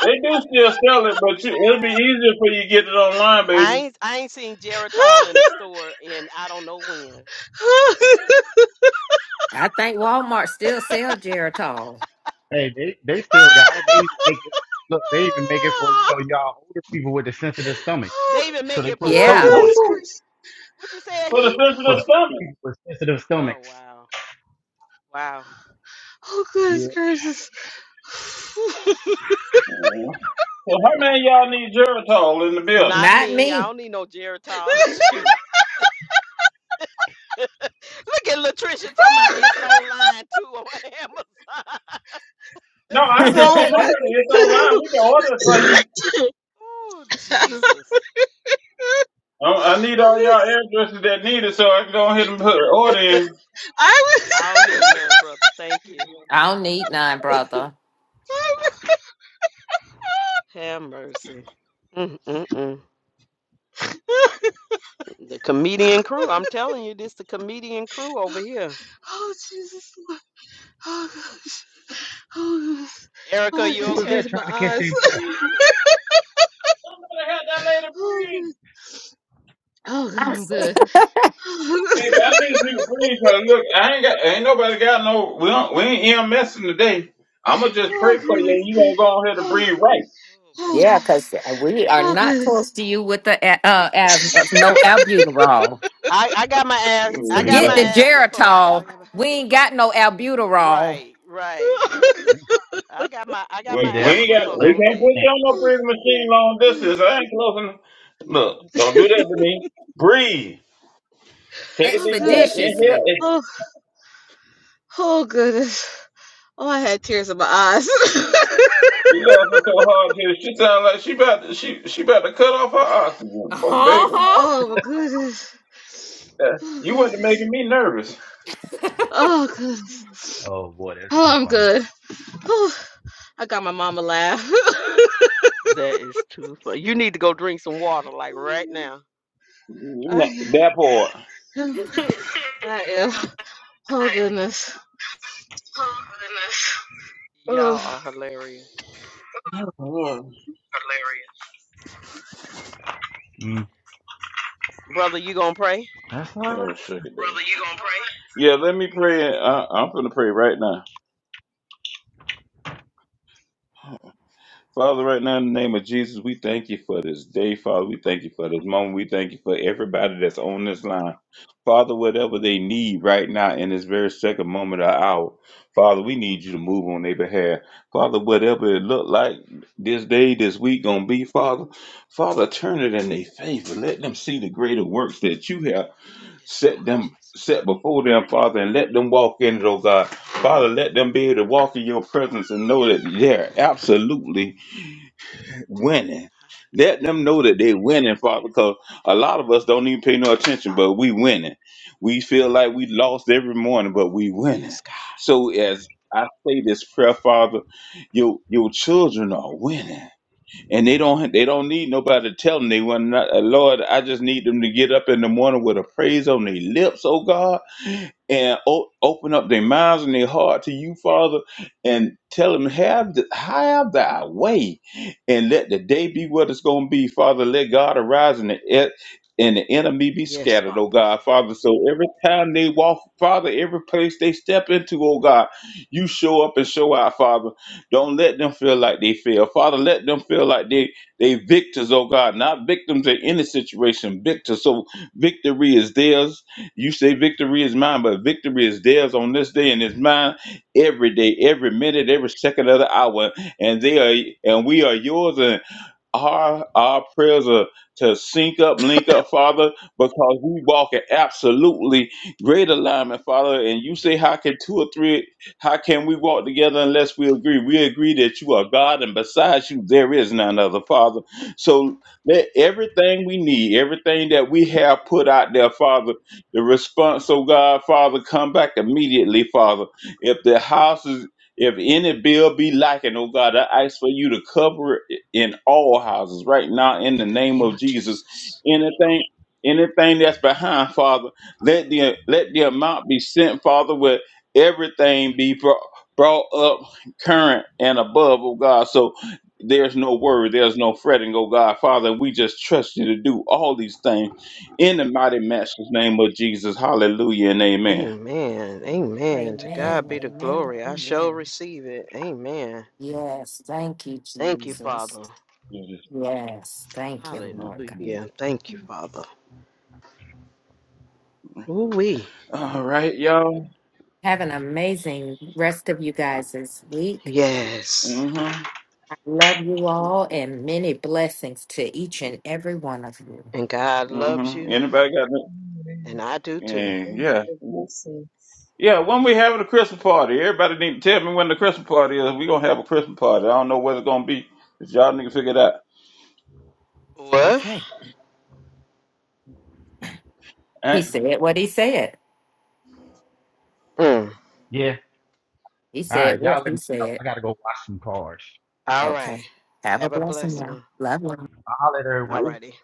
They do still sell it, but you, it'll be easier for you to get it online, baby. I ain't I ain't seen Oh Geritol in the store in I don't know when. I think Walmart still sell Geritol. Hey, they, they still got it. They even make it. Look, they even make it for, you know, y'all older people with the sensitive stomachs. They even So make they it put for a what? Yeah, coating on. goodness Ooh, gracious! What you say, for the he? for sensitive the stomach. people with sensitive Oh stomachs. wow. Wow. Oh goodness Yeah. gracious! [laughs] Yeah. So how many of y'all need Geritol in the building? Not not me. I me. don't need no Geritol. [laughs] Shoot. [laughs] Look at Latricia talking about it's online too on [laughs] Amazon. No, [laughs] I said oh that I my! earlier. It's online. We goodness. can order it [laughs] for you. oh, Jesus. I, I need all y'all addresses that need it so I can go ahead and put an order in. I was. I don't need [laughs] none, brother. Thank you. don't need none, [laughs] brother. Have mercy. Mm-mm-mm. The comedian crew. I'm telling you, this the comedian crew over here. Oh Jesus! Lord. Oh gosh! Oh gosh! Oh Erica, I you got Who is okay? tears that in my trying to catch eyes. their [laughs] breath? Somebody had that lady oh free. good. Oh good. I'm good. [laughs] Nigga, I need you to please man, look. I ain't got ain't nobody got no we don't we ain't EMSing today. I'ma just Oh pray for you goodness. and you gonna go on here to Oh, breathe right. Oh boy. Yeah, oh, because we are oh not close goodness. to you with the a- uh, asthma. No albuterol. I, I got my ass So I you're got Mm, going Forget my to the no. asthma pump. Geritol. I got my, We ain't got no albuterol. right, right. [laughs] I got my I got need my We, to we have a ain't asthma got pump we defibrillator on can't deck. on put hand. you on no breathing machine long distance. I ain't close enough. Look, don't do that to me. Breathe. Take a oh deep goodness. breath. Inhale. Expeditiously. Ex- Oh, oh goodness. Oh, I had tears in my eyes. She laughing so hard here. She sound like she about to, she she about to cut off her oxygen. Oh [laughs] baby. Uh-huh. oh my goodness. That- Oh You wasn't goodness. making me nervous. Oh goodness. Oh, boy, that's Oh, too I'm funny. good. Oh, I got my mama laugh. [laughs] That is too funny. You need to go drink some water, like right now. You I not- That part. am. I am. Oh goodness. [laughs] Oh, Y'all are hilarious. Hilarious. Mm, Brother, you gonna pray? that's all Oh, right. shit. Brother, you gonna pray? Yeah, let me pray. I, I'm going to pray right now. Father, right now, in the name of Jesus, we thank you for this day, Father. We thank you for this moment. We thank you for everybody that's on this line. Father, whatever they need right now in this very second moment or hour, Father, we need you to move on their behalf. Father, whatever it look like this day, this week gonna be, Father, Father, turn it in their favor. Let them see the greater works that you have Yes, set Lord them Jesus. set before them, Father, and let them walk in it, oh God. Father, let them be able to walk in your presence and know that they're absolutely winning. Let Hallelujah. them know that they're winning, Father, because a lot of us don't even pay no attention, but we winning. We feel like we lost every morning, but we winning. Yes, God. So as I say this prayer, Father, your your children are winning and they don't they don't need nobody to tell them they want not uh, Lord. I just need them to get up in the morning with a praise on their lips, oh God and o- open up their minds and their heart to you, Father, and tell them have th- have thy way, and let the day be what it's going to be, Father. Let God arise and the e- and the enemy be Yes, scattered, oh Father. God, Father. So every time they walk, Father, every place they step into, oh God, you show up and show out, Father. Don't let them feel like they fail, Father. Let them feel like they they victors, oh God, not victims in any situation, victors. So victory is theirs you say victory is mine, but victory is theirs on this day and it's mine every day, every minute, every second of the hour. And they are and we are yours. Our, our prayers are to sync up, link up, Father, because we walk in absolutely great alignment, Father. And you say, how can two or three, how can we walk together unless we agree? We agree that you are God, and besides you, there is none other, Father. So let everything we need, everything that we have put out there, Father, the response, oh God, Father, come back immediately, Father. If the house is if any bill be lacking, oh God, I ask for you to cover it in all houses right now in the In the name name of of Jesus. Jesus. Anything anything that's behind, Father, let the let the amount be sent, Father, where everything be brought brought up current and above, oh God. So there's no worry, there's no fretting, oh God. Father, we just trust you to do all these things in the mighty master's name of Jesus. Hallelujah and amen. Amen. Amen. To God Amen. be the Amen. glory. I shall Amen. receive it. Amen. Yes. Thank you, Thank you, Jesus. Father. Yes. Thank you, Lord. Hallelujah. Thank you, Father. Ooh wee. God. All right, y'all. Have an amazing rest of you guys this week. Yes. Mm-hmm. I love you all and many blessings to each and every one of you. And God loves Mm-hmm. you. Anybody got that? you, Lord. And I do too. Yeah, Thank you for yeah. the blessings. Yeah, when we having a Christmas party, everybody need to tell me when the Christmas party is. We gonna have a Christmas party. I don't know what it's gonna be. If y'all need to figure it out. What? Okay. He And- said what he said. Mm. Yeah. He All said right, what y'all let he me know. said. I got to go watch some cars. All right. Okay. Have a Have a blessing, blessed y'all. one. Love you. I'll holler at everyone Alrighty.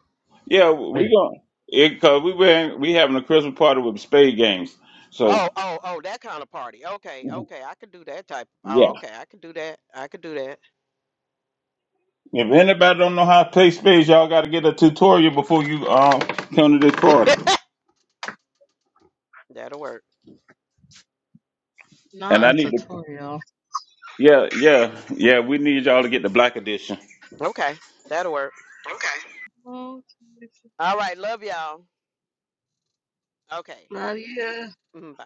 yeah, later. we gonna it, cause we been we having a Christmas party with spade games. So Oh, oh, oh, that kind of party. Okay, okay, I could do that type. yeah, Oh, okay, I could do that. I could do that. if anybody don't know how to play spades, y'all got to get a tutorial before you uh, come to this [laughs] party. That'll work. And not I a need to tutorial. yeah yeah yeah we need y'all to get the black edition. Okay, that'll work. Okay. Oh, All right, love y'all. Okay, love you. mm, bye.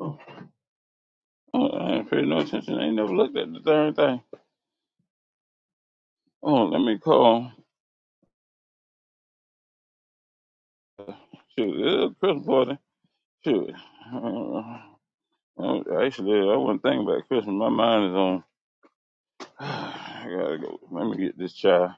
Oh, I ain't paying no attention. I ain't never looked at the darn thing. Oh, let me call. Shoot, yeah, Christmas party. Shoot. Uh, uh, actually, I wasn't thinking about Christmas. My mind is on. [sighs] I gotta go. Let me get this child.